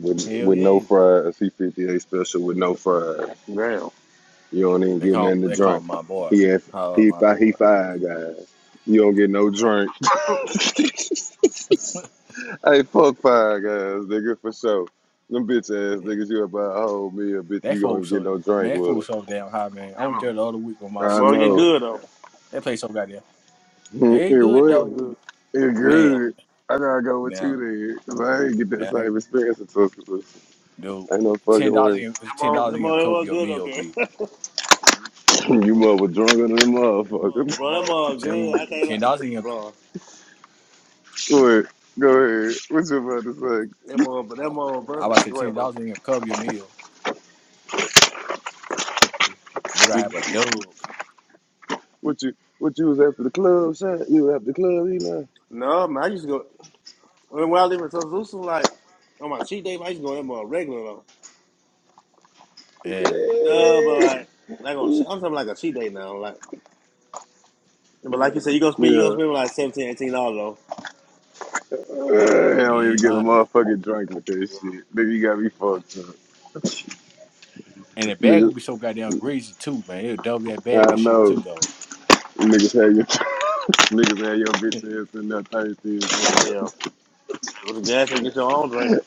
with,
Hell
with no
yeah.
fries. He 58 special with no fries.
Damn.
You don't even
They
get
call
nothing
him,
to
they call
drink.
him my boy.
He had,
How uh,
he
my
five he
boy.
five guys. You don't get no
Yeah.
drink.
<laughs>
<laughs> hey, fuck five guys, nigga, for sure. Them bitch
<laughs>
ass
yeah.
niggas, you about a whole meal, bitch.
That
You
fool
gonna get
so
no
man,
drink
that
with
fool
'em.
so damn high, man. I
That
went
mo,
there the other week with my
that
I
mo
sister
get
though.
know.
good
There.
though.
That place so goddamn.
<laughs>
It
It
That
good
what?
mo
though.
good.
It
Yeah.
Man,
That
good. I gotta go with you
now,
then, 'cause I ain't get that
man,
same experience in Tuscaloosa.
dude.
Ain't no
Ten
fucking
dollars
way.
ain't ten
mo,
dollars
that
ain't gonna
mo, that
cover
mo
your
good
meal,
Okay,
B.
<laughs> <clears throat> you mother drunker than a
That mo,
motherfucker.
bro, that
I'm
mo
telling
good.
you.
I can't, li-
Ten dollars ain't gonna
bro.
<laughs> Wait, go ahead. What you about to
That mo, but that mo,
I about
bro.
to say
Wait,
ten
bro.
dollars ain't gonna cover your meal. You're gonna
say?
have a dub.
What you what you was after the club, son? You was after the club, Eli?
No, man, I used to go when I lived in Tuscaloosa, like on my cheat day, man, I used to go in more regular though.
Yeah.
But no, but like like on che- I'm talking like a cheat day now. Like but like you said, you gonna spend you gonna
Yeah.
spend like seventeen, eighteen dollars though.
I
You
don't even
ain't
get a
lying.
motherfucking drink with
Yeah.
that shit. Nigga, you got me fucked up.
And the bag would
Nigga,
be so goddamn greasy too, man. It'll double that bag
I
and shit
know.
too though.
Niggas had your <laughs> niggas had your bitch ass in there thirsty
Oh
as
yeah. Hey, Go to the gas and get your own drink.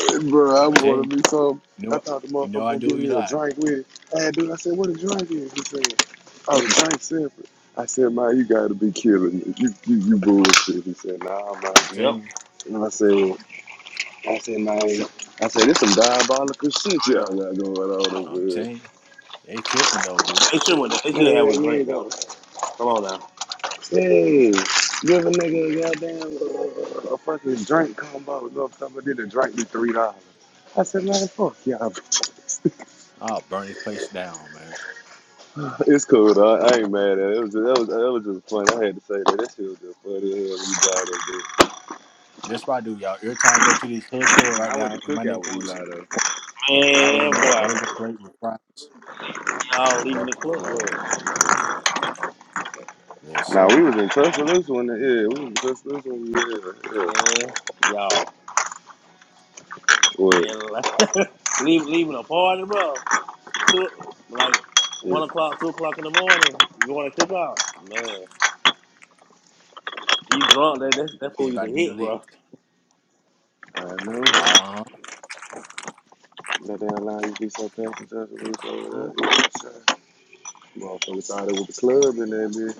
well. Bro, I
I'm telling you.
wanted me some.
You know
I
what?
thought the
You know
motherfucker
I
gonna
do.
give
You
me a
lie.
drink with it. I had dude, I said, what a drink is? He said, oh, the drink separate. I said, man, you gotta be killing me. You, you, you bullshit. He said, nah, man.
I'm
Yep. Oh,
telling you.
And I said, well, I said, man,
Yep.
I said, there's some diabolical shit y'all
yeah. Yeah,
got going on over
I'm
here.
telling you. They tripping though, dude.
They should with that. They should have a
man, you
drink
ain't gonna
though. Come on now.
hey, give a nigga a goddamn uh, a fucking drink combo. Go up somebody did a drink be three dollars. I said, man, fuck y'all. bro." <laughs>
I'll burn this place down, man.
It's cool though. I ain't mad at it. It was, just, that was, that was just funny. I had to say that. That shit was just funny as hell when you died up
That's what I do, y'all. Every time I go to this hood store
there. Nah,
right
I went
now
to
in my
cookout
neck
with
woods,
Eli though.
I order
Man
me a
boy.
burger plate with fries with
Y'all
a
leaving
double.
the club, boy.
Well, yeah,
Nah, we
so
was in touch with this one. Yeah, we was in touch with this one. Yeah,
Man, y'all.
yeah. What?
And like <laughs> leave leaving a party, bro. Two like
Yeah.
one o'clock, two o'clock in the morning, you want to cook out. Man. You drunk? That that's that's for you to
Everybody be
hit,
lit.
bro.
I know.
Uh huh.
That that allow you to be so patient just to loop over there.
Mhm.
Yes, Motherfucker thought it was a club in there, bitch.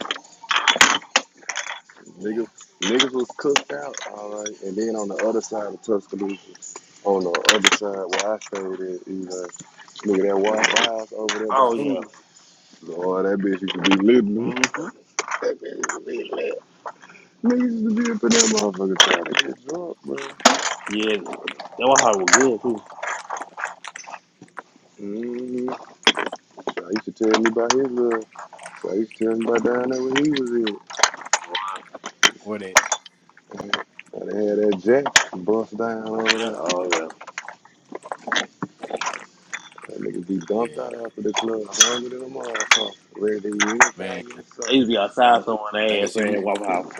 Yeah.
Niggas, niggas was cooked out, all right. And then on the other side of Tuscaloosa, on the other side where I stayed at, either nigga that white house over there by
Oh yeah.
Hooters. Lord, that bitch used to be living.
hmm
<laughs> that bitch used to be living. Niggas used to be up in that motherfucker trying to get drunk, bro.
Yeah. That Waffle House was good too.
Mm-hmm. So he used to tell me about his little. So he used to tell me about down there where he was at.
What it?
Gotta have that jack bust down over
Right.
there.
Oh yeah.
That nigga be dumped
Yeah,
out after the club. Hungry than a motherfucker. Ready to eat
man.
anything in
They used
sight.
to be outside someone
Like I
ass
said, you-
playing Waffle House.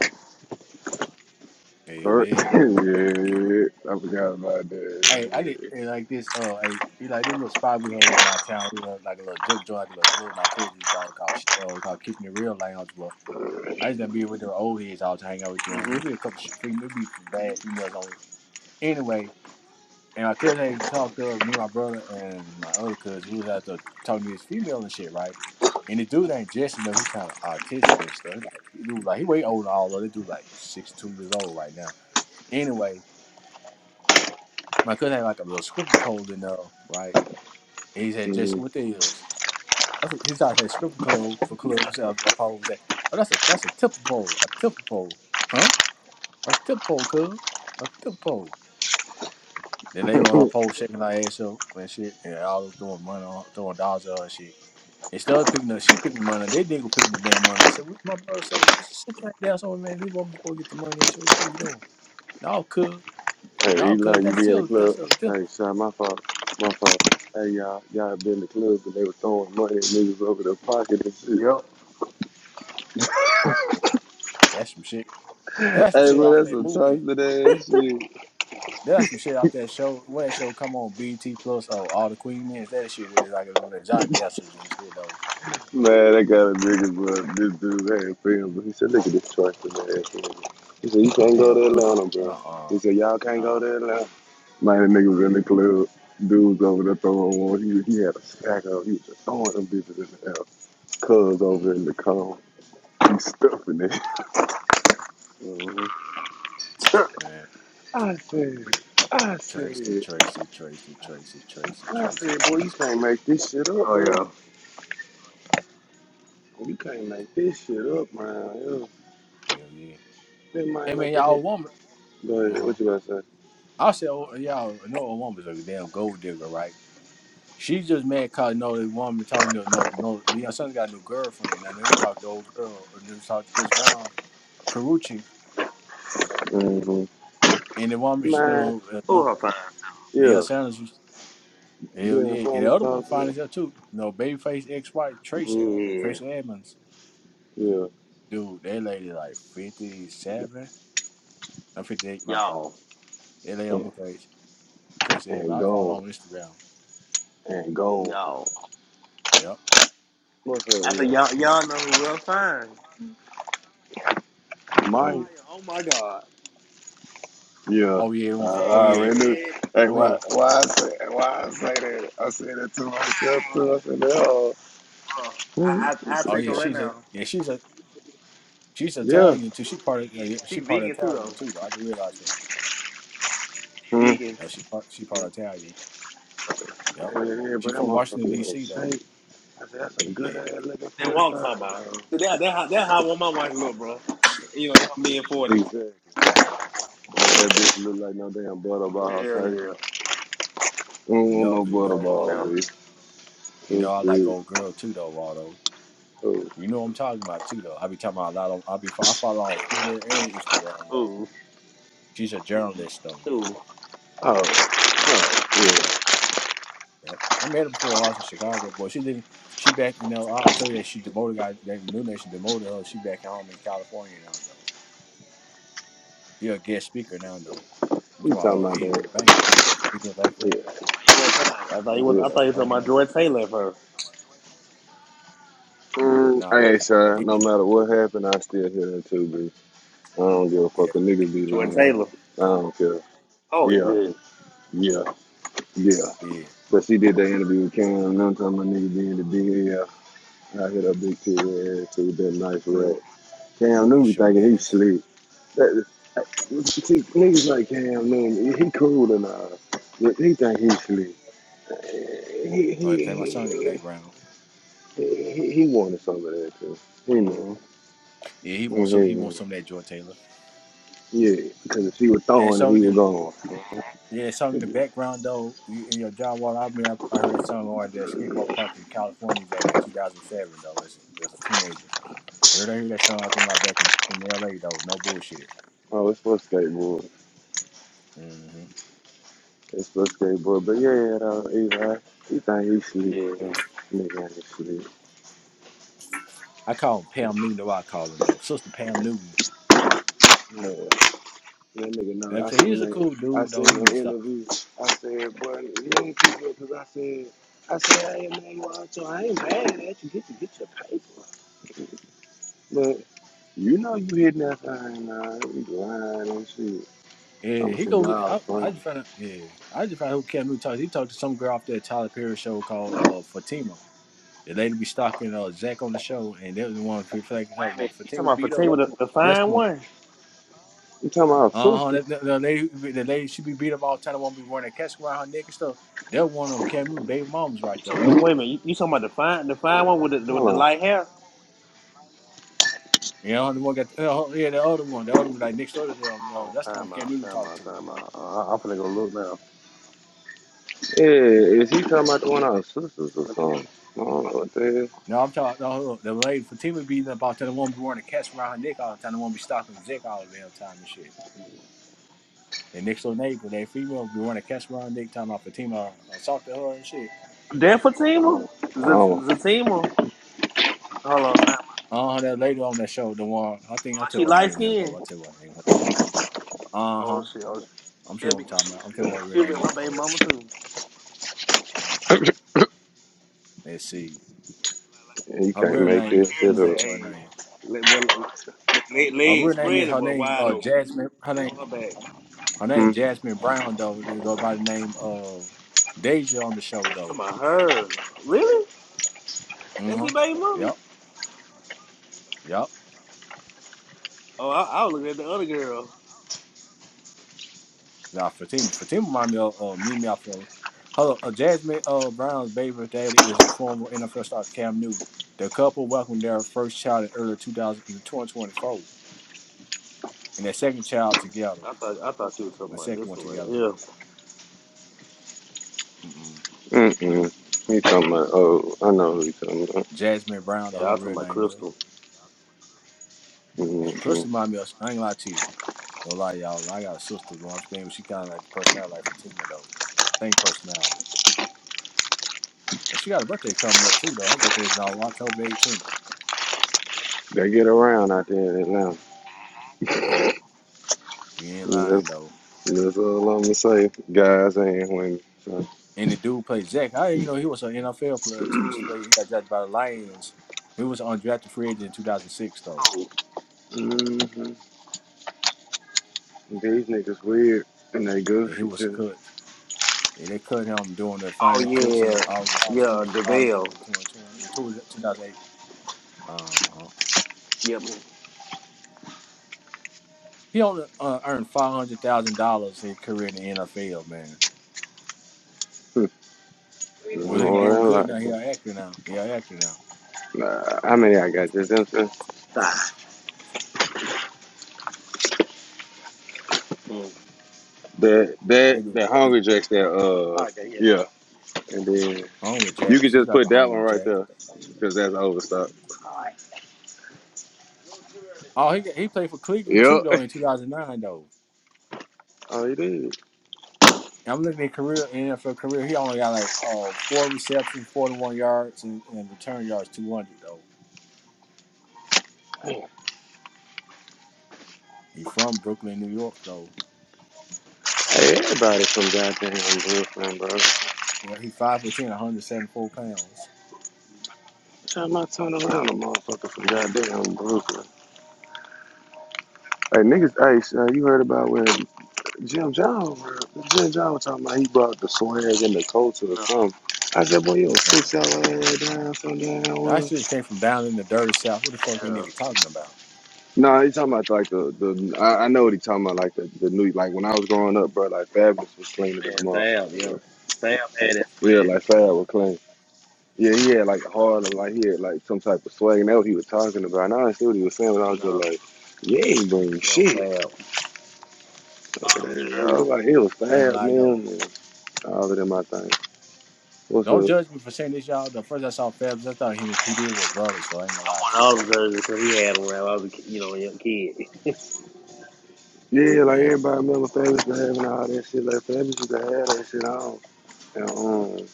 hell
Hurt. <laughs>
yeah.
yeah, yeah. I forgot about
Hey, I did
that.
hey, like this. Uh, hey, you like this little spot we had in my town. You know, like a little joke joint, like a little club. My cousin used to always call, uh, call keeping it real lounge, but I used to be with the old heads all to hang out with
hmm
them. We a couple shit, fem- we some bad females on. Anyway, and I could hang talk to me, and my brother, and my other cousin. We was out there talking to this female and shit, right? And the dude ain't Jesse, though. He's kind of autistic and stuff. He like he dude like he way older than all of them. They dude like six two years old right now. Anyway, my cousin had like a little scripper pole in there, right? And he said, Jesse, what
Mhm.
the is? I said, He started saying scripper club, club. I said, I probably said, oh, that's a that's a tipper pole, a tipper pole, huh? A tip pole, cuz. A tip Then they on our
<laughs>
pole shaking our ass up and shit, and all us throwing money on, throwing dollars at her and shit. Instead of picking up, she picking the money. They didn't go picking the damn money. I said, "What?" My brother said, "Just sit right down somewhere, man. This woman's supposed to get the money and shit. What's supposed to get on?" No, cuz,
<coughs> hey,
no,
Eli,
cuz.
you
That's
be in the
still
club?
that's a tip.
Hey, shot my fault. My fault. Hey, y'all. Y'all been in the club and they were throwing money at niggas over their pocket and shit.
Yep.
<laughs>
That's some shit. That's some
hey,
shit
bro,
off
that's
that
some
movie.
trusted ass shit.
That's some shit off that show. What that show come on BT Plus? Oh, all the Queen Men's. That shit is like them exotic dancers and shit though.
Man, I got a nigga, bro. This dude had film, but he said, look at this truck in the ass. nigga." He said, you can't go
Hell,
to
what?
Atlanta,
Uh,
bro.
uh,
He said, y'all can't
nah,
go to Atlanta. Man, the nigga was in the club. Dudes over there throwing one. He, he had a stack of He was just throwing them bitches in the air. Cuz
mm,
over in the cone. He stuffing it.
hmm <laughs>
man.
<laughs> I said, I
Tracy,
said,
Tracy, Tracy, Tracy, Tracy,
I
Tracy,
said, boy, you
Tracy.
can't make this shit up,
oh
bro.
yeah.
You can't make this shit up, man. Yeah.
Hell yeah.
That
I
mine
mean,
up in
y'all a
here.
woman. Uh
But
huh.
what you about to
I said, oh, y'all know a woman's a damn gold digger, right? She's just mad cause no the woman talking to no no the young son's got a new girlfriend. I know he talked to old girl. I know you talked to Chris Brown, Carucci,
say? hmm
and the woman you
Man,
know uh,
Who
no
I find?
the
yeah.
young Sanders. was- Hell
Deion
yeah, and the
Sanders
other one
talked to him.
finds out too. No babyface ex-wife Tracy
Yeah.
Tracy Edmonds,
Yeah.
dude. That lady like fifty-seven, I'm fifty-eight. My fault.
Y'all.
That lady on
And,
look like Trace Edmond.
and
I follow her
gone.
on Instagram.
And gone.
Y'all.
Yep.
What's
I
up,
said
yeah?
y'all y'all know who we'll find.
Maya.
Oh,
Maya. Oh my god.
Yeah.
oh yeah. the
I, I
one from- Oh yeah.
already knew.
Man.
Hey,
Oh yeah.
why, why, I say, why I say that? I say that to myself,
Ah,
too. I said, oh,
bro.
hmm.
I
I
I I
Oh
said,
take
yeah.
her
well,
right
She's a
now.
yeah. She's a she's
yeah.
Italian too. She part of uh,
Vegan.
yeah,
She
she part of
vegan too
Italian
though.
too. Though I just realized that.
She
Hmm.
vegan.
No, she part she
Yeah.
part Italian. Yep.
Yeah, yeah,
She
but that
from
motherfucker
Washington
in
D.C. though.
shape. I said, that's a good
Yeah.
ass looking
That's what I'm
45,
talking about.
yo.
So that, that, how- that how I want my wife to look, bro. You know, in her mid forties.
Exactly. That bitch look like no damn butterball,
Hell
sir.
yeah.
I
You
don't want
know.
no
You know.
Come on
butterball,
now.
Um.
bitch.
You know.
That's
I like
good.
old girl too though. Waldo.
Oh,
You know what I'm talking about too though. I be talking about a lot on. I be fo- I follow her on Twitter and Instagram though.
Ooh,
She's a journalist though.
ooh.
oh, oh,
Yeah.
yeah.
Yep. I met her before I was in Chicago, but she didn't. She back, you know. I already told you that she demoted guy. That new nation demoted her. She back home in California now, though. She a guest speaker now, though. I'm
You
talking about
talking
uh,
about that?
Adrian Banker. Adrian Banker.
Yeah,
You weren't talking about. I thought you was. I
yeah.
thought you were
Oh
talking about
my,
Joy Taylor. of Her
Mm,
no,
I ain't sorry. No
Adrian.
matter what happened, I still hear that too, B. I don't give a
Yeah,
fuck. A niggas be
Joy
lying. I
Taylor.
don't care.
Oh
Yeah,
yeah.
yeah, yeah.
yeah,
But she did that interview with Cam. None time my nigga be in the big I hit her big titty ass too with that nice
Mm,
rat. Cam
little
Newton be
short
thinking he
ass.
slick. That, that- see, niggas like Cam Newton, he cool and all. But he think he slick. He, he,
Oh, they play my song in the
he,
background.
he, he wanted some of that too. He knew.
mm,
Yeah, he wants so
Yeah,
he wants some of that Joy Taylor.
yeah. Because if she was
That
throwing it,
song
he was
in,
gone.
mm,
yeah, that song in the background though. you- In your John Wall album, I I heard that song on at the skateboard park in California back in 2007 though. As a, as a teenager. Every time I hear that song, I think about back in, in LA though. No bullshit.
Oh, it's for skateboard.
hmm
It's for skateboard. But yeah, yeah, though, Eli, he think he slick.
yeah. Wait
Nigga ain't slick.
I call him Pam Newton. Though I call him though, Sister Pam Newton.
Man, that nigga know.
Like I
I
said,
seen
he's a
that.
cool
I
dude though.
seen
He
an
needs to.
interview. I said, boy, you ain't too good. because I said, I said, hey man, you out your, I ain't mad at you. Get your, get your paper. But you know you hitting that thing now. You lying and shit.
Yeah,
I'm
he
some
go.
y'all
I, I
friends.
just found. out- Yeah, I just found out who Cam Newton talked. He talked to some girl off that Tyler Perry show called uh, Fatima. The lady be stalking uh, Zach on the show, and that was the one for like uh,
a
well,
minute. You
Fatima
talking about
beat
Fatima
up.
with the, the
That's
fine
the one.
one?
You talking about
Uh huh.
sisters?
That, that- the lady, the lady, she be beat up all the time. The one be wearing a casket around her neck and stuff. That one on Cam Newton baby moms right
You
there.
talking, wait a minute. You, you talking about the fine the fine one with the the, with the
Hold
light hair?
You know, the one got oh, oh, yeah, the other one, the other one like next door to them. No,
Oh,
that's the one
time
Cam
out.
Newton
Time
talked
out.
to.
Time out. Uh, I- I'm finna go look now.
Yeah, is he talking about one of our sisters or something? I don't know what that is.
No, I'm talking no, the lady Fatima beating up all the time. The woman be wearing a cast around her neck all the time. The woman be stalking the dick all the damn time and shit. And next door neighbor, that female be wearing a cast around her neck, talking about Fatima assaulted her and shit.
That Fatima? Z- Zatima? Hold on. Time. out.
Uh huh. That lady on that show, the one I think I
She
tell her
light
name is. Hold,
skinned
on, I tell her name. Uh
Oh
huh.
shit, oh shit.
I'm sure
She'll
what
be
I'm
she,
talking about. I'm sure what her real
she'll be
name
my
is.
baby
Hold on. a
mama
second.
too.
I don't. <laughs>
Let's see.
He
Her
can't
real
make
name is.
Like
this
Let
Karen
me
shit
go
said,
up.
to her
hey,
name.
let, well, let, let,
Her
legs
real name
spread
is
it,
her
boy,
name.
wide
Uh,
open.
Jasmine. Her
Laying
name.
on her back.
Her name
Hmm.
Jasmine Brown though. They go by the name of Deja on the show
I'm
though.
Talking about her. Really? That's
Mm-hmm.
it, baby mama?
Yep. Yep.
Oh, I, I was looking at the other girl.
Now Fatima Fatima remind me of uh, Mimi off of her uh, Jasmine uh, Brown's baby daddy is former NFL star Cam Newton. The couple welcomed their first child in early 2000, and their second child together.
I thought I thought you were talking
The
about
second
this
one
one right
together.
here.
Mm-mm.
Mm-mm. He talking about. Oh, I know who he talking about.
Jasmine Brown,
Yeah,
or
I
her
was talking
real
about
name is.
Crystal.
Yeah,
Mm-hmm.
Crystal remind me of, I ain't gonna lie to you. No lie, y'all. I got a sister you know What I'm saying, She kind of like the personality like Fatima, though. Same personality. Well, she got a birthday coming up, too, though. Her birthday is on October 18th.
They get around out there in Atlanta.
Yep. You ain't lying,
That's,
though.
that's all I'm gonna say. Guys and women. So,
And the dude played Zach. I didn't even know he was an NFL player, too. He used to play, he got drafted by the Lions. He was an undrafted free agent in 2006, though.
Oh,
mm-hmm. These niggas weird and they
And he
goofy
was
too.
cut. And they cut him during the
oh
final cuts in
yeah,
August of
yeah,
20, August of
DeVale.
2020, 2008. Uh-huh.
Yep.
He only uh, earned $500,000 his career in the NFL, man.
Hmm.
Well, he
More
doing
than
good now. He
likely.
an actor now. He an actor now.
Nah, I mean I got just them.
Mm.
That that
Maybe
that hungry jacks that uh yeah. and then.
Homer
You could
Jacks. He's
just
like a
put that one
Homer
right
Jacks.
there because that's overstock.
Oh, he he played for Cleveland too
Yep.
though in 2009 though.
Oh, you did.
I'm looking at career NFL career. He only got like oh four receptions, 41 yards, and, and return yards 200 though. He from Brooklyn, New York though.
Hey, everybody from goddamn Brooklyn, bro.
Yeah, he five foot ten, one hundred seventy four pounds.
Try my turn around, a motherfucker from goddamn Brooklyn. Hey, niggas, hey, son, you heard about when Jim John, bro, Jim John was talking about he brought the swag and the culture or
No,
something. I said, boy, you don't
Uh,
fix your ass down from down
I
well.
actually came from down in the dirty south. What the fuck you
yeah,
nigga talking about?
No, he talking about like the, the I, I know what he talking about, like the, the new, like when I was growing up, bro, like Fabulous was cleaner than the
man, Fab.
motherfucker, bro.
Yep, Fab had that
Yeah,
swag.
like Fab
You know,
was clean. Yeah, he had like hard and like he had like some type of swag and that what he was talking about. And I understood what he was saying, but I was
No,
just like, Yeah, he ain't bring
no,
shit.
Fab.
Man.
jersey.
I was like, he was
I ain't
fab
lied though.
man and all of them I think. What's
No
up?
judgment for saying this, y'all. The first I saw Fabs, I thought he and P Diddy were brothers, though. I ain't
I
gonna lie
wanted
to you,
all them
though.
jerseys because he had them when I was a ki- you know a young kid. <laughs>
Yeah, like
Yeah,
everybody remember Fabulous to have and all that shit. Like Fabulous used to have that shit on. And um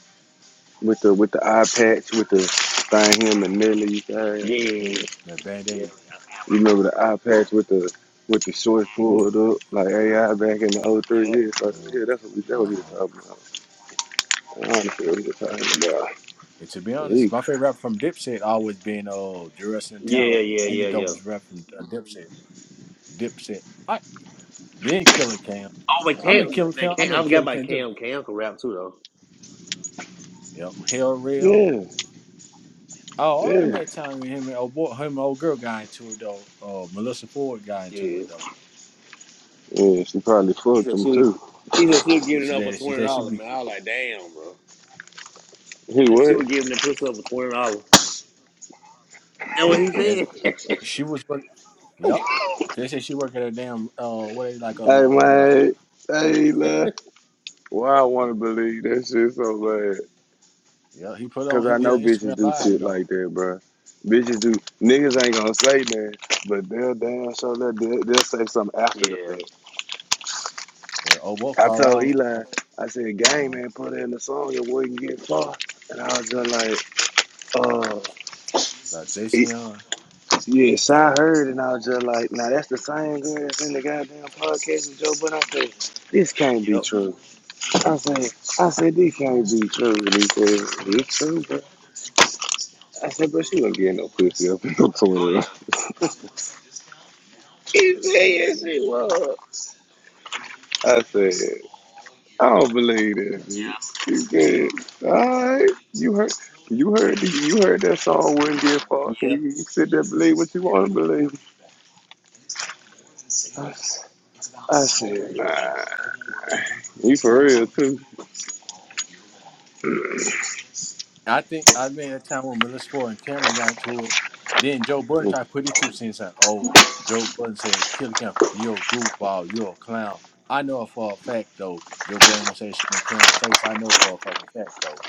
with the with the eye patch with the thing him and Nelly used to have.
yeah,
that Band
yeah, yeah,
Aid.
You remember the eye patch with the with the shorts
yeah,
pulled up, like AI back in the '03 years. So,
Um,
yeah, that's what we that what he was
um,
talking about. I don't understand what he was talking about.
and to be honest,
He,
my favorite rapper from Dipset always been uh Jurassic Talon.
yeah, yeah,
He the
yeah. yeah.
dopest rapper from uh, Dipset. Dipset. I then Killer Cam.
Oh, but
I'm in
Cam,
Killer
man,
Cam. I'm
Cam, I
in
forgot
Killer
about
Cam. Just
Cam. Cam can rap too though.
yep. Hell real.
yeah,
Oh, I
yeah,
met time with him and old boy, him and old girl got into it though. Uh, Melissa Ford got into
Yeah,
it though.
yeah. She probably
he
fucked
said
him
she would,
too.
he said she would give it
She
up for
said she
twenty
said she
dollars.
be
Man, I was like, damn, bro. He
He
said she
what?
would give him the pussy up for twenty dollars. That what he
And
said?
she was work. Yep. They said she worked at a damn uh what they like a
Hey
little at a
man, hey love. Why I want to believe that shit so bad?
yeah. He put
Cause
on he
I
did
know
an Instagram
bitches do
live
shit
though
like that, bro. Bitches do. Niggas ain't gonna say that, but they'll damn sure they'll, they'll they'll say something after the
Yeah.
fact.
where oh what
I
called
told
out
Eli, I said, "Gang
uh
man, put in the song, it wouldn't get far." And I was just like, "Oh."
uh, Jason Young.
Yes, I heard, and I was just like, now that's the same girl that's in the goddamn podcast with Joe Budden. I said, this can't be
Yep.
true. I said, I said, this can't be true. And he said, it's true, bro. I said, but she wasn't getting no pussy up in no Twitter. <laughs>
Oh
He said, yes, she was. I said, I don't believe that, bitch. He said, all right, you heard. You heard you heard that song wouldn't get
yeah.
far. and
Yeah.
You, you sit there and believe what you want to believe. I said, nah, you for real too.
I think I mean that time when Melissa Ford and Cameron got to it. Then Joe Budden tried to put it to since like oh Joe Budden said Killer Cam you're a goofball you're a clown. I know for a fact though Joe Budden will say shit in Cam's face. I know for a fucking fact though.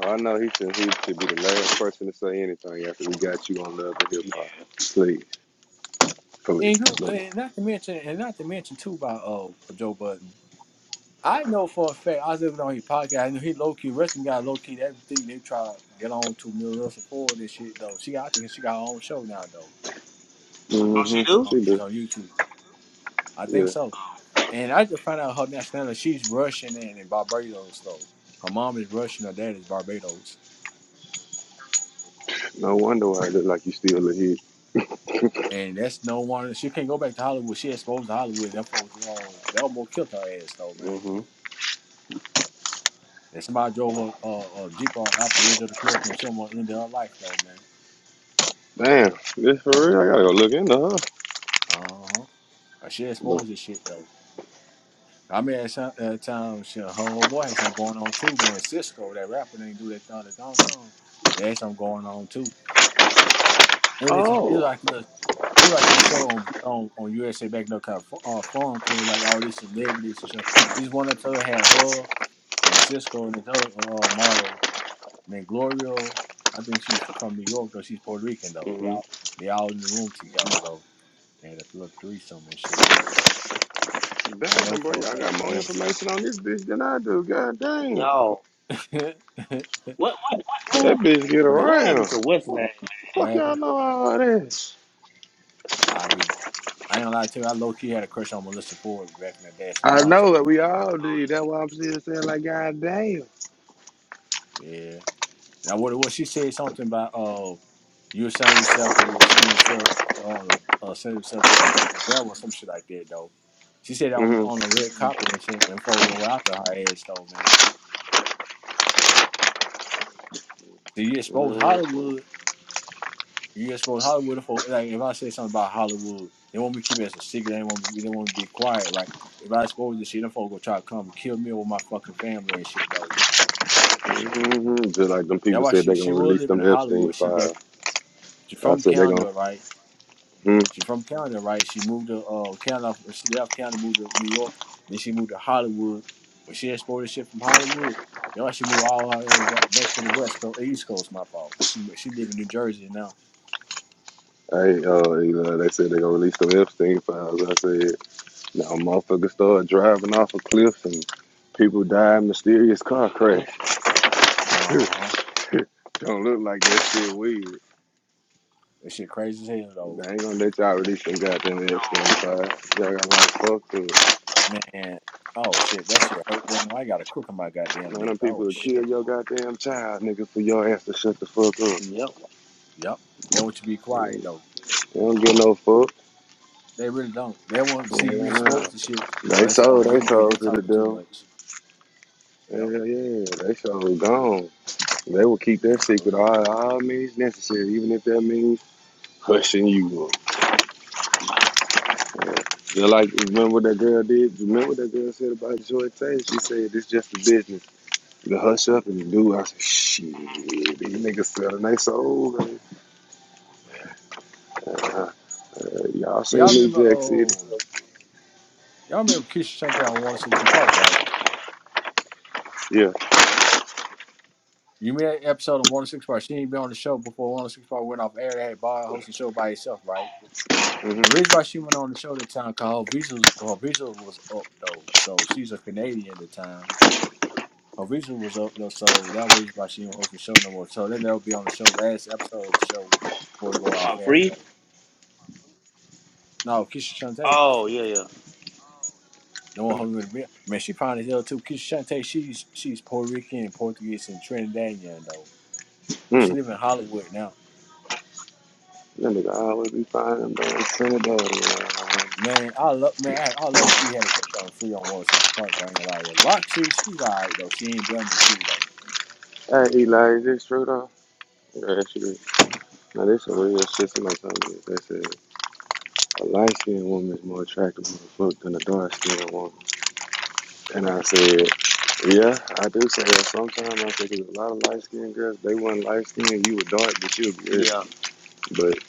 No, I know he should, he should be the last person to say anything after we got you on Love and Hip Hop. Please, please.
And who and not to mention and not to mention too by uh Joe Budden. I know for a fact, I was looking on his podcast, I know he low key, rest of them got low key everything they try to get on to Melissa Ford and shit, though. She got, I think she got her own show now, though.
Oh,
Mm-hmm.
she do.
Uh,
She
It's
do.
on YouTube. I think
Yeah.
so. And I just found out her nationality, she's Russian and in Barbados, though. Her mom is Russian, her dad is Barbados.
No wonder why it look like you still a hit. <laughs>
And that's no one, she can't go back to Hollywood. She exposed to Hollywood, and them folks were all, they almost killed her ass, though, man.
Mhm.
And somebody drove a, a, a Jeep off the edge of the cliff, and she almost ended her life, though, man.
Damn, this for real? I gotta
Yep.
go look into her.
Uh huh. Like, she
But,
exposed this shit though. I mean, at some at times, she, her old boy had something going on too, man. Cisco, that rapper, didn't do that Thunder Dog song. They had something going on too. It was, just- it was
oh,
like this, it was like this show on on, on USA back in the kind of uh, Forum Club, like all these celebrities and stuff. This one episode had her and Cisco and this other uh, uh, model named Gloria. I think she's from New York though. She's Puerto Rican though.
Mhm.
They all in the room together though. They had a little threesome and shit though.
damn,
I know
bro.
for a
Y'all
fact.
got more information on this bitch than I do. God damn.
Y'all,
<laughs>
what what what what
That
happened?
bitch get
What it?
What happened
around.
to what's his
Fuck y'all
Whatever.
know all this.
I be. I ain't gonna lie to you. I low key had a crush on Melissa Ford back in the day as a
I know
youngster.
that we all do. That's why I'm still saying, like, God damn.
Yeah. Now what? What she said something about oh, you send yourself or you send yourself or uh, send yourself to the devil or some shit like that though. She said on the,
Mm-hmm.
on the red carpet and shit and folks go after her ass though, man. So you expose
Mm-hmm.
Hollywood. You expose Hollywood for like if I say something about Hollywood, they want me to keep it as a secret. They want me. They want me to be quiet, right? If I expose this shit, them folks gonna try to come and kill me or my fucking family and shit though.
hmm Just like them
That's
people
why
said
she
they're gonna
she will
release
live in
them Epstein
Hollywood. She back
files.
she
I
from
said they're gonna.
Canada, right?
Hmm.
She from Canada, right? She moved to uh Canada. She left Canada, moved to New York. Then she moved to Hollywood. When she exported shit from Hollywood, that's why she moved all her way back, back to the West Coast, East Coast. My fault. She she live in New Jersey now.
Hey, uh, Eli, they said they're gonna release them Epstein files. I said, now motherfuckers start driving off of cliffs and people die in mysterious car
name?
crash. <laughs>
Uh huh.
Don't look like that shit weird.
That shit crazy as hell though,
They ain't gonna let y'all release them goddamn Epstein files. Y'all got like fuck up.
man. Oh shit, that shit hurt. Then I got a crook in my goddamn
Man,
neck.
them
Oh
people will kill
shit.
your goddamn child, nigga, for your ass to shut the fuck up.
Yep.
Yep. Then what you be quiet though.
They don't get no fuck.
They really don't. They want to see you
Yeah, nah.
exposed to shit. Oh,
They
they say, oh,
sold, they
here, man, they
sold to the
talking too
devil.
much. Yeah,
Hell yeah, they so gone. They will keep that
man, for
secret
real.
all, all means necessary, even if that means hushing you up. They're like, remember what that girl did? Remember what that girl said about Joy Tate? She said, it's just a business. You hush up and you do. I said, shit, these niggas selling their souls.
Yeah.
Uh, y'all seen
Y'all
New
remember?
Jack City?
Oh, y'all remember Keisha Shantae on 106 and Park, right?
Yeah.
You made an episode on 106 Park. She ain't been on the show before 106 Park went off air. They had Bob hosting the show by herself, right? The
Mm-hmm.
reason why she went on the show that time, cause her visa, her visa was up though. So she's a Canadian at the time. Her visa was up though, so that was the reason why she didn't host the show no more. So then they'll be on the show last episode of the show before it go off
Am I
air though.
free?
No, Keisha Shante,
Oh yeah, yeah,
the one who really man, she fine as hell too. Keisha Shante, she's she's Puerto Rican and Portuguese and Trinidadian though, but she
Mm.
live in Hollywood now.
That nigga always be finding them damn Trinidad. around.
Man, I love man, I, I low key had a crush on Free on One oh Six Park. I ain't gonna lie to you. Roxy, she's alright though. She ain't better than Free though.
Hey, Eli, is this true though? Yeah, that's true. Now, this some real shit somebody told me. They said, A light skinned woman is more attractive motherfucker than a dark skinned woman. And I said, Yeah, I do say that sometimes. I think there's a lot of light skinned girls, they weren't light skinned, you were dark, but you were good.
yeah.
But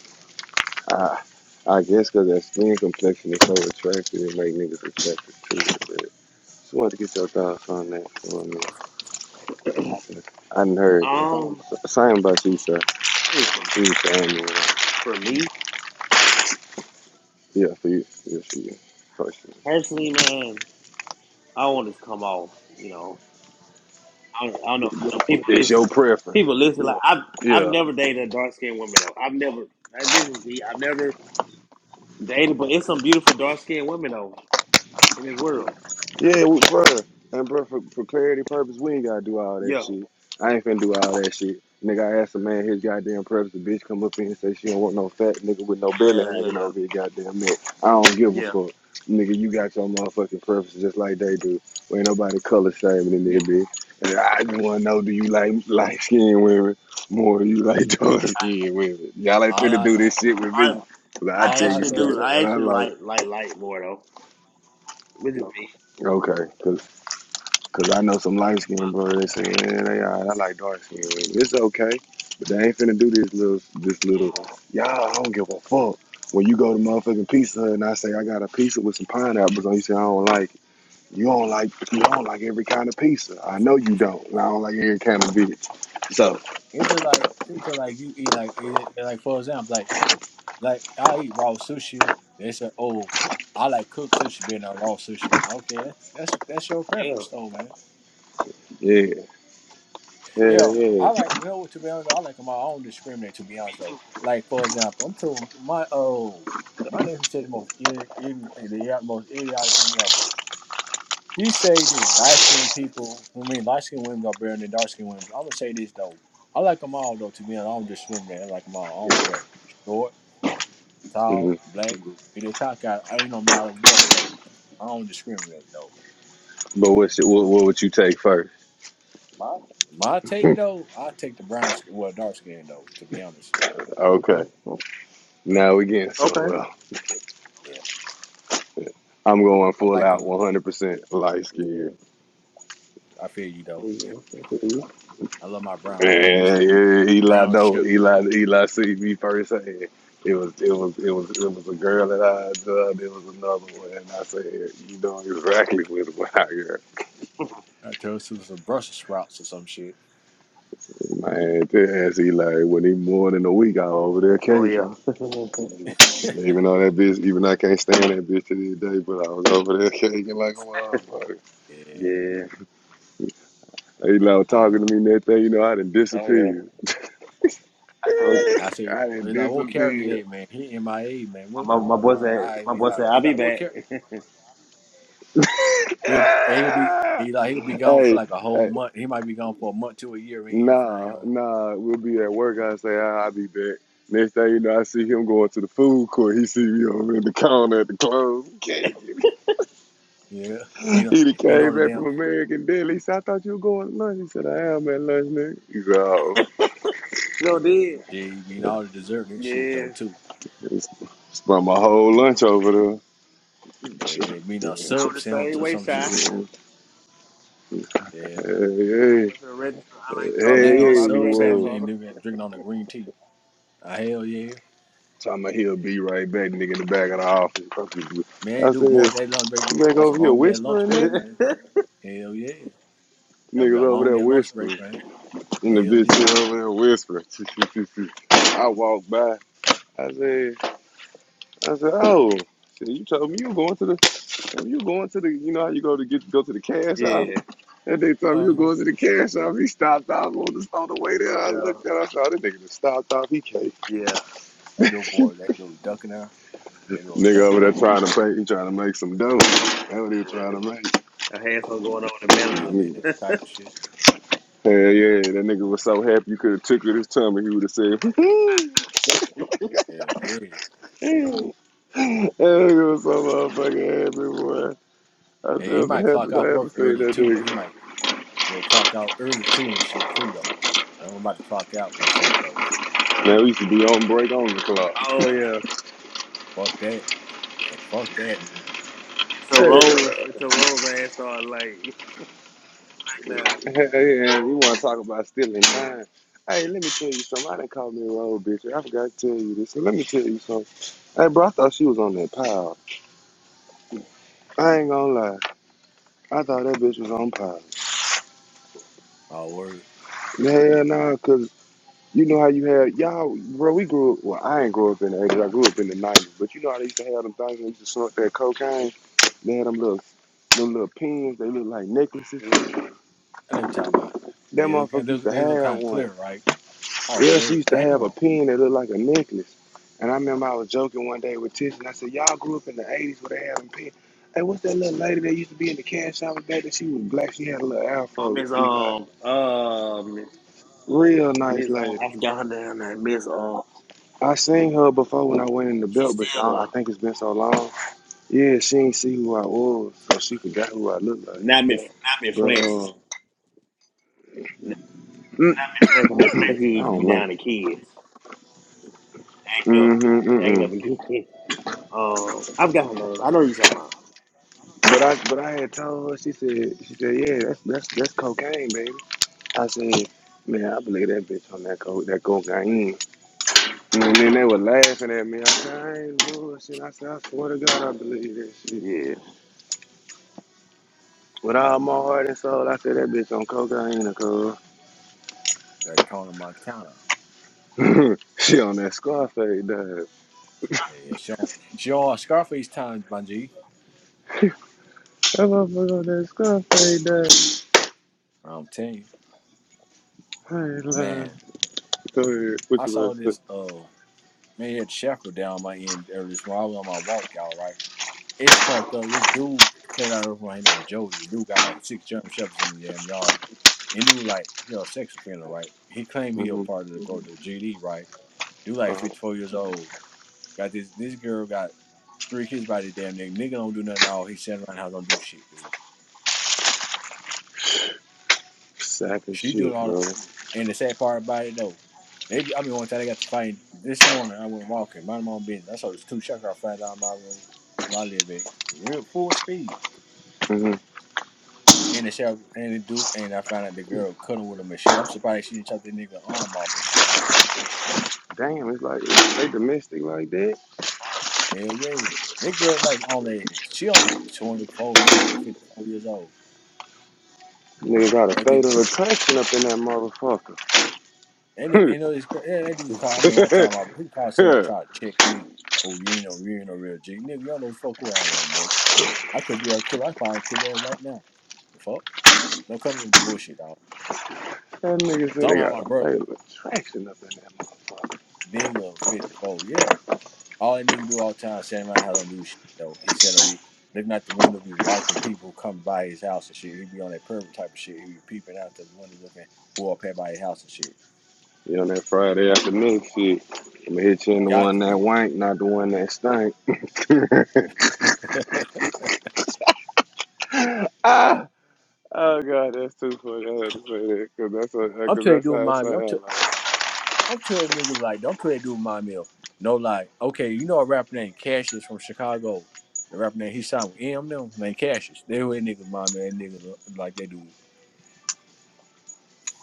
I, I guess 'cause that skin complexion is so attractive, it make niggas attracted to it. But just wanted to get your thoughts on that. You know what I mean? I done heard that.
Um, Um,
Same about you, sir.
I think for
You family. right?
for me
Yeah, for you. Yeah, for you. Personally.
personally, man, I don't want this to come off. You know, I don't, I don't know. You know, people
It's your
listen.
preference.
People listen. Like I've I've
Yeah.
never dated a dark skinned woman though. I've never. like, This is me. I've never dated, but it's some beautiful dark skinned women though in this world.
Yeah, we, bro. And bro, for, for clarity purpose, we ain't gotta do all that
Yeah,
shit. I ain't finna do all that shit. Nigga, I asked a man his goddamn preference. The bitch come up in here and say she don't want no fat nigga with no belly
yeah, yeah,
hanging
yeah,
over his goddamn neck. I don't give a
yeah,
fuck. Nigga, you got your motherfucking preferences just like they do. We ain't nobody color shaming in
yeah.
this bitch. And I just wanna know, do you like light skinned women more than you like dark <laughs>
I,
skinned women? Y'all ain't
All
finna
I
do this shit with me.
yeah, I
'Cause I
all
I
tell
I
you
actually
can
do.
straight
say,
up
I
what I
actually
like.
like like light more though, which is me.
Okay, 'cause Cause I know some light skinned bro. They say, yeah, they all right. I like dark skin. It's okay, but they ain't finna do this little, this little.
Yeah,
Y'all, I don't give a fuck. When you go to motherfucking pizza and I say I got a pizza with some pineapples on, you say I don't like it. You don't like, you don't like every kind of pizza. I know you don't. And I don't like every kind of
Mhm.
bitch.
yeah,
So
it's just like it's just like you eat like it, like for example, like like I eat raw sushi. They say, oh, I like cooked sushi better than raw sushi. Okay, that's that's that's your
yeah.
preference
Me
though, man.
yeah, yeah,
Yeah,
yeah.
I like. You know what? To be honest, I like them all. I don't discriminate. To be honest, though,
too.
like for example, I'm telling my oh my neighbor said the most ir- ir- the yeah, most idiotic thing ever. He say this light skinned people. I mean, light skinned women are better than dark skinned women. I'm gonna say this though. I like them all though. To be honest, I don't discriminate. I like them all. I don't
Yeah.
care. Short,
hmm
tall, black. Mhm. If they cock out, I ain't no matter what though. I don't discriminate though.
But what's your, what, what would you take first? <laughs>
My take though, I take the brown skin, well dark skin though. To be honest,
Okay,
Okay. Okay.
now we getting
Okay.
somewhere.
yeah,
I'm going
I
full
like
out
them.
100% light skin.
Yeah.
I feel you
I
though.
feel
I love my brown queen
Yeah,
stuff,
yeah, Eli,
Brown
no,
sugar.
Eli, Eli, see me first. hand. it was, it was, it was, it was a girl that I loved. It was another one, and I said, you know exactly what what I heard.
I tell us some Brussels sprouts or some shit. <laughs>
Man, that's Eli. When he more than a week, I was over there
Oh
caking.
yeah. <laughs>
Even though that bitch, even though I can't stand that bitch to this day, but I was over there caking like a motherfucker.
Yeah.
yeah.
Eli was talking
Uh,
to me and that thing, you know, I done
Oh yeah.
disappeared. <laughs>
So
I
I said,
done
he's like, what character
disappeared.
today, man? He MIA, man. What?
my
Uh,
my boy
uh,
said
I
my
he
boy
like,
said I'll
he
be
like, what
back.
character? He'll he'll be he like he'll be
<laughs>
gone for
hey,
like a
hey,
whole month. He might be gone for a month to a year. We ain't hear from him.
Nah, nah, we'll be at work. I say, ah, I'll be back. Next thing you know, I see him going to the food court. He see me over in the corner at the club. <laughs>
Yeah. You know,
He done
you know
came
the
back
damn.
from American Deli. He said, I thought you were going to lunch. He said, I am at lunch, nigga. He said, oh,
So did.
Gee, mean all the dessert and shit
Yeah.
though too.
it's, spent my whole lunch over there.
Yeah, yeah. Mean a
I
sub
was the
sandwich
same
or
way
some shit,
shy.
man. Yeah.
Walk
Hey, hey,
away from the register. I like Charlotte. I
Doing
hey,
ain't
a
gonna lie,
hey,
I'll be
you
sub
right back,
sandwich
will.
and
Charlotte.
then drinking on the green tea. Uh, hell yeah.
Talking about he'll be right back, nigga, in the back of the office.
Man,
I
do more than
said,
that lunch break.
you back
That's a
over here
long ass lunch
whispering,
break,
nigga?
<laughs>
man. Hell yeah. That'll be a
Niggas over
long
there
ass lunch
whispering.
break, man.
And the
Hell
bitch
yeah.
over there whispering. <laughs> I walked by. I said, I said, oh, shit, you told me you were going to the, you were going to the, you know how you go to get go to the cash
yeah.
office. And they told me
Uh
you
huh.
were going to the cash office. He stopped off on the on the way there. I
Yeah.
looked at, him, I saw this nigga just stopped off. He came,
Yeah.
<laughs>
That little boy,
nigga
that little ducking now. That little
over
ducking,
there
ain't
trying to pay. He trying to make some dough. That's what he was trying to make.
I had something going on with the
he? Hell yeah.
Mhm.
Type of shit.
Hell yeah, that nigga was so happy you could have tickled his tummy. He would have said, <laughs> that
Hell yeah.
manager.
nigga was so motherfucking happy, boy." That's
Hey, he
the
might clock
happiest
out
I ever
work
seen
early
that
too, though. He
nigga.
might, you know, clock out early too and shit too, though. I'm about to clock out and shit, though.
Man, we used to be on break on the
<laughs>
clock.
oh yeah.
Fuck that. Man, fuck that.
It's a
Hey,
Yeah.
rose. It's a rose. I started like <laughs> now.
hey, hey, you want to talk about stealing time? Hey, let me tell you something. I didn't call me a road bitch. I forgot to tell you this. So let me tell you something. Hey, bro, I thought she was on that pile. I ain't gonna lie. I thought that bitch was on pile.
Oh, word.
Hell nah, cause you know how you had y'all, bro. We grew up. Well, I ain't grew up in the eighties. I grew up in the nineties. But you know how they used to have them things. when They used to snort that cocaine. They had them little, them little pins. They look like necklaces.
Mhm.
I know what you're talking about.
That
Yeah, they, kind-
motherfucker used to
they look
have
kind of
one.
clear, right? Oh,
Elsie
word.
used to have
Damn.
a pin that looked like a necklace. And I remember I was joking one day with Tish, and I said, "Y'all grew up in the '80s where they having pin. Hey, what's that little lady that used to be in the cash out back? That she was black. She had a little
I
afro.
miss
Eli,
um um
real nice
Miss uh,
lady.
I forgot her down there. Miss uh,
I seen her before when I went in the
she's
belt, but
still
I
the
think it's been so long. Yeah, she ain't see who I was, so she forgot who I looked like.
Not Miss, not Miss
But
Francis.
uh,
N- Not
<coughs>
Miss Francis. Miss Francis
I
used to be
don't
Like,
know.
down to kids. Acting up,
Mm-hmm,
acting
mm-mm.
up, and kids. <laughs> Um, I forgot her name. I know who you talking about.
But I but I had told her, she said, she said, yeah, that's that's that's cocaine, baby. I said, man, I believe that bitch on that co that cocaine. And then they were laughing at me. I said, I ain't bullshit. I said, I swear to God, I believe that shit.
Yeah,
With all my heart and soul, I said that bitch on cocaine,
Daytona, Montana.
cuz. <laughs> she on that Scarface, dog. That
Yeah, yeah. She on, she on Scarface Times, my G.
motherfucker on that Scarface, dog.
I'm telling you.
I ain't lying.
Man,
Go ahead. What
I
you
saw
about to say?
this uh man he had Shepherd down my end earlier this morning. I was on my walk, y'all, right? It's fucked up. This dude played out over my name, Jody. The dude got like six German Shepherds in the damn yard. And dude like, you know, sex offender, right? He claimed he a
Mm-hmm.
part of the go to GD, right? Dude like
Uh,
fifty four years old. Got this this girl got three kids by the damn nigga. Nigga don't do nothing at all. He sitting around the house don't do shit, dude.
sack of
She doing
shit,
all
bro.
And the sad part about it though, they I mean one time they got to fight this morning. I went walking, minding my own business. I saw this two shot car fly down my road where I live at, real full speed.
hmm
And the sheriff and the dude and I found out the girl cut him with a machete. I'm surprised she didn't chop that nigga arm off and shit, dude.
Damn, it's like, they domestic like that?
Hell yeah, that girl like only she only 24 and that nigga 54 years old.
Nigga got a
Like,
fatal
that-
attraction up in that motherfucker.
And it- you know it's cra- yeah, that dude called. I mean one time my pre call
<laughs>
cell
that
tried to check me. Oh, you ain't no, you ain't no real G, nigga. Y'all know the fuck who I am, nigga. I could be a killer. I probably kill that right now. The fuck? Don't come with the bullshit, dog.
nigga said they
Somehow
got
my
a
brother,
fatal attraction up in that motherfucker.
nigga, 54, yeah. All that nigga do all the time, sitting around the house, don't do shit, though. He said, I'll be looking out the window, be watching people come by his house and shit. He be on that pervert type of shit. He be peeping out the window looking who up here by his house and shit.
You on that Friday afternoon shit. I'ma hit you in the
Got
one
to
that
be.
wank, not the one that stank.
<laughs>
<laughs> ah, oh god, that's too funny. I had to say that because that's what,
I'm
cause
telling you,
that's
dude,
how it
mind me. I'm, t-
sounds. Like.
Don't tell niggas like, don't tell a dude my meal. No lie. Okay, you know a rapper named Cassius from Chicago. The rapper named he signed with M them named Cassius. They were niggas my man, that niggas look like they do.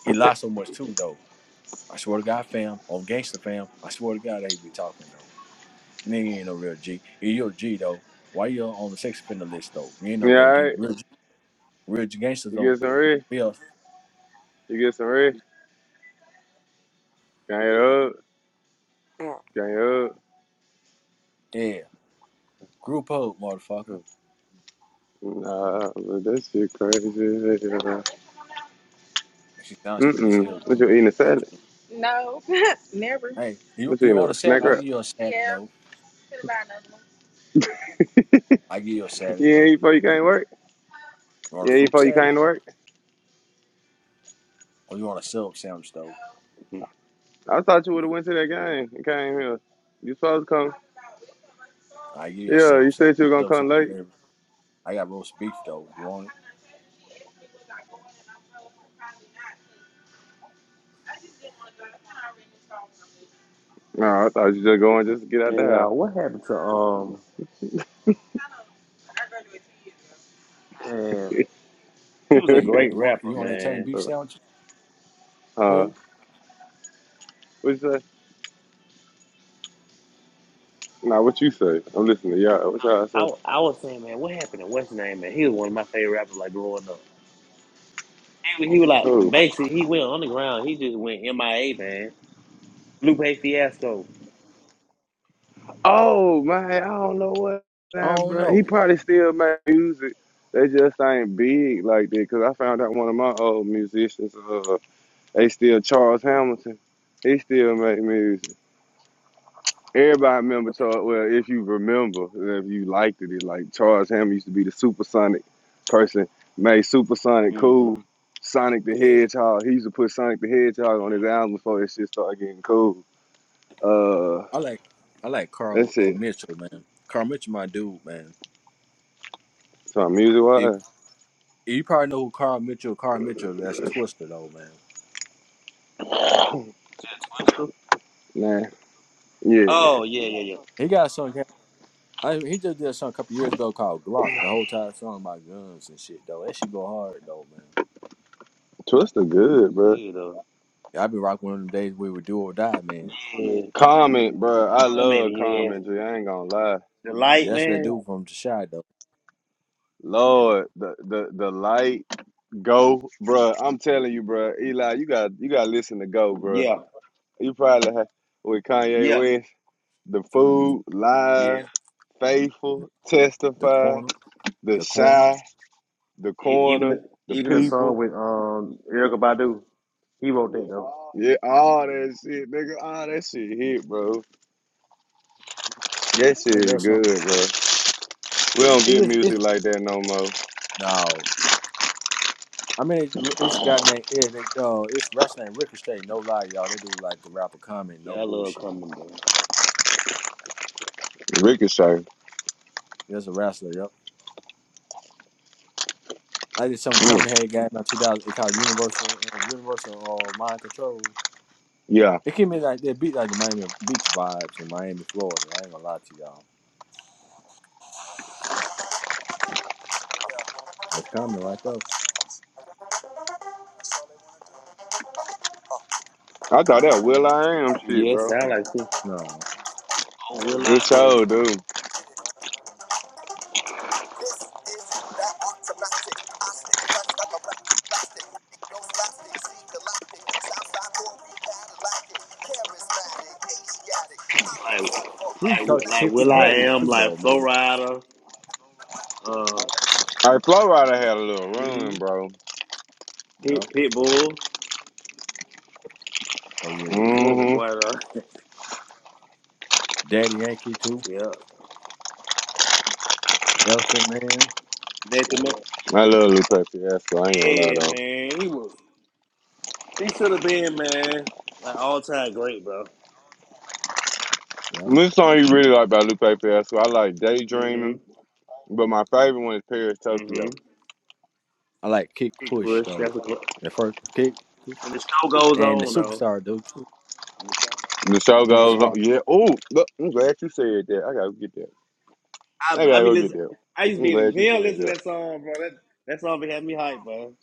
He lied so much too though. I swear to God, fam, on gangster fam, I swear to God they be talking though. Nigga ain't no real G. If you a G though, why you on the sex offender list though? You ain't no
Yeah,
real
all
G.
right.
Real, G- real G gangsters
You
don't
get some red.
build.
You get some red. Gang it up. Gang
Yeah. Group hug,
it
motherfucker.
up. Nah, but that shit crazy. as hell.
She sounds cute as hell
Mm-mm. What you eating a salad?
too. Hey, you
What you
you
eating
on a
a
salad?
snack
I
wrap?
give you a salad though.
<laughs> you
I give you a salad
ain't
though.
eat before you came to work?
You
You
want a
ain't eat
fruit
before you
salad
came to work?
or you want a sub sandwich though?
I thought you would have went to that game and came here. You supposed to come.
I give you a
Yeah,
sub
you
sandwich.
said you were gonna
Sub
come
sandwich,
late.
baby. I got roast beef though. You want it?
No, I thought you just going just to get out
man. Uh, what happened to um? Man, he was a
Hey,
the
great
you want
rapper,
you want an Italian
man.
beef
house.
sandwich?
<laughs> uh,
Who?
what you say? Nah, what you say? I'm listening to y'all. What
No,
y'all
I
say?
w- I was saying, man, what happened to what's his name, man? He was one of my favorite rappers, like growing up. He, he was like
Who?
basically he went underground. He just went MIA, man. Lupe Fiasco.
Oh man, I don't know what that
Oh
bro. He
no.
probably still make music. They just ain't big like that. Cause I found out one of my old musicians. Uh, They still Charles Hamilton. He still make music. Everybody remember Charles. Well, if you remember, if you liked it, it like Charles Hamilton used to be the supersonic person. Made supersonic cool. Sonic the
Yeah.
Hedgehog. He used to put Sonic the Hedgehog on his album before that shit started getting cool. Uh,
I like I like Carl
that's
uh,
it.
Mitchell, man. Carl Mitchell, my dude, man.
So music
If,
wise,
you probably know who Carl Mitchell. Carl Mitchell, that's Twister though, man.
Is that Twister?
man, yeah,
Oh yeah, yeah, yeah.
He got a song. I, he just did a song a couple years ago called Glock. The whole entire song about guns and shit though. That shit go hard though, man.
Twister good,
Twister,
bro.
yeah, though.
Yeah, I be rocking one of them days we were do or die, man.
Yeah,
Comment, bro. I
how many
love
years?
Comment. I ain't gonna lie.
The light
Yeah, that's that
man.
dude from the shy though. Yeah,
Lord, the the the light Go, bruh. I'm telling you, bruh. Eli, you got you got to listen to Go, bruh.
Yeah,
You probably had, with Kanye
yeah,
West, the food,
yeah.
live, faithful,
the
testify,
corner,
the
the corner.
shy, the
E- even
corner,
the
the
even the song
people.
with um Erica Badu, he wrote that though.
Yeah, all that shit, nigga. All that shit hit, bro. That
I
shit
think
is
that's
good,
something.
bro. We don't
It
get
is. It's,
music like that no more.
no, I mean it, it's got name. Yeah, they, uh, it's wrestler named Ricochet. No lie, y'all. They do like the rapper comment. No
Yeah, I love
bullshit.
coming though.
Ricochet.
That's a wrestler. Yep. I did some
Mm,
Cumberhead game in 2000. It called Universal, uh, Universal uh, Mind Control.
yeah.
It gave me like that beat, like the Miami Beach vibes in Miami, Florida. I ain't gonna lie to y'all. It's coming right though.
I thought that Will I Am shit,
Yeah, it
bro.
sound like too.
No.
Oh, Will I
It
Am,
sure do.
like
We used to
like
talk to
like
Tiffany
Will I
Haddish
Am,
too, though,
like Flow
man.
Rider, uh,
All right, Flow Rider had a little
mm-hmm.
run, bro.
Yep.
Pit Pitbull,
Oh yeah. yeah.
Pitbull, my
Mhm.
boy. though.
Daddy Yankee
<laughs>
too.
yeah,
Elephant Man.
Method Man.
I love Lupe Fiasco. I ain't gonna lie
Yeah,
though.
man, he was. He should have been, man, like all time great, bro.
Yep.
This song you really like by Lupe Fiasco. I like
Mm
Daydreaming, but my favorite one is Paris
hmm. Mm
Tokyo.
hmm.
I like Kick
Big
Push
push.
though.
That's a cl-
The first Kick Push
When the show goes
and the
on, though.
Superstar though too.
The show goes
Yeah.
on.
Superstar.
Yeah. Oh, look, I'm glad you said that. I gotta get that.
I,
I
I
gotta
be
go get
listen.
that.
I used to
I'm
be in
glad
the
you
gym
said
listening to
that.
that song, bro. That, that song be having me hype, bro.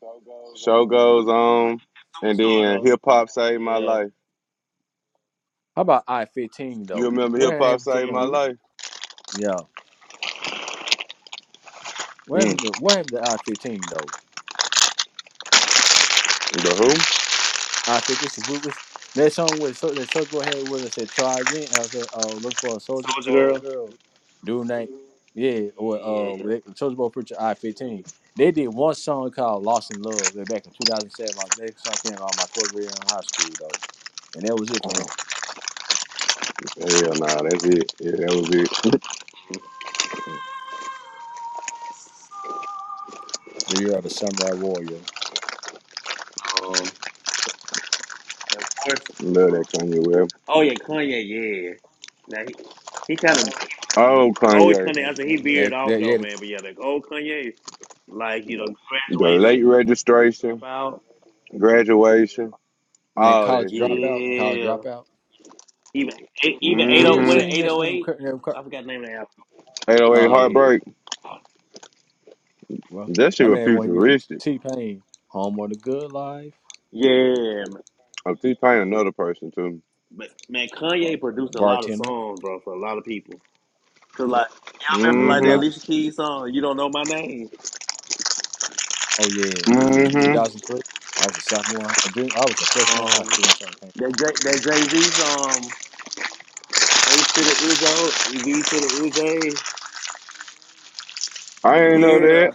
Show goes
Show
on.
goes
Yeah,
on, and
like a superstar,
then
though.
hip hop saved my
Yeah.
life.
How about I fifteen
You
though?
remember
What
hip hop
happened to
saved
Mm
my
them?
hmm.
life?
Yeah. What
Mm.
happened to what happened to I fifteen though?
The
I fit this groupies. That song with so that Soldier Boy had was I said try again. I said, oh, look for a soldier
Soldier
oh
Girl.
girl, dude night. Yeah,
Yeah,
or
yeah,
uh,
yeah.
with Soldier Boy preacher I fifteen. They did one song called Lost in Love. they back in two thousand seven. My next song came out my twelfth year in high school though, and that was it
who?
for
Oh,
them.
hell nah, that's it. Yeah, that was it.
yeah.
The year of the Samurai Warrior.
Um, and of course.
<laughs> Love that Kanye West.
Oh, yeah, Kanye, yeah. Now, he, he kind of
Oh,
Old
Kanye.
Kanye, I said he veered
That
off
that
though,
yeah, the,
man. But yeah, like old Kanye, like you know,
The late
graduation, dropout.
registration, graduation.
the
All
college
that shit.
dropout, college
Yeah,
dropout.
even even eight oh
Here,
what
Mm-hmm.
see,
eight
mixed
oh
with them.
eight.
cur- them
I forgot the name of the album.
808
uh huh.
Yeah,
Heartbreak.
Well,
That shit
I
was
mean, when he did
futuristic.
T Pain, Home of the Good Life.
yeah. man.
Oh, T Pain another person too.
But man, Kanye produced a lot of
bartender.
songs, bro, for a lot of people. Cause like I remember
You
like
ain't
that
lying.
Mm-hmm.
Alicia Keys song, "You Don't Know My Name."
Oh yeah,
Mm-hmm.
2003. I was a sophomore, a junior. I was a freshman in high
Um,
school until song came
that J- that Jay Z song, "Ace to the Izzo, Ev to the Izzy."
I
out.
ain't
Yeah.
Uh-huh.
know
Yeah.
that.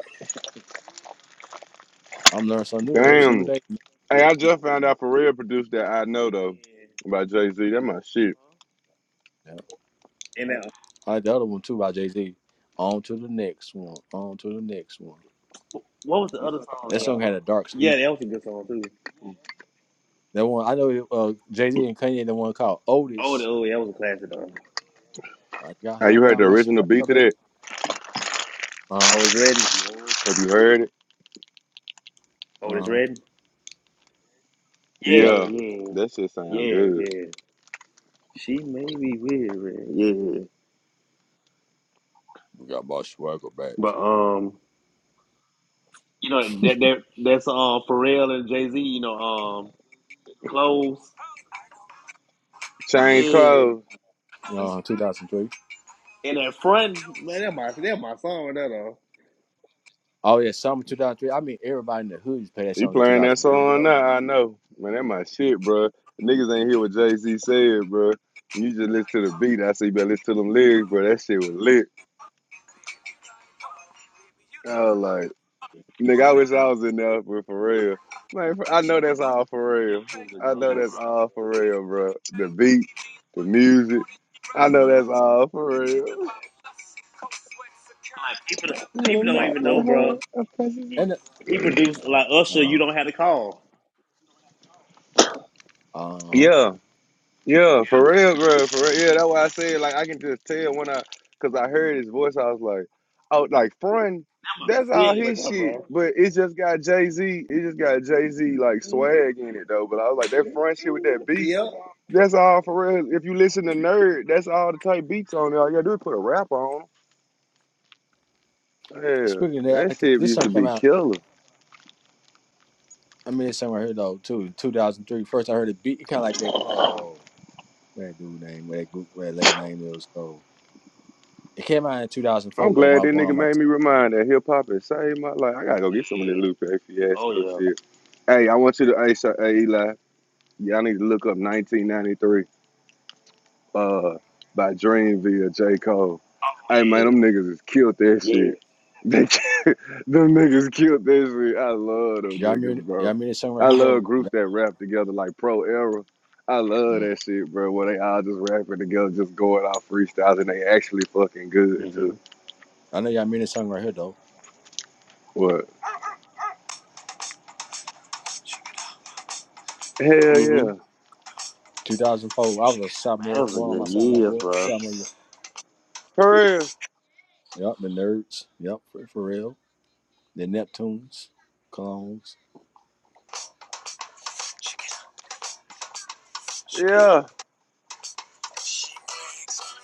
I'm learning something new every single
Damn.
day.
Hey, I just found out Pharrell produced that I know though by Jay Z. That my shit.
uh-huh.
Yeah.
and that.
I like the other one too by Jay Z. On to the next one. On to the next one.
What was the other song,
That song
y'all?
had a dark. s-
Yeah,
e,
that was a good song too.
That one I know. it, Uh, Jay Z and Kanye. The one called
Oh, the,
Otis.
oh, yeah, that was a classic though.
I got.
Hey,
I
you heard
got
the
my
original
swagger
beat to
back.
that?
Uh huh.
Oh, it's red.
Have you heard it?
Oh,
Uh
it's
huh.
red.
Yep.
Yeah,
Yeah.
yeah,
That shit sound
yeah,
good.
yeah. She may be weird, yeah.
We got my swagger back.
But um, you know that that that's um Pharrell and Jay Z. You know um close.
Change
Yeah,
clothes.
Uh, 2003.
and that front man, that my that my song right there though.
Oh yeah, summer 2003. I mean, everybody in the hood used to play that
He
song in
playing that
2003.
song now. I know, man. That my shit, bro. Niggas ain't hear what Jay Z said, bro. You just listen to the beat. I say you better listen to them lyrics, bro. That shit was lit. I was like, nigga, I wish I was in there, but for real, Like, I know that's all for real.
He was a
I know
genius.
that's all for real, bro. The beat, the music. I know that's all for real. <laughs>
Like people don't-
When
people
I'm
don't
not
even know,
with her,
bro.
I press it.
And
He produced like Usher. You
uh,
don't have to call.
uh,
Yeah, Yeah, for real, bro. For real. Yeah, that's why I said like I can just tell when I cause I heard his voice, I was like, oh like Fron,
That my
that's all
shit right
his
there,
shit.
bro.
But it just got Jay Z, it just got Jay Z like swag in it though. But I was like, that front shit with that beat,
Yep.
that's all for real. If you listen to Nerd, that's all the type beats on there. All you gotta do is put a rap on 'em. Yeah,
speaking of that, I
that
like to,
shit
this
used
song
to
came
be
out.
killer.
I mean, this song right here though, too, in 2003. First, I heard the beat. It kind of like that. Oh, what that dude name, what that group, what that lady name is. So it came out in
I'm
2004 though. When I
glad
was
that
going on
nigga
my,
made me remind that hip hop has saved my life. I gotta go get some of that
Yeah.
Lupe
Oh
Fiasco
yeah.
shit. Hey, I want you to hey, so, hey Eli. Y'all need to look up 1993 uh, by Dreamville, J. Cole. Hey,
Oh
man, them
yeah.
niggas has killed that
Yeah.
shit. They, <laughs> them niggas killed that shit. I love them
y'all mean,
niggas,
y'all
bro.
mean this song right
I
here
love
though. Yeah.
groups that rap together like Pro Era. I love
Mhm.
that shit, bro, where they all just rapping together, just going off freestyles, and they actually fucking good, too.
Mhm.
I know y'all mean this song right here though.
What? Hell yeah.
Mhm.
2004. I was a
That
sophomore,
was a
going on
good
my sophomore,
years,
year-
bro.
sophomore year.
For real.
Yep, the Nerds. Yep, for, for real. The Neptunes, Clones.
Yeah.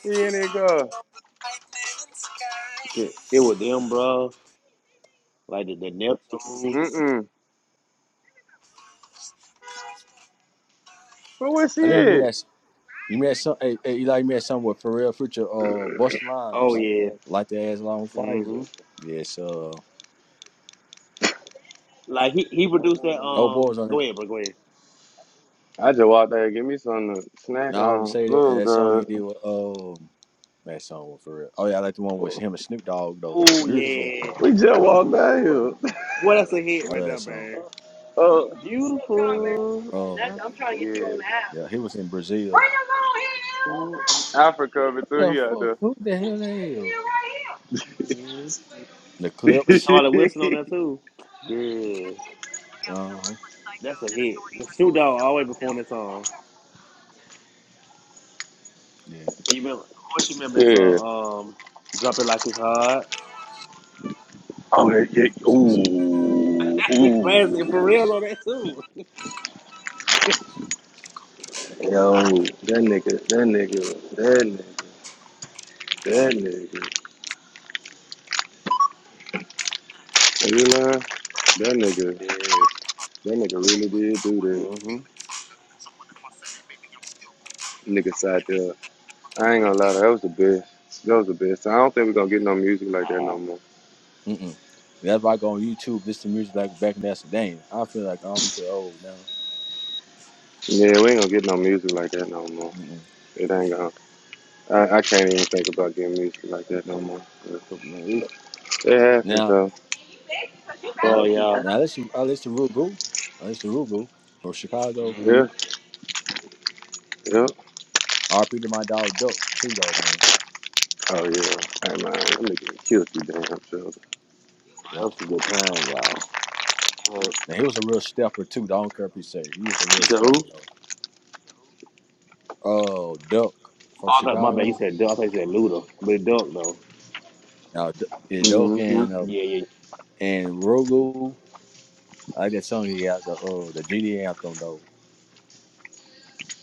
He in it, girl.
Good. It was them, bro. Like the, the Neptunes.
Mm-mm. But where she
I didn't even mean
at?
that. You met some, hey, hey, Eli, you met some with Pharrell Future, uh, Busta
Oh
Rhymes,
yeah.
Light the Ass on Fire.
Mhm.
Yes, uh,
Like he he produced that.
old boy
Um.
was on
Go
it.
ahead, bro. Go ahead.
I just walked there, give me something to snack
Now I would
on.
say that
Oh
that song he did
god.
with, um, that song with Pharrell. Oh yeah, I like the one with him and Snoop Dogg though.
Oh
Beautiful.
yeah.
We just walked down
Ooh.
here. <laughs>
Boy, that's a hit
I
right
love that
there,
song.
man.
Oh
Beautiful.
Um,
Yeah.
yeah, he was in Brazil.
Africa over too.
The
He out
fuck,
there.
who the hell that is? The
With
Clips.
Charlie Wilson on that
<laughs>
too. Yeah.
uh
That's a hit. Snoop Dogg always performed that song.
Yeah.
And you remember? Of course, you remember that
yeah.
song. Um. Drop it like it's hot.
Oh that yeah. Ooh.
Classic for
Ooh.
real on that too.
Yo, that nigga, that nigga, that nigga, that nigga. Are you lying? That nigga.
Yeah.
That nigga really did do that.
Mm-hmm.
Nigga sat there. I ain't gonna lie, that was the best. That was the best. I don't think we're gonna get no music like that no
Nah.
more.
Mm-mm. That's why I go on YouTube, listen to music like back in that. Dang, I feel like I'm feel old now.
Yeah, we ain't gonna get no music like that no more.
Mm-mm.
It ain't gonna. I, I can't even think about getting music like that no more. But
man. It's,
It happens
Now,
though.
bro, Oh, y'all.
now I listen, I listen to Rugu, I listen to Rugu from Chicago.
Mm-hmm.
Yeah, yeah.
R.P. to my dog Duck too, though, man.
Oh yeah. Hey man, that nigga killed you damn sure.
That
Yep.
was a good time, y'all. Uh,
Now he was a real stepper too. though. I don't care if he say he was a
you
real
said who?
stepper though. Oh, Duck from
Oh, I thought, my bad. You
Chicago.
said Duck. I thought you said Luda. But Duck, though.
Now, D- yeah, Duck
Mm-hmm.
and uh,
Yeah, yeah. yeah.
and Rugu. I like that song he got the uh, the GD anthem though.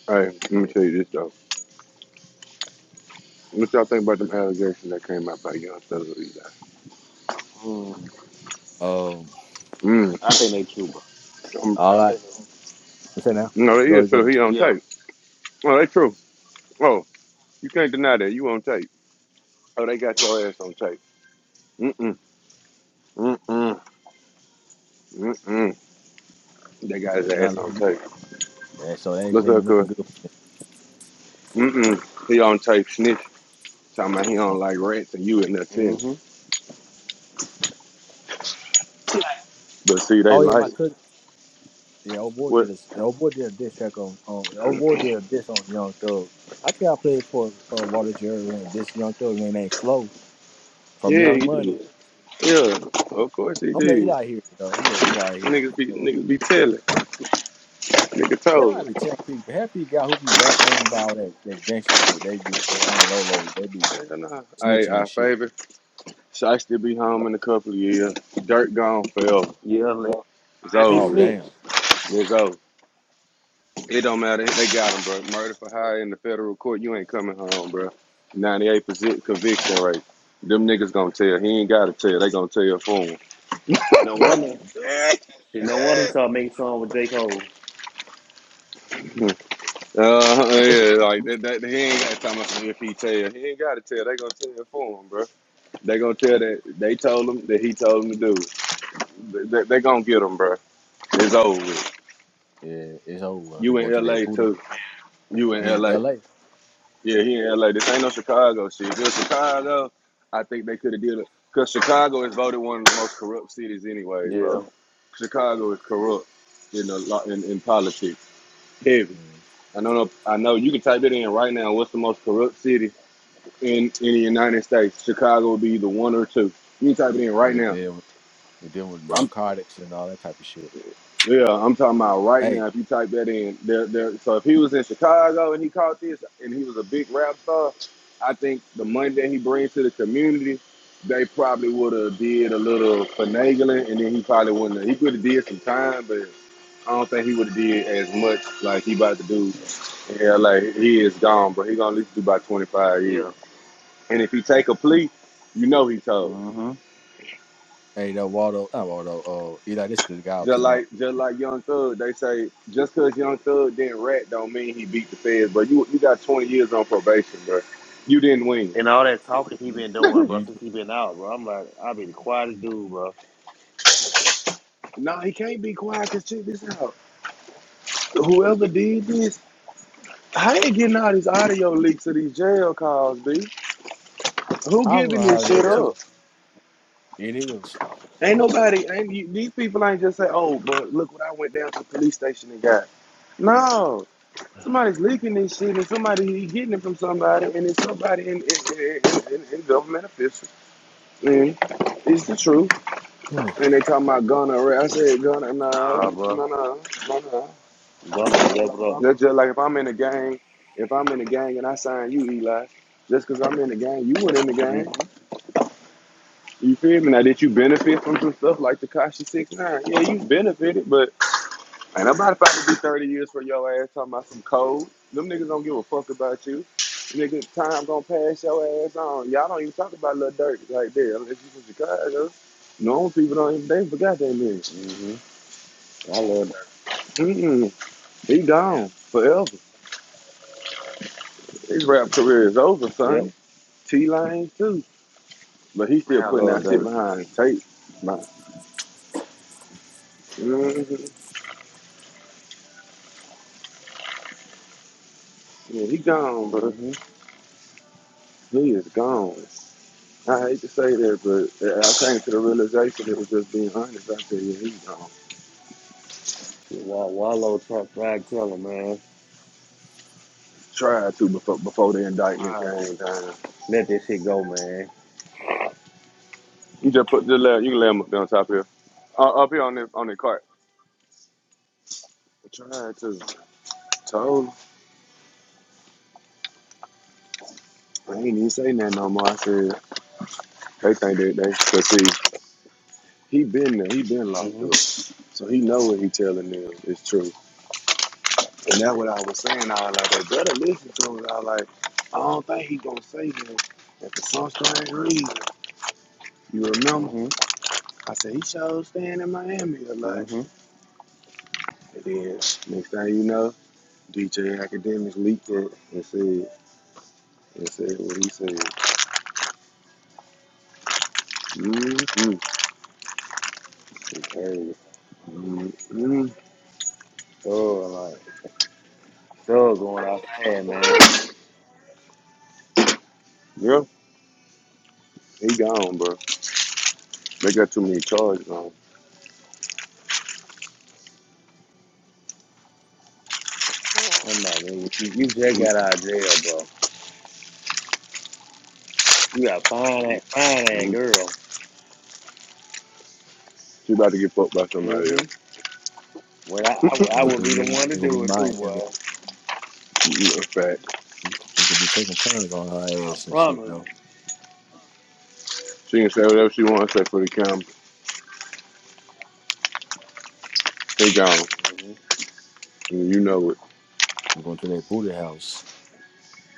Hey, let me
Yeah.
tell you this though. What y'all think about them allegations that came out by Young Thug?
Mm.
Um,
Mm.
I think they true, bro.
Um,
all right. What's that now?
no, they
Go,
is
ahead, go.
true.
ahead.
He on
Yeah.
tape. Oh, they true. Oh, you can't deny that. You on tape. Oh, they got your ass on tape. Mm mm mm mm mm. They got his
It's
ass
not.
on tape.
Yeah, so that
What's
shit
up,
ain't
cuz?
looking good.
Mm-mm. He don't take snitch. Talking about he
For
don't like rats and you in there telling.
Mm-hmm.
But see, they
oh yeah,
like
my cousin. Yeah, old boy
what?
did a the old boy did a diss track on on the old boy did a diss on Young Thug. I think I played for uh, Walter Jerry on this Young Thug name named Flo from
Yeah, he
Young Money.
did. Yeah, of course he
I'm let
did.
Eli hear it though. I'm let Eli hear it.
Niggas be
So,
niggas be telling. Nigga
That's
told
why I
him.
be telling people. Half these guys who be rapping ain't about all that that gangster shit. They be they on the low low. They be
Nigga nah. Hey,
snitching and
our
shit.
favorite. Should still be home in a couple of years. Dirt gone forever.
Yeah, unless,
It's
unless he
over
Oh
with.
damn.
snitched.
It's over. It don't matter. They got him, bro. Murder for hire in the federal court. You ain't coming home, bro. 98% conviction rate. Them niggas gonna tell. He ain't gotta tell. They gonna tell for
No
Mm.
wonder. Shit, No
him.
wonder
<laughs>
he started making song with J. Cole.
Uh,
It's,
yeah, like that, that. He ain't got time about if he tell. He ain't got to tell. They gonna tell it for him, bro. They gonna tell that they told him that he told him to do. They, they, they gonna get him, bro. It's over. With.
yeah, it's over. He
You
go
in
to that
L.A.
Buddha
too. You in
in
L.A.
L.A.
Yeah, he in L.A. This ain't no Chicago shit. If it was Chicago, I think they could have did it. Cause Chicago is voted one of the most corrupt cities, anyways, bro.
Yeah.
Chicago is corrupt in a lot in, in politics. Heavy.
Mm.
I know. no, I know. You can type it in right now. What's the most corrupt city? in in the United States. Chicago would be either one or two. You can type it in right
And
now.
then with- he dealing with
I'm
narcotics and all that type of shit.
yeah, I'm talking about right
Hey,
now. If you type that in, there, there. So if he was in Chicago and he caught this, and he was a big rap star, I think the money that he brings to the community, they probably would have did a little finagling, and then he probably wouldn't. Have, he could have did some time, but I don't think he would have did as much like he about to do yeah, like he is gone, but he gonna at least do about twenty five years.
Yeah.
And if he take a plea, you know he told.
Mm-hmm.
hey, that Waldo, not Waldo. Uh, Eli, this the guy I'm
Just
telling out.
like just like Young Thug, they say just because Young Thug didn't rat don't mean he beat the feds. But you you got twenty years on probation, bro. You didn't win.
And all that talking he been doing, bro,
You,
since he been out, bro. I'm like, I be the quietest dude, bro.
No, he can't be quiet. Cause check this out. Whoever did this, how they getting all these audio leaks of these jail calls, B? Who
I don't know
giving
how
this
to
shit
head
Yeah.
too.
up?
It is.
Ain't nobody. Ain't you, these people ain't just say, oh, but look what I went down to the police station and got. No. Somebody's leaking this shit, and somebody he getting it from somebody, and it's somebody in, in, in, in, in in government official. Man, it's the truth.
Mm.
And they talking about gonorrhea. I said gonorrhea. No,
Ah, bro.
no, no, no, no.
Gonna level up.
That's just like if I'm in the gang, if I'm in the gang and I sign you, Eli, just 'cause I'm in the gang, you went in the
hmm
gang. You feel me? Now, did you benefit from some stuff like Tekashi six nine? Yeah, you benefited, but ain't nobody about to be 30 years for your ass talking about some code. Them niggas don't give a fuck about you. Nigga, time gonna pass your ass on. Y'all don't even talk about little dirt like that unless you from Chicago. Normal people don't even, they forgot that nigga.
hmm I love that.
Mm-mm. He gone forever. His rap
It
career is over,
Yep. Man,
son. T Lane too, but he still
I
putting
love
that shit
that.
behind tape. Man. Mm-hmm. Yeah, he gone, bro.
hmm
He is gone. I hate to say that, but uh, I came to the realization it was just being honest. I tell you, he gone.
Shit, Wall- Wallow try, try to tell him, man.
Tried to before before the indictment
Try to
came down.
let this shit go, man.
You just put just let you can lay him up there on top here, uh, up here on the on the cart. Tried to. Told him. I ain't even say nothing no more. I said they think that they succeed. He been there. He been locked
hmm
up. So he know what he telling them is true. And that's what I was saying. I was like, they better listen to him. I was like, I don't think he gonna say that. And for some strange reason, you remember?
hmm
I said he showed staying in Miami a lot.
hmm
And then next thing you know, DJ Academics leaked it and said and said what he said. mm mmm,
It's crazy.
mm-mm.
Thug, like, thug going out there, man.
Yeah, he gone, bro. They got too many charges on. him.
I'm like, nigga, you, you just got out of jail, bro. You got fine, ass- fine ass
Mm-mm.
girl.
She about to get fucked by somebody
hmm
else.
Well, I, I, would- I
gonna
would
be
be the
me.
one to
It gonna
do
be
it
my.
too,
It
boy.
Mm-mm, a fact.
gonna, we gonna be taking turns on her
I
ass and shit.
promise.
No.
She can say whatever she wants to say for the camera. They gone.
hmm
You know it.
I'm going to that booty house.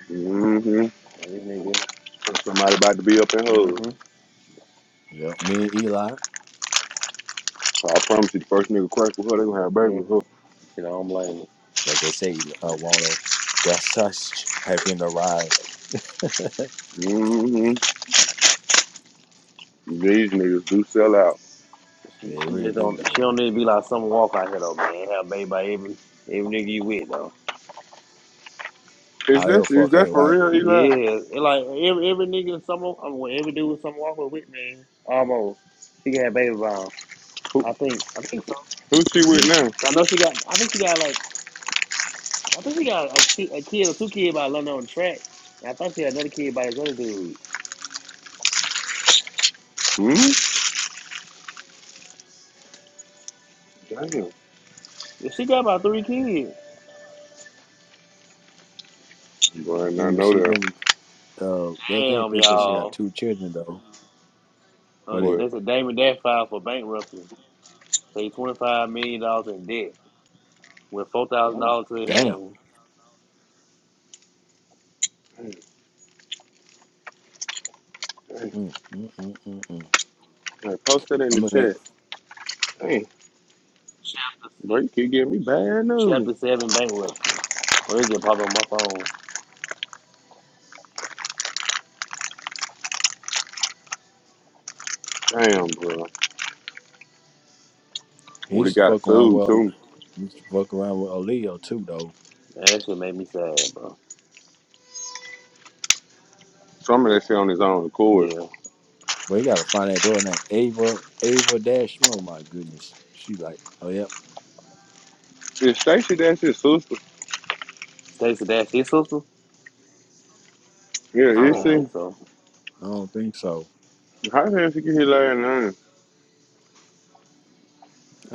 Mm-hmm.
This
Somebody about to be up in hood.
nigga.
Yep. Me and Eli,
So I promise you, the first nigga crack with her, they gonna have a baby
hmm
with her.
Shit, I don't blame her.
like they say, uh, Waldo, the sush have been arrived. <laughs>
Mm-hmm. These niggas do sell out.
She
Yeah, they
she
really
just
do
don't
though,
she don't
man.
need to be like some walk out here though, man. Have baby by every every nigga you with though.
Is
All your
that is
folks
that
ain't
for
white.
real, Eli?
Yeah, it like every every nigga some of- I mean, every dude some walk with man almost. She can have baby by him.
Who,
I think I think so.
who's she with
Yeah.
now?
I know she got I think she got like I think she got a, ki- a kid or two kids by London on the track. And I thought she had another kid by this other dude.
Hmm? Damn.
Yeah, she got about three kids.
You might not
Remember
know
she
that.
remember uh the thing
Damn
they said she got
y'all.
two children though.
Uh,
What it
What?
they said Damon Dash filed for bankruptcy. So he's twenty five million dollars in debt. with four thousand dollars to their
damn.
name.
Damn, damn.
Mm, mm, mm, mm, mm.
Hey, Post that in
I'm
the
looking at
chat. Damn.
Chapter
Bro, you keep giving me bad news.
Chapter Seven bankruptcy. Well, it just popped on my phone.
Damn, bro.
he
Well, he
used to
got
fuck around
sued,
well
too.
he used to fuck around with a Leo too though.
Man, that shit made me sad, bro.
Some of that shit on his own accord.
Yeah,
But he gotta find that door named Ava Ava Dash. Oh my goodness. She like, Oh yep.
Is Stacy that's his sister?
Stacey Dash his sister?
Yeah,
I
you
don't
Uh
see,
think so.
I don't think so.
how the hell she get here last night?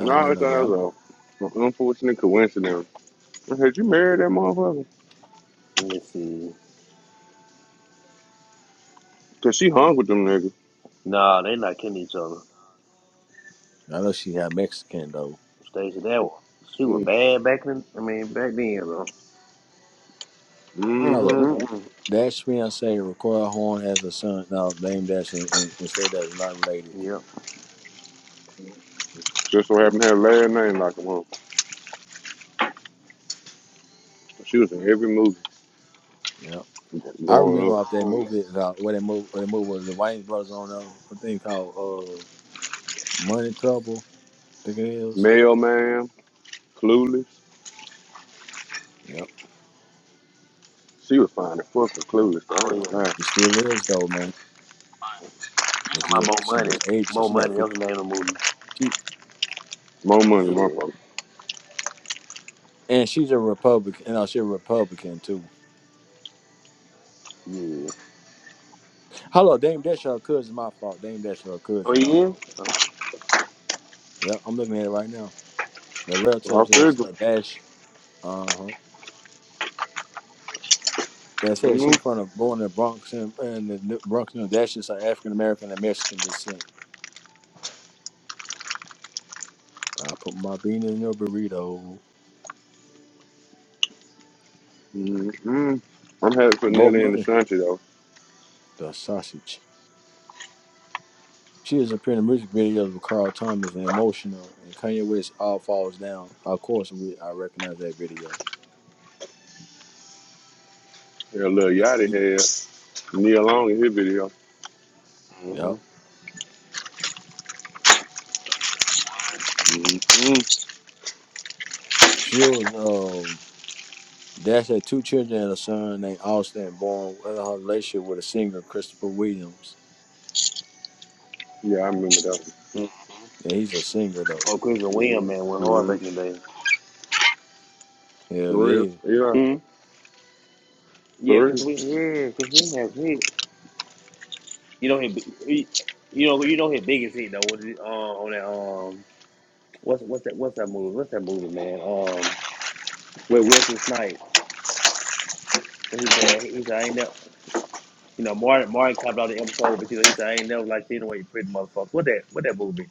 No,
had
I thought
no idea.
that was a, an unfortunate coincidence. I said, you married that motherfucker?
Let me see.
Because she hung with them niggas.
Nah, they not kidding each other.
I know she had Mexican though.
Stacey Dash, She was bad back then. I mean, back then, though. Mm,
Hello.
Mm-hmm.
mm, mm.
Dash fiance Recoil Horn has a son now named Dash and, and, and State Dash is not related.
Yep.
Just so happened to have last name like him on. She was in every movie
Yeah.
g-
I
growing
remember
up.
off that
Oh,
movie uh, where that movie where that movie was the Wayne brothers on uh, a thing called uh Money Trouble, I think it is.
Mailman, Clueless.
Yep.
She was fine as fuck for Clueless. I
oh
ain't
yeah.
gonna lie.
She still lives though, man.
You talking
But she
about more
just she
money?
just aged so
More
she's like
money. That
fifty
was the name of the movie.
she,
More money than
Yep.
Yeah,
motherfucker.
And she's a Republican and no, she's a Republican too.
yeah.
Hello, Dame Dash her cousin my fault. Dame Dash her
Oh
cousin my
yeah.
fault. Yep, I'm looking at it right now. The
I
relatives is
figure.
a dash. Uh huh. That said, she
Mm-hmm.
from the born in the Bronx and, and the New- Bronx, New Dash is African American and Mexican descent. I put my bean in your burrito.
Mm-hmm. I'm happy for
More
Nelly in the
money,
Sunshine, though.
the sausage. She has appeared in music videos with Carl Thomas and Emotional and Kanye West. All falls down. Of course, we I recognize that video.
Yeah, little Yachty had Neil Long in his video.
Yep.
Mm-hmm.
Mm-hmm.
She was um Dash had two children and a son named Austin born in her relationship with a singer Christopher Williams.
Yeah, I remember that.
Yeah, he's a singer though.
Oh, Chris and William, man, went hard back
Mm,
in the day.
Hell
for real.
yeah.
Yeah,
Hmm? Yeah,
for
Chris
real.
William. Yeah, Chris William has hits. You know his, he- you know, you know his biggest hit though was uh, on that um, what's what's that what's that movie? What's that movie, man? Um, with Wesley Snipes, where he said he said I ain't never, you know, Martin Martin clapped out the episode, but you know he said I ain't never like you the way you pretty motherfucker. What that what that movie?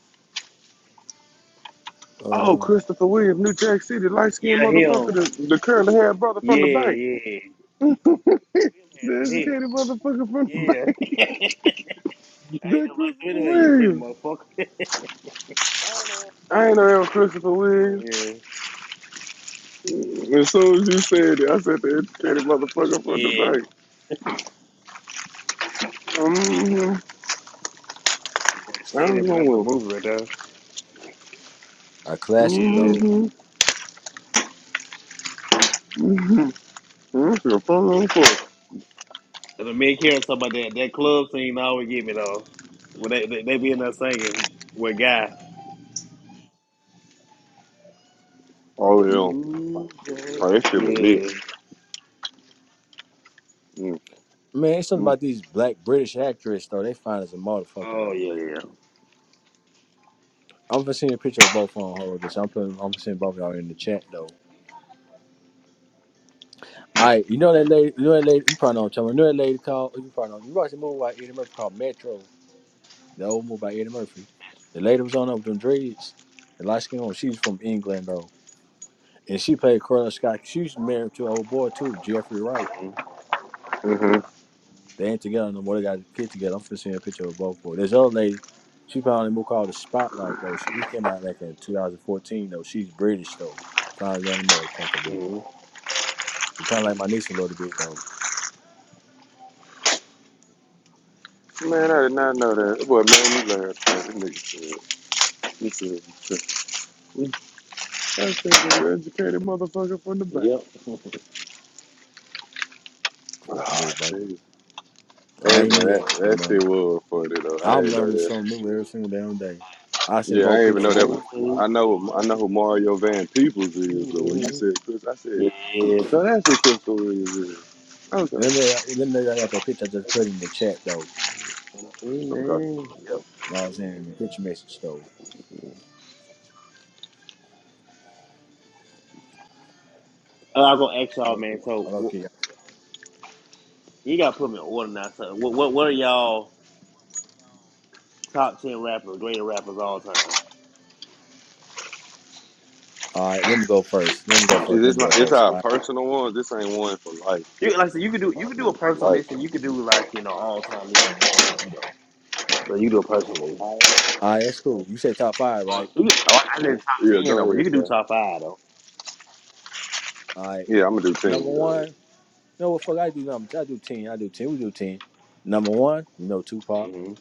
Oh,
Um,
Christopher Williams, New Jack City, light skinned
Yeah, him.
motherfucker, the, the curly haired brother
Yeah,
from the bank.
yeah.
<laughs> the
William had some hits.
educated motherfucker from the
Yeah,
bank. <laughs>
<laughs> I ain't
that
never
Christopher
like you anyway. You pretty
Williams.
motherfucker. <laughs> yeah,
I ain't know that
that
Christopher
Chris William.
Williams.
Yeah.
Mm, As soon as you said it, I said the educated motherfucker from the
Yeah.
bank. Mm-hmm. I
City,
don't
but that's a
know.
movie right there.
a classic
Yeah.
though.
Mm-hmm. Mm-hmm. That's your phone number.
And the men caring about that that club scene always get me though. When they, they they be in there singing with guy.
Oh, yeah.
New
Oh, that shit was lit.
Yeah.
Mm-hmm.
Man, it's something about these black British actresses though. They fine as a motherfucker
Oh
though,
yeah,
man.
yeah.
I'm gonna send you a picture of both on hold. This I'm putting. I'm gonna send both of y'all in the chat though. All right, you know that lady. You know that lady. You probably know what I'm talking about. You know that lady called. You probably know. You watched the movie by Eddie Murphy called Metro. The old movie by Eddie Murphy. The lady was on up with them dreads. The light skin on. She's from England though, and she played Corella Scott. She was married to an old boy too, Jeffrey Wright.
hmm
Mm-hmm.
They ain't together no more. They got a kid together. I'm finna send a picture of both of them. This other lady, she found a book called The Spotlight, though. She it came out back in 2014, though. She's British, though. Found that motherfucker, bitch.
hmm
She kind of like my niece a little bit, though.
Man, I did not know that. Boy, man, you laughed. That nigga said, he said, he said, he I said, you educated motherfucker from the back.
Yep.
You
Oh,
know, but
Jesus. Hey,
I
man,
ain't knew that,
that,
though,
that shit
man.
was funny, though. I
I'm
didn't know
learning
that.
something new every single damn day. I seen
Yeah, I
both
didn't even know
pictures. In
that was.
Don't wait.
I know, I know who Mario Van
I'm
Peebles is, but when you
dreaming.
said Chris, I said,
Yeah.
so that's who Crystal Williams is. Okay,
there. let me let me know y'all got that picture I just put in the chat, though.
I'm
okay.
dreaming. Yep.
You know what I'm saying? The picture message, though.
Uh, I'm gonna ask y'all, man. So
I'm
wh-
Okay.
you gotta put me in order now. So what what what are y'all top ten rappers, greater rappers all time?
All right, let me go first. Let me go
Is
first. Let
this
me
my?
go
It's
first.
our
All right,
personal one. This ain't one for life,
You like I
like
said, you could do you could do a
in, in
personal list
life.
and you could do like you know all time list if you want to too though. But you do a personal list.
all right that's cool. You said top five,
Oh,
right?
You, oh, I said top
Yeah,
ten though,
go
but you
ahead,
could do
sir.
top five though.
All right.
Yeah, I'm gonna do
Number
team. Go ahead.
one, you know what fuck I do numbers. I do ten. I do ten. We do ten. Number one, you know Tupac.
hmm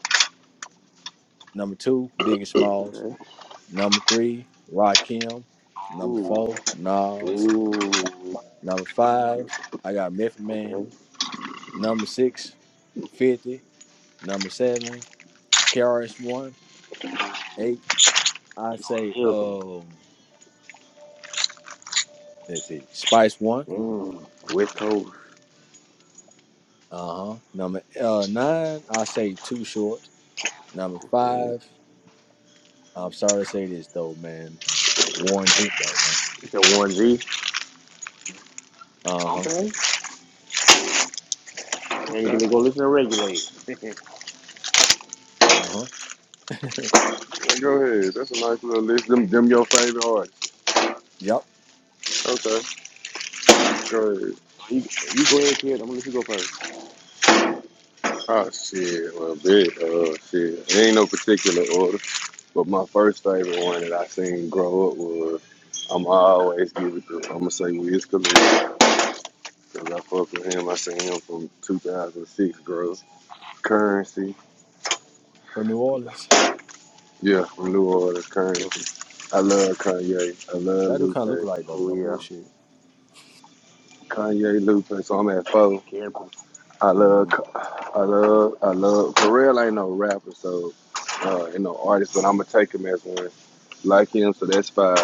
Number two, Big and Smalls.
Okay.
Number three, Rakim. Number
Ooh.
four, Nas.
Ooh.
Number five, I got Method Man.
Okay.
Number six, Fifty. Number seven, KRS One.
Ooh.
Eight, I say
Political.
um let's see, Spice One.
Mm. West Coast.
Uh-huh. Number uh nine, I say Too Short. Number
Oh, for real.
five, I'm sorry to say this though, man. Warren G though, man.
It's a one G.
Uh
Okay. Maybe
Okay.
can they go listen to regulate?
huh. Uh huh.
Go ahead. That's a nice little list. Them, them your favorite artists.
<laughs> yep.
Okay. Go ahead.
You, you go ahead, kid. I'm gonna let you go first.
Oh shit. Well, big. Uh, shit. It ain't no particular order, but my first favorite one that I seen grow up was. I'm always give it to. I'm gonna say Wiz Khalifa because I fuck with him. I seen him from 2006 grow. Currency.
From New Orleans.
Yeah, from New Orleans.
Mm.
Currency. I love Kanye. I love
that do kind of look
Lupe.
alike though.
Oh
No
yeah.
bullshit.
Kanye Lupe. So I'm at four.
Careful.
I love,
Mm-hmm.
I love, I love. Pharrell ain't no rapper, so uh, ain't no artist, but I'ma take him as one. Like him, so that's five.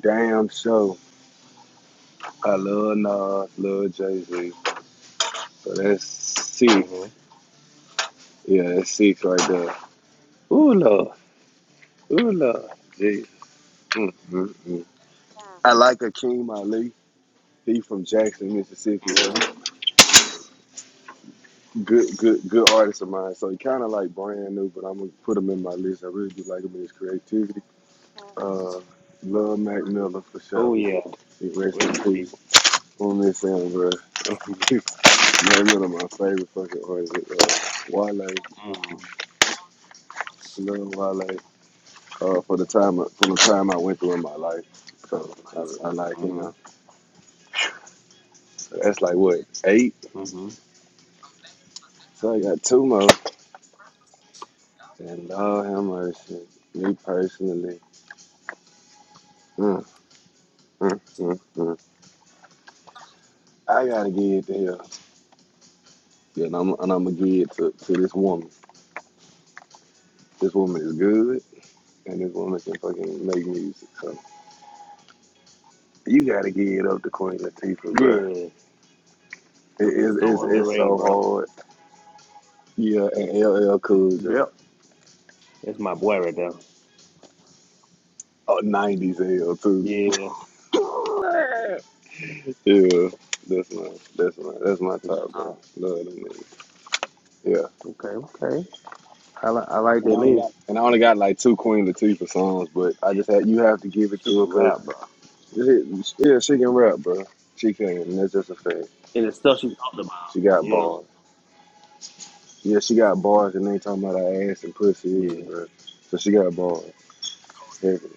Damn show. I love Nas, love Jay Z, so that's six.
Mm-hmm.
Yeah, that's six right there. Ooh lord, ooh lord, jeez. Mm, mm, mm. I like Akeem Ali. He from Jackson, Mississippi. though.
Mm-hmm.
Good, good, good artist of mine. So he kind of like brand new, but I'm gonna put him in my list. I really do like him and his creativity. Uh, love Mac Miller for
Oh
sure.
yeah.
He rest in
Listen, G.
peace. On this end, bro. <laughs> Mac Miller, my favorite fucking artist. Uh, Wale,
Mm-hmm.
love Wale. Uh, for the time, for the time I went through in my life. So I, I like him. That's like what eight.
Mm-hmm.
So I got two more. And Lord have mercy. Me personally. Mm, mm, mm, mm. I gotta give it to him. Yeah, and I'm, and I'm gonna give it to, to this woman. This woman is good, and this woman can fucking make music. So. You gotta give it up to Queen Latifah, bro.
Yeah,
It, it, it's
so
Mm-hmm.
it's
underrated,
so
bro.
hard. Yeah, and LL Cool J,
Yep, that's my boy right there.
oh,
Yeah.
'90s LL too.
Yeah,
Yeah, that's my that's my that's my
what
top, bro.
y'all
Love them niggas. Yeah,
talking? Okay, okay. I like I like that lady.
and I only got like two Queen Latifah songs, but I just had you have to give it
She
to her
can rap, bro.
because yeah, she can rap, bro. She can. And that's just a fact.
And the stuff she talked about.
She got
Yeah,
bars. Yeah, she got bars, and they ain't talking about her ass and pussy either,
yeah.
bro. So she got bars. Heavy.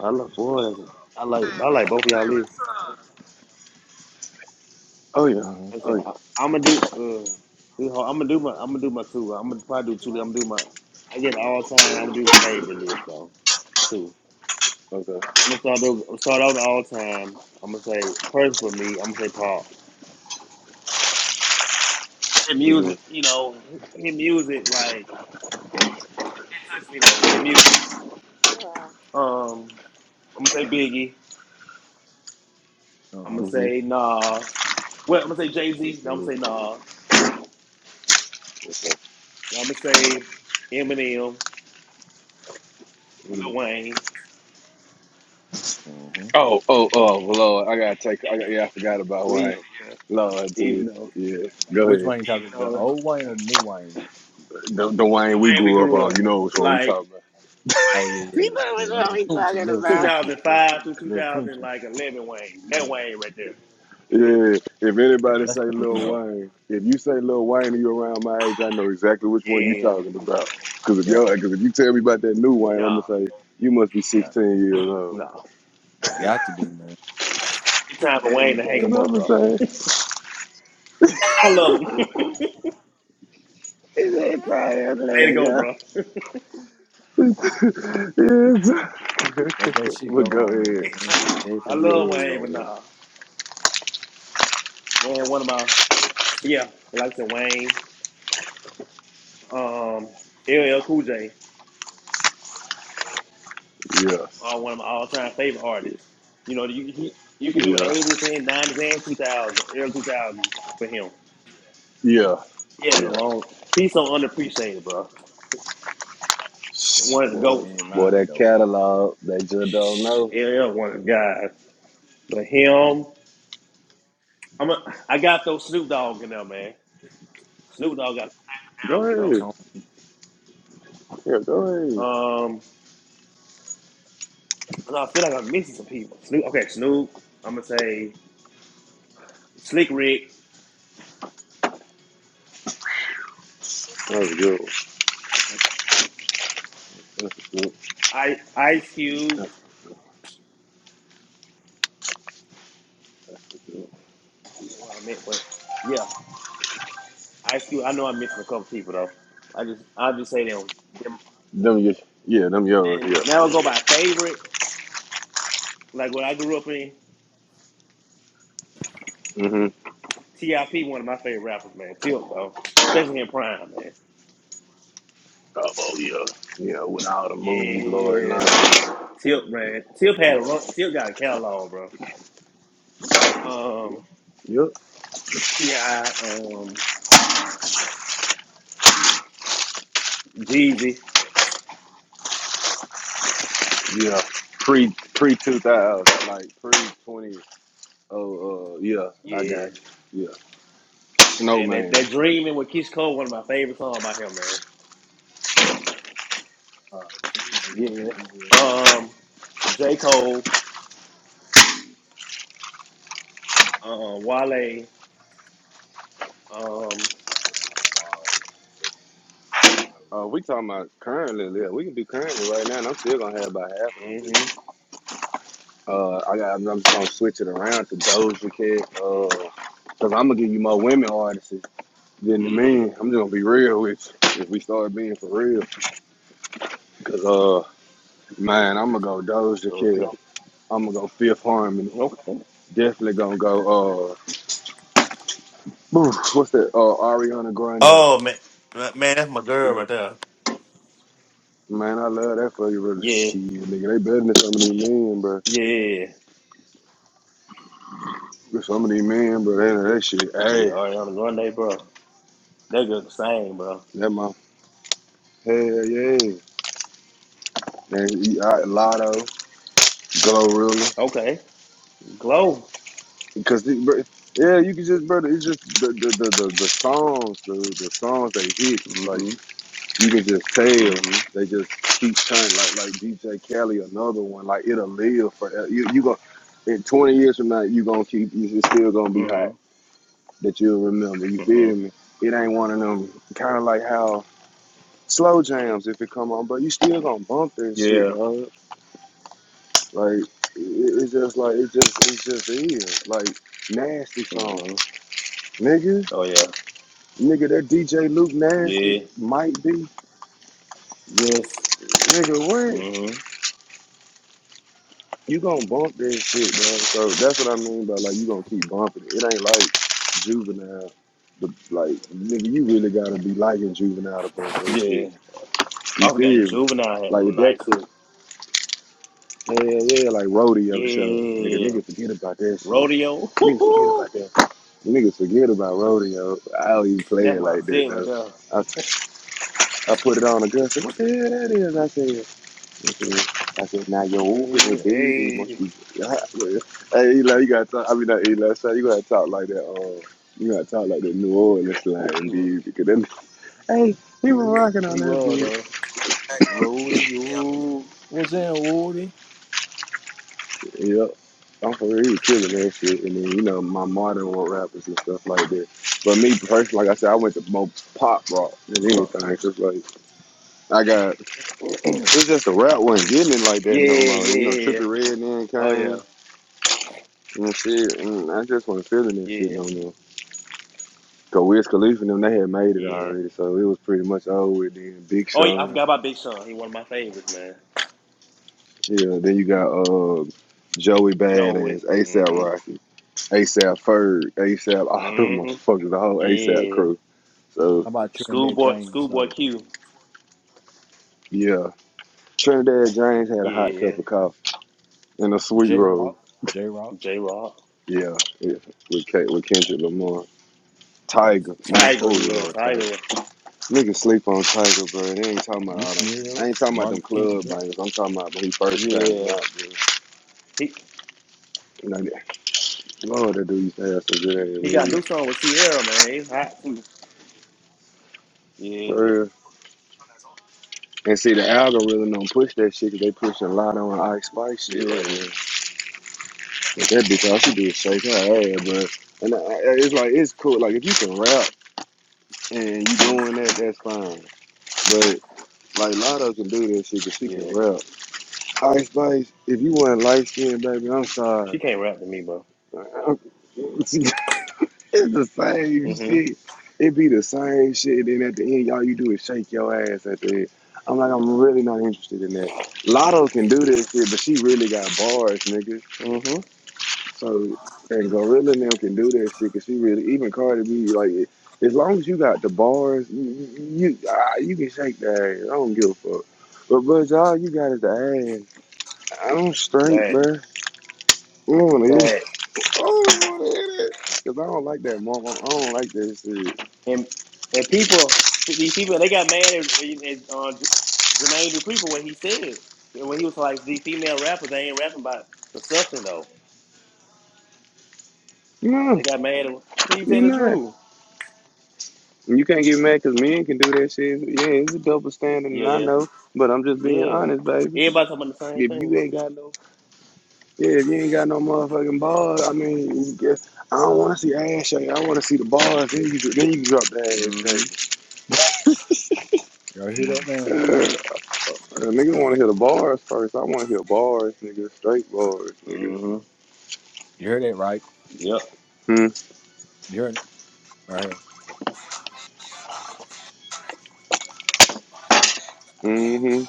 I love boy. That's a, I like I like both of y'all leaves.
Oh yeah.
Mm-hmm.
That's it.
Oh yeah.
I, I'm gonna do. Uh, I'm gonna do my. I'm gonna do my two. I'm gonna probably do two. I'm gonna do my. I guess all time. I'm gonna do the favorite list though. Two.
Okay.
I'm gonna start. Do, start out all time. I'm gonna say person for me. I'm gonna say Paul. his
Mhm.
music, you know, his music, like it touched me though. His music. Um, I'm gonna say Biggie.
Uh
I'm gonna
huh.
hmm
say Nas. Well, I'm gonna say Jay Z. I'm gonna say
Mm,
Nas.
okay.
I'm gonna say Eminem,
Mm.
Lil Wayne,
Mm-hmm.
Oh, oh, oh, Lord. I gotta take I got yeah, I forgot about
Weezy.
Wayne.
Yeah,
Lord
even
dude.
though,
Yeah. Go
Which
ahead.
Wayne you talking?
even
The
though the
old Wayne or the new Wayne?
The, the Wayne we
way we
grew up
grew
on,
up,
you know which one we
like
talking about.
Oh yeah, yeah, yeah. yeah. Little Tunchi, little Tunchi,
2005 to
little Tunchi.
2011 Wayne, that Wayne right there.
Yeah. If
Yeah,
anybody
that's
say
what we
Lil
know.
Wayne, if you say Lil Wayne and you around my age, I know exactly which one you
Yeah,
talking about. Cause if
Yeah.
you cause if you tell me about that new Wayne, I'm
no,
gonna say, you must be
Yeah.
sixteen years old.
no,
I
no.
got to be man.
It's time for Wayne to hang
That's
him
what
up,
I'm
bro.
gonna say. <laughs>
<laughs> I love him. <laughs>
He said, "Try it, let
Let it
it
go,
go."
bro.
<laughs> Yes.
Let that
<laughs>
shit go
but go
home and
ahead.
let that shit dead for
I
the
Yeah,
love
birds
Wayne,
though,
but
man.
nah, man, one of my yeah, like I said, Wayne, um, LL Cool J,
yeah,
are one of my all-time favorite artists. You know, you he, you can do
yeah,
eighties and nineties and two thousand, early two thousand for him.
yeah,
He had a
yeah.
long. He's so underappreciated, bro. One of the Word.
You
goats.
ain't
Boy,
lying
that
though, big.
catalog, they just don't know.
Uh,
LL, one of the guys. But him, I'm a, I got those Snoop Dogg in there, man. Snoop Dogg got a
Go
classic
the
album
big
ahead.
home.
Yeah, go
though.
ahead.
um. And I feel like I'm missing some people. Snoop, okay, Snoop. I'm gonna say Slick Rick,
That was a good one. That's a good
I, Ice Cube.
one.
I don't know what I meant, but yeah, Ice Cube. I know I'm missing a couple people though. I just, I'll just say them. them.
Them, your, yeah, them yours,
And
yeah.
now I go by favorite. Like when I grew up in
Mm-hmm.
T.I.P. One of my favorite rappers, man. T.I.P. though, especially in Prime, man.
Oh, yeah. Yeah, with all the movies, Lord
Yeah,
Lunch. Yeah,
T.I.P. man. T.I.P. had a
yeah.
run. Tilt got a catalog, bro. Um,
Yep.
T.I. Um, Jeezy.
Yeah. Pre pre two thousand, like pre twenty. Oh, uh, yeah, I
Yeah.
got you. Yeah.
Man, that,
Snowman.
that dreaming with Keisha Cole, one of my favorite songs by him, man.
Uh, Jeezy.
Yeah.
He's a snowman.
Um, J. Cole, um, Wale, um,
Uh, we talking about currently, yeah. We can do currently right now, and I'm still gonna have about half of them. People.
hmm
Uh, I got. I'm just gonna switch it around to Doja Cat. Uh, cause I'm gonna give you more women artists than the men. I'm just gonna be real with you. If we start being for real, cause uh, man, I'm gonna go Doja
those
Cat.
kill.
I'm gonna go Fifth Harmony.
Okay.
Definitely gonna go. Uh, <sniffs> what's that? Uh, Ariana Grande.
Oh man, man, that's my girl right there.
Man, I love that for you, brother.
Yeah,
Shit, nigga, they better than some of these men, bro.
yeah,
Some of these men, bro, they that shit
yeah.
ass.
Ariana Grande, bro. They look the same, bro.
Yeah, man. Hell yeah. And eat out Lotto, Glorilla.
Okay. Glow.
Because, it, bro, yeah, you can just, brother, it's just the, the, the, the, the songs, the, the songs they hit. Like,
Mm-hmm.
you can just tell.
Mm-hmm.
They just keep turning. Like, like DJ Kelly, another one. Like, it'll live forever. You, you go, in 20 years from now, you going to keep, you- it's still going to be hot
Mm-hmm.
that you'll remember. You
Mm-hmm.
feel me? It ain't one of them, kind of like how slow jams, if it come on, but you still going to bump that shit,
Yeah.
dog. Like it- it's just like it just it's just is like nasty song,
Mm-hmm.
nigga,
Oh yeah.
nigga. That DJ Luke nasty
Yeah.
might be,
Yes.
nigga. What
Mm-hmm.
you gonna bump that shit, man? So that's what I mean by like you gonna keep bumping it. It ain't like juvenile. The, like nigga, you really gotta be liking juvenile to bump that shit.
Yeah. I
You
forgot
feel me?
juvenile had
Like
one
if that
nice too.
yeah, yeah, like rodeo show, nigga.
Yeah,
Nigga forget about that shit.
rodeo. <laughs>
Nigga forget
Woo-hoo.
about that. Niggas forget about rodeo. I don't even play
That's
it
my
like that
shit right
though.
there.
I, I put it on a girl. Said, "What the hell that is?" I said. I said, I said "Now you're open
Mhm,
with baby must
Hey,
be." <laughs> hey, Eli, you gotta talk. I mean, not Eli. Sorry, you gotta talk like that. Uh, you gotta talk like that New Orleans slang,
he was,
dude. Because then, hey, he was
mhm,
rocking on
he
that
was
beat.
a rodeo.
Was in Woody.
Yep. I'm for real, he was killing that shit. And then, you know, my modern world rappers and stuff like
Mhm,
that. But me personally, like I said, I went to more pop rock than anything.
uh,
Cause like I got It's just the rap wasn't getting it like that
Yeah,
no more. You know,
yeah,
Trippie Red then
oh yeah,
came and shit, and I just wasn't feeling that shit
yeah,
no more. Cause Wiz Khalifa and them, they had made it
yeah.
already, so it was pretty much over. Then Big
Oh yeah, I
Sean,
forgot about Big Sean. He one of my favorites, man.
yeah. Then you got uh Joey
Joey.
Badass, ASAP
Mhm,
Rocky, ASAP Ferg, ASAP <laughs> all them
mhm.
motherfuckers, the whole ASAP
Yeah,
crew. So
How about Trinidad
Schoolboy,
James
Schoolboy
though?
Q.
yeah, Trinidad James had a hot
Yeah,
cup of coffee and a sweet
J Rock,
roll.
J Rock,
J Rock.
Yeah, yeah with K- with Kendrick Lamar, Tiger, my
Tiger.
oh
Yeah,
lord, Tiger.
Tiger.
Niggas sleep on Tiger, bro. They ain't talking about all
Meek
them. I
Mills,
ain't talking about
Martin
them
Luther King
club
Jr.
bangers. I'm talking about when he first came
Yeah,
out, bro.
he
You know, that- Lord, that dude used to have some good ass
he got a new
music.
song with Sierra, man. It's hot too.
For
Yeah,
real. And see, the algorithm don't push that shit 'cause they pushing a lot on Ice Spice shit right
yeah,
now. But that bitch, all she do is shake her ass, bro. And I, I, it's like, it's cool. Like, if you can rap and you doing that, that's fine. But, like, Lotto can do that shit 'cause she can
yeah.
rap. Ice Spice, if you want light skin, baby, I'm
She
sorry.
can't rap to me, bro.
<laughs> It's the same
Mm-hmm.
shit. It be the same shit. then at the end, you all you do is shake your ass at the end. I'm like, I'm really not interested in that. Lotto can do this shit, but she really got bars, nigga.
Mm-hmm.
So, and Gorilla and them can do that shit because she really, even Cardi B, like, as long as you got the bars, you you, ah, you can shake that ass. I don't give a fuck. But, but you all you got is the ass. I don't straight,
Bad.
bruh. I don't want to hit
Bad.
it. <laughs> I don't want to hit it. Because I don't like that, mama. I don't like that shit.
And and people these people they got mad at, at uh, J- Jermaine Dupri for what he said. And when he was like the female rappers, they ain't rapping about the something though.
No.
They got mad at him. he was
You
telling the
not.
truth.
You can't get mad because men can do that shit. Yeah, it's a double standard,
Yeah,
and I
yeah,
know, but I'm just being
yeah.
honest, baby.
Everybody talking about the same
If you
thing.
ain't got no, yeah, if you ain't got no motherfucking balls, I mean, you get- I don't want to see ass shaking. I want to see the bars. Then you, then you drop the ass
Mm-hmm.
Y'all hear that man?
shaking. Uh, nigga want to hear the bars first. I want to hear bars, nigga. Straight bars, nigga.
Mm-hmm.
You heard that right?
Yep.
Hmm.
You heard it right here.
Mm-hmm.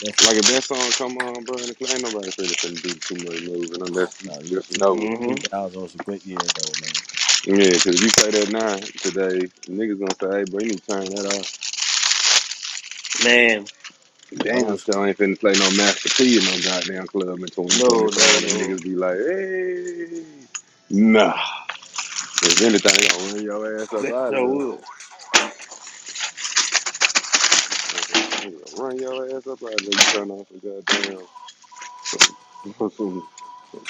That's
Like
two,
if that song come on, bro, and ain't nobody finna finna do too much moving unless you
no, the year
just
two
know it.
two
Mm-hmm.
thousand was a good year though, man.
Yeah, because if you play that nine today, niggas gonna say, hey, bro, you need to turn that off.
Man,
The
Damn,
old school.
so I ain't finna play no Master P in no goddamn club in
no, no,
2025. And
no.
niggas
<laughs>
be like, hey, nah. If anything, they gonna run your ass up
That
out of
sure
there.
would.
They gonna Run your ass up out of there. You turn off a goddamn <laughs> some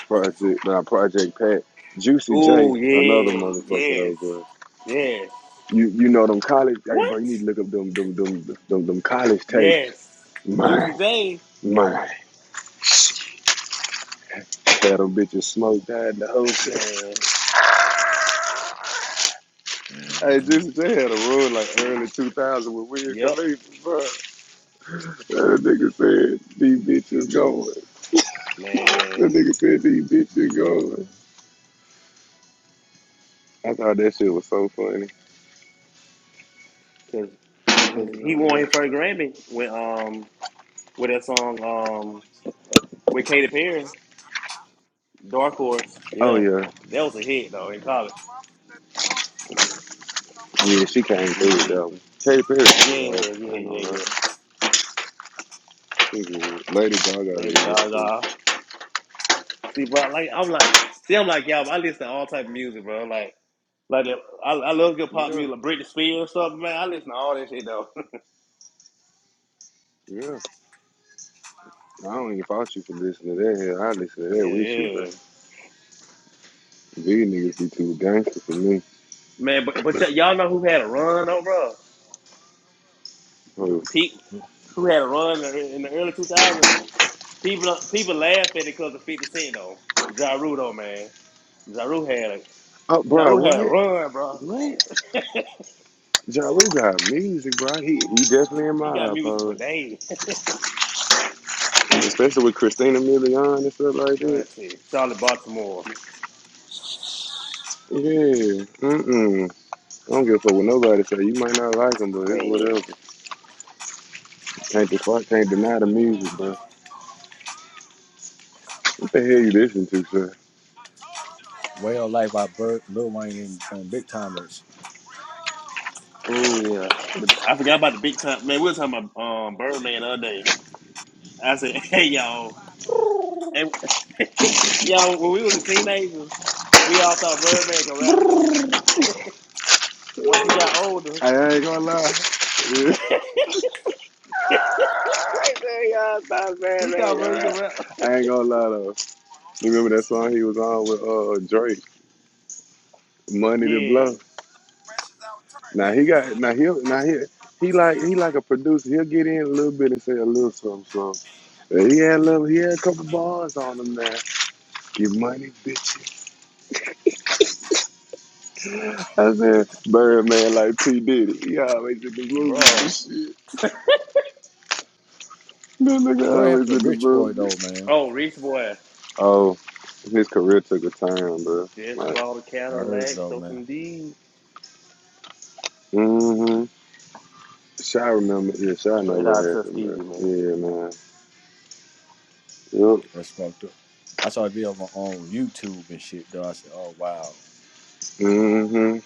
project, nah, Project Pat. Juicy
Oh
J, another
yeah,
motherfucker though,
yes,
bro.
yes.
You you know them college, hey,
What?
bro, you need to look up them them them them, them college tapes.
Yes.
Man,
Juicy J,
man. Had them bitches smoked out in the hotel. <laughs>
man.
Hey,
mm-hmm,
just they had a rule like early 2000 with Wiz
Yup,
Khalifa, bro. That nigga said these bitches going. That
man.
nigga said these bitches going.
mm-hmm.
I thought that shit was so funny.
Cause,
<laughs> I
cause
ain't gonna
he won
lie.
his first Grammy with um with that song um with Katy Perry, Dark Horse.
Oh
Yeah,
yeah,
that was a hit though in college.
yeah, she came through with
Yeah,
that one. Katy Perry, yeah,
yeah,
I
yeah,
ain't gonna
yeah,
lie,
yeah.
she good. Lady
Lady
Gaga is too.
Gaga. See, bro, like I'm like, see, I'm like, y'all. I listen to all type of music, bro. Like. Like that, I, I love good pop
Yeah,
music, like Britney Spears or something, man. I listen to all that shit though. <laughs>
yeah. I don't even fault you for listening to that. Hell, I listen to that
yeah,
with you, bro.
yeah,
These niggas be too gangster for me.
man. But but y- y'all know who had a run though, bro?
Oh,
People who had a run in the in the early 2000s? People people laugh at it because of 50 Cent though. Ja Rule though, man. Ja Rule had a
oh,
ja
bro,
Rule had a
what?
run, bro.
What? Ja Rule got music, bro. He he definitely in
He got
my
music for
iPod,
days. <laughs>
especially with Christina Milian and stuff like that.
Ashanti, Charlotte, Baltimore,
Yeah, mm-mm. I don't give a fuck what nobody say. You might not like him, but it's
man.
whatever. Can't deny, can't deny the music, bro. What the hell you listen to, sir?
way of life by Bert, Lil Wayne, and, and Big Timers.
Oh yeah, The- I forgot about the big time man. We were talking about um Birdman the other day. I said, <laughs> hey y'all. And <laughs> yeah, when we was a teenager, we all thought Birdman could rap, bro. Once we got older,
I ain't gonna lie. <laughs>
<laughs> we thought bro, you could
Yeah,
rap. <laughs>
I ain't gonna lie though. You remember that song he was on with uh Drake, "Money to
yeah,
Blow"? Now he got now he now he he like he like a producer. He'll get in a little bit and say a little something. So he had a little he had a couple bars on him now. Get money, bitches. I said Birdman like P Diddy. He always in the
bro.
movies and shit. That nigga
Where happened
always
to
in the
Rich Boy
movies.
though, man?
Oh, Rich Boy
Oh, his career took a turn, bro.
just
Like,
bought a
I heard
Cadillac.
though,
Throw
man.
some D
mm-hmm. Shy remember, yeah, Shy know
straight
what
out of
happened, bro.
Tuskegee, man.
Yeah, man. Yup.
That's fucked up. I saw a video of on YouTube and shit though. I said, "Oh wow,
Mm-hmm.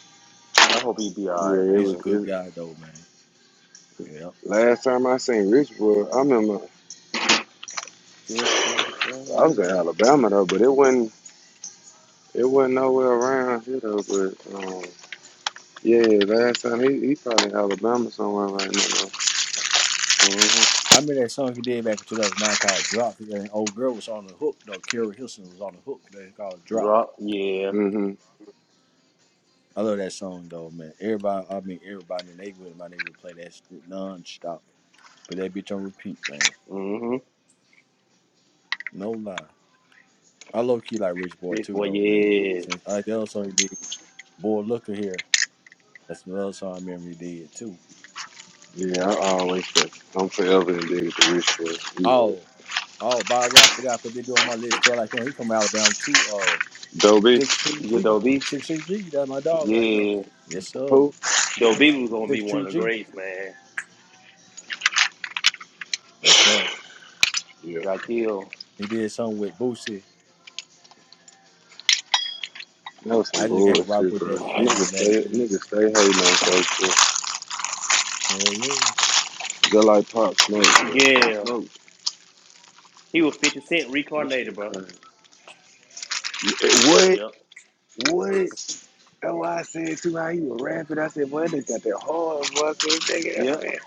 I hope he be all right,
Yeah, it
he's a
man.
was.
good
It,
guy though, man." Yeah.
last time I seen Rich Boy, I remember.
Just bought a
I was
Cadillac.
in Alabama though, but it wasn't it wasn't nowhere around here though. But um, yeah, yeah, last time he he probably in Alabama somewhere right now.
Mm-hmm.
I mean that song he did back in 2009 called "Drop." And old girl was on the hook though. Carrie Hilson was on the hook. They called "Drop."
Drop, yeah.
Though. hmm
I love that song though, man. Everybody, I mean everybody in the neighborhood, in my neighborhood play that shit nonstop. But that bitch on repeat, man.
Mm-hmm.
No lie. I low key like Rich Boy
Rich
too
Boy,
though, man.
yes.
Since I like the other song he did, "Boy Looker Here." That's another song I remember he did too.
Yeah, I always say I'm forever indebted to this shit. He like
Oh, oh, by the way, I forgot to put this dude on my list too. I like him. He from Alabama too. Oh,
Dobie,
Six Tree
You
G,
Dobie?
Six Tree G. That's my dog right there.
Yeah.
Yes sir,
who?
Dobie was gonna be
Six
one
Tree
of the
G.
greats, man.
Yes sir.
Yeah,
Got killed.
He did something with Boosie.
that was some
I just can't rock
bullshit,
with
bro.
that damn
Niggas
that
stay
dude.
niggas stay hating on folks. Bro.
Hell yeah.
Just like Pop Smoke, bro. Pop
Yeah.
Smoke,
He was 50 Cent
that
reincarnated,
shit
bro.
crazy. Yeah, What?
Yep.
What? That's why I said too how you were rapping. I said, boy, they got that hard voice. This nigga,
Yep.
man.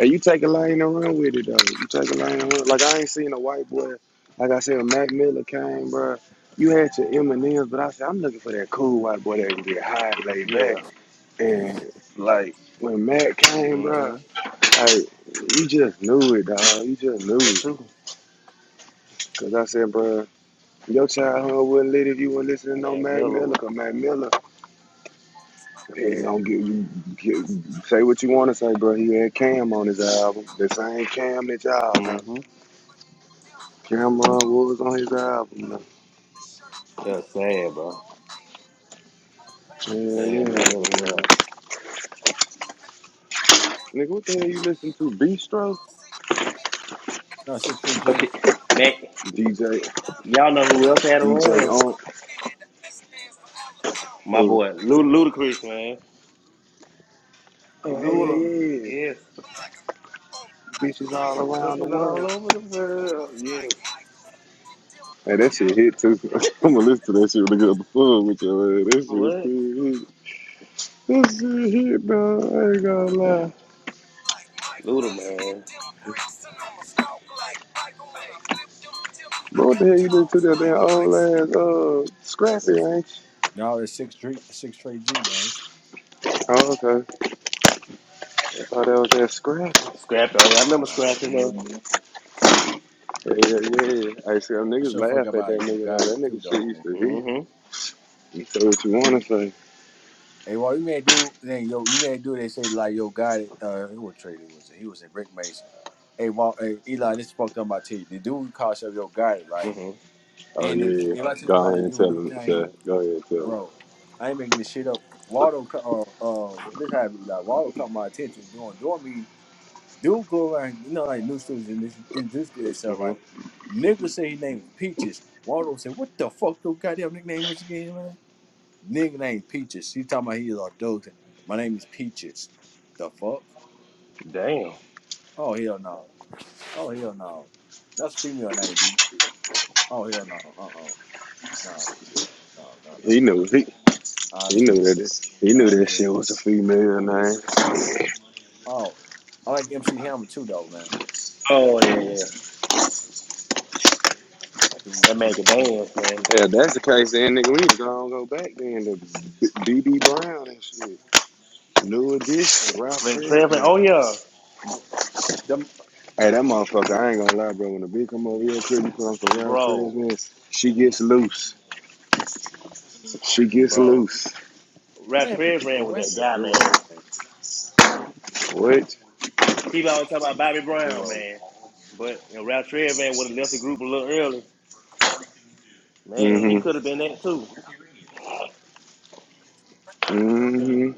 And you take a line and run with it though. You take a line and run. Like I ain't seen a white boy. Like I said, when Mac Miller came, bro. You had your M and Ms, but I said I'm looking for that cool white boy that can get high, and laid
Yeah.
back, and like when Mac came, bro,
Mm-hmm.
like you just knew it, dog. You just knew
That's
it.
true.
Cause I said, bro, your childhood wouldn't lit if you weren't listening to no
Man,
Mac
Miller
Miller.
was.
Cause Mac Miller Hey, don't get you get, say what you want to say, bro. He had Cam on his album. The same Cam that y'all know.
Mm-hmm.
Cameron was on his album. Now.
That's sad, bro.
Yeah, yeah,
Man, man, Miller
man.
was right.
Nigga, what the hell you listen to? Bistro?
No, Six Tree G.
But you, man,
DJ,
y'all know who else had a run?
DJ Unk,
My
who?
boy, Lud- Ludacris, man.
Oh, hell
Oh
Luda.
yeah.
yeah.
Yes.
Bitches all around the
Pimping all
world.
over the world. Yes.
Hey, that shit hit too. <laughs> I'm gonna listen to that shit when I get up the phone with your ass. That shit
What?
still hit. That shit hit, dog. I ain't gonna lie.
Luda, man.
But what the hell you listen to that damn old ass, uh, Scrappy,
That's
ain't you?
No, it's Six Tree Six Tree G man.
Oh, okay. I thought that was that scrap.
Scrappy. Oh, yeah. I remember
Nah,
Scrappy
Yeah,
now.
yeah, yeah. I see them
I
niggas
sure forgot
laugh at
about
that
you.
nigga
Got
though.
it
That
too
nigga shit
though man.
used to hit.
Mm-hmm.
You say what you wanna say.
Hey, well, you may do then yo, you may do. They say like yo, guy, uh, who was traded was it? He was a brick mason. Hey, Walt, hey, Eli, this fucked up my teeth. The dude called himself yo, guy, right?
Mm-hmm.
Oh
And it,
yeah. yeah.
if I tell you
Go
about the
ahead and
dude,
tell
his
him,
name,
Shaq. Go ahead and tell him.
bro, I ain't making this shit up. Waldo, cu- uh, uh, well, this happened. Like Waldo caught my attention during dorm meeting. Dude go around, you know, like new students introduce introduce to themselves,
Mm-hmm.
right? Nigga say his name was Peaches. Waldo said, "What the fuck your goddamn nickname was again, man?" Nigga named Peaches. He talking about he's orthodox. My name is Peaches. The fuck?
Damn.
Oh hell no. Oh hell no. That's female name, dude. Oh hell no. Uh uh No. No no no
He
no
knew
no.
he
I
he knew that
smoke.
it, he knew
I
that
drink.
shit was a female name.
Oh, I like MC Hammer too though, man.
Oh yeah, yeah.
Too
That man could
legit. Too
dance,
legit to
man.
quit.
Yeah, if that's the case then nigga. We need to go back then to BB Brown and shit. New
Yeah.
edition, Ralph
Red Fred Oh
Tresvant.
yeah, the
Hey, that motherfucker, I ain't gonna lie, bro. When the bitch come over here, you put on some Ralph
bro,
Tresvant, she gets loose. She gets
bro.
loose.
Red
What happened?
Fred
To, oh,
with
what
that
happened to
guy, man.
Duro, man?
What?
People always talk about Bobby Brown,
Duro.
man. But you know, Red Fred would have left the group a little early, man.
Uh,
He
hmm
could have been that too.
hmm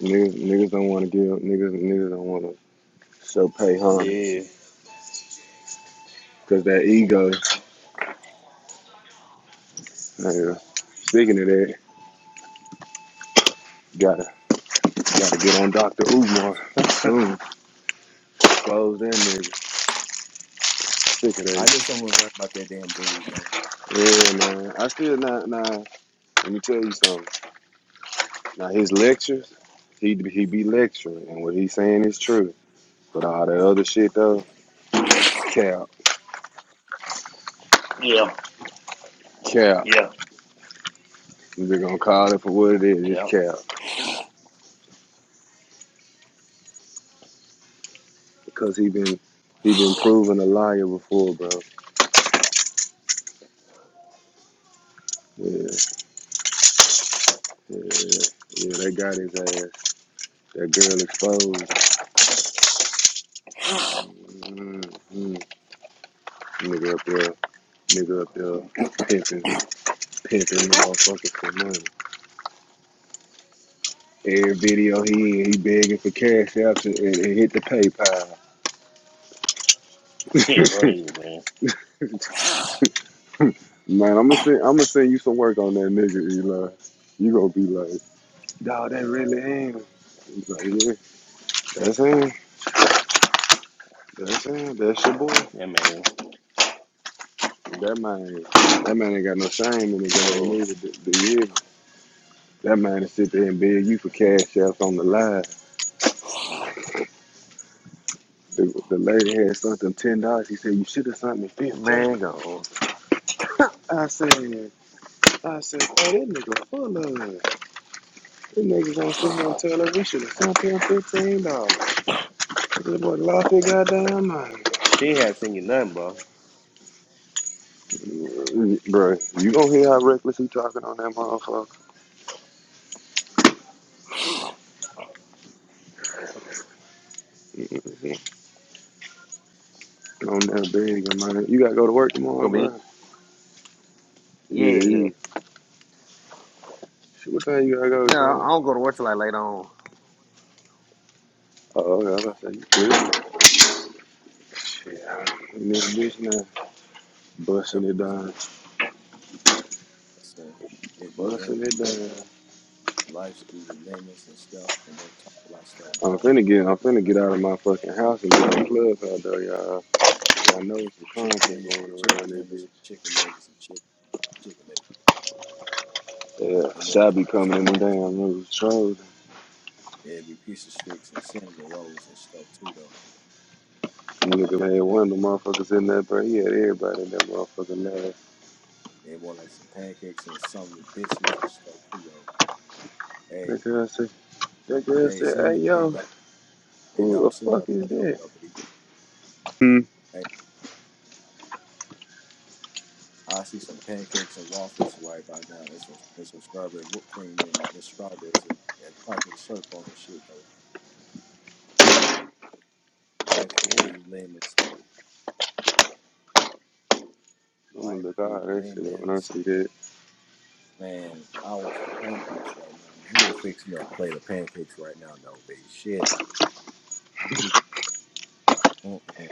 Niggas, niggas don't want to give. Niggas, niggas don't want to show pay homage
Yeah,
because that ego. Nigga, speaking of that, gotta gotta get on Dr. Umar soon.
man.
Close that nigga. Sick of
I knew
that.
someone was right about that damn dude, man.
Yeah, man. I still not. Nah. Let me tell you something. Now his lectures, he he be lecturing, and what he's saying is true. But all that other shit though, cap,
yeah,
cap.
yeah,
we are gonna call it for what it is. It's
yeah.
cap. because he been he been proven a liar before, bro. Yeah, yeah, yeah. Yeah, They got his ass. That girl exposed. Mm-hmm. Nigga up there, nigga up there, pimping, pimping motherfuckers for money. Every video he in, he begging for cash out and, and hit the PayPal.
Shit crazy, man.
<laughs> Man, I'm gonna send I'm gonna send you some work on that nigga, Eli. You gonna be like, dawg, that really him. He's like, yeah, that's him. That's him. That's your boy.
Yeah, man.
That man, that man ain't got no shame in the game
No,
either. The, the year, that man is sit there and beg you for cash outs on the live. The, the lady had something ten dollars. He said you should have something fifteen.
man, go.
I said, I said, oh that nigga full of it. That nigga's gonna sit here and tell her we should have sent him fifteen dollars. That boy lost his goddamn mind.
She ain't had seen you nothing, bro.
Bruh, you gonna hear how reckless he talking on that motherfucker? Mm-hmm. On that big man. You gotta go to work
Who
tomorrow,
me?
bruh. Yeah,
Yeah, yeah.
you. What time you gotta go,
No,
son?
I don't go to work till like later on.
Oh, yeah, I said, you good? Shit, this bitch now, busting it
Peppermints.
down,
That's uh, you get your
busting
lemons
it
and
down.
stuff. Life screw you lemons and stuff, and don't talk about stuff no
I'm
more.
finna get, I'm
We
finna
Like
get out of my fucking house and get to the club out there, y'all. I know
with
some
chicken
content
wings and
going
chicken
around this
tenders,
bitch.
and chicken nuggets and chicken chicken nuggets,
Yeah,
and more like
Shabby
pizza
coming in the damn
sticks.
room, trolling.
It'd be pizza sticks and cinnamon rolls and stuff too, though.
Nigga had one of the motherfuckers in there, bro. He had everybody in that motherfucking last.
And more like some pancakes and some biscuits and stuff too, though. Hey,
That girl said, that girl
hey,
said,
send me,
hey
hey,
yo,
dog, hey,
who the
dog, send me a
fuck is
plate over
that?
there, B. Hey, I see some pancakes and waffles right by now, and some and some strawberry whipped cream and, and strawberries and, and chocolate syrup on and shit, though. Life give you lemons, though.
I'm gonna
Life
look
give you
all that shit up when I
lemons.
see that.
Man, I want some pancakes right now. Who will fix me a plate of pancakes right now, though, baby? Shit. Mm-mm,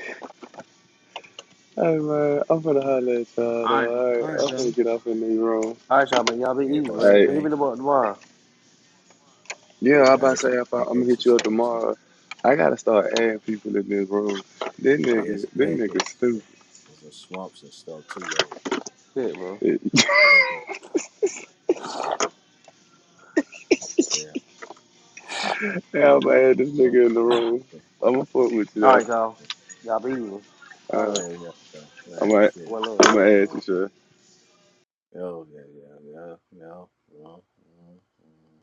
Hey man, I'm finna holler at y'all
All right, y'all.
though. Alright,
all right,
I'm
y'all.
y'all.
finna get off in this room.
All right, y'all, man. Y'all be
Here
easy,
goes some
man.
Alright,
Hit me
pancakes.
tomorrow. tomorrow.
yeah, I'm
I
about to
ate some
say if I, I'm gonna
pancakes
hit
and
you up
stuff, too.
tomorrow. I gotta start adding people in this room. This
Yeah,
nigga,
some
this nigga
pancakes.
stupid.
There's some swamps and stuff, too, though.
Shit, bro.
Oh, yeah. Yeah.
Yeah, I'm gonna add this
Oh,
nigga in the
man.
room. I'm gonna fuck with you
All
though.
right, y'all.
Yeah,
Y'all be even. All right,
Uh,
man.
yeah, yeah, though.
I'm
Man,
gonna,
shit.
Well, up.
I'm gonna add you,
Oh,
sure.
yeah, yeah, yeah, yeah. yeah. Mm, mm, mm.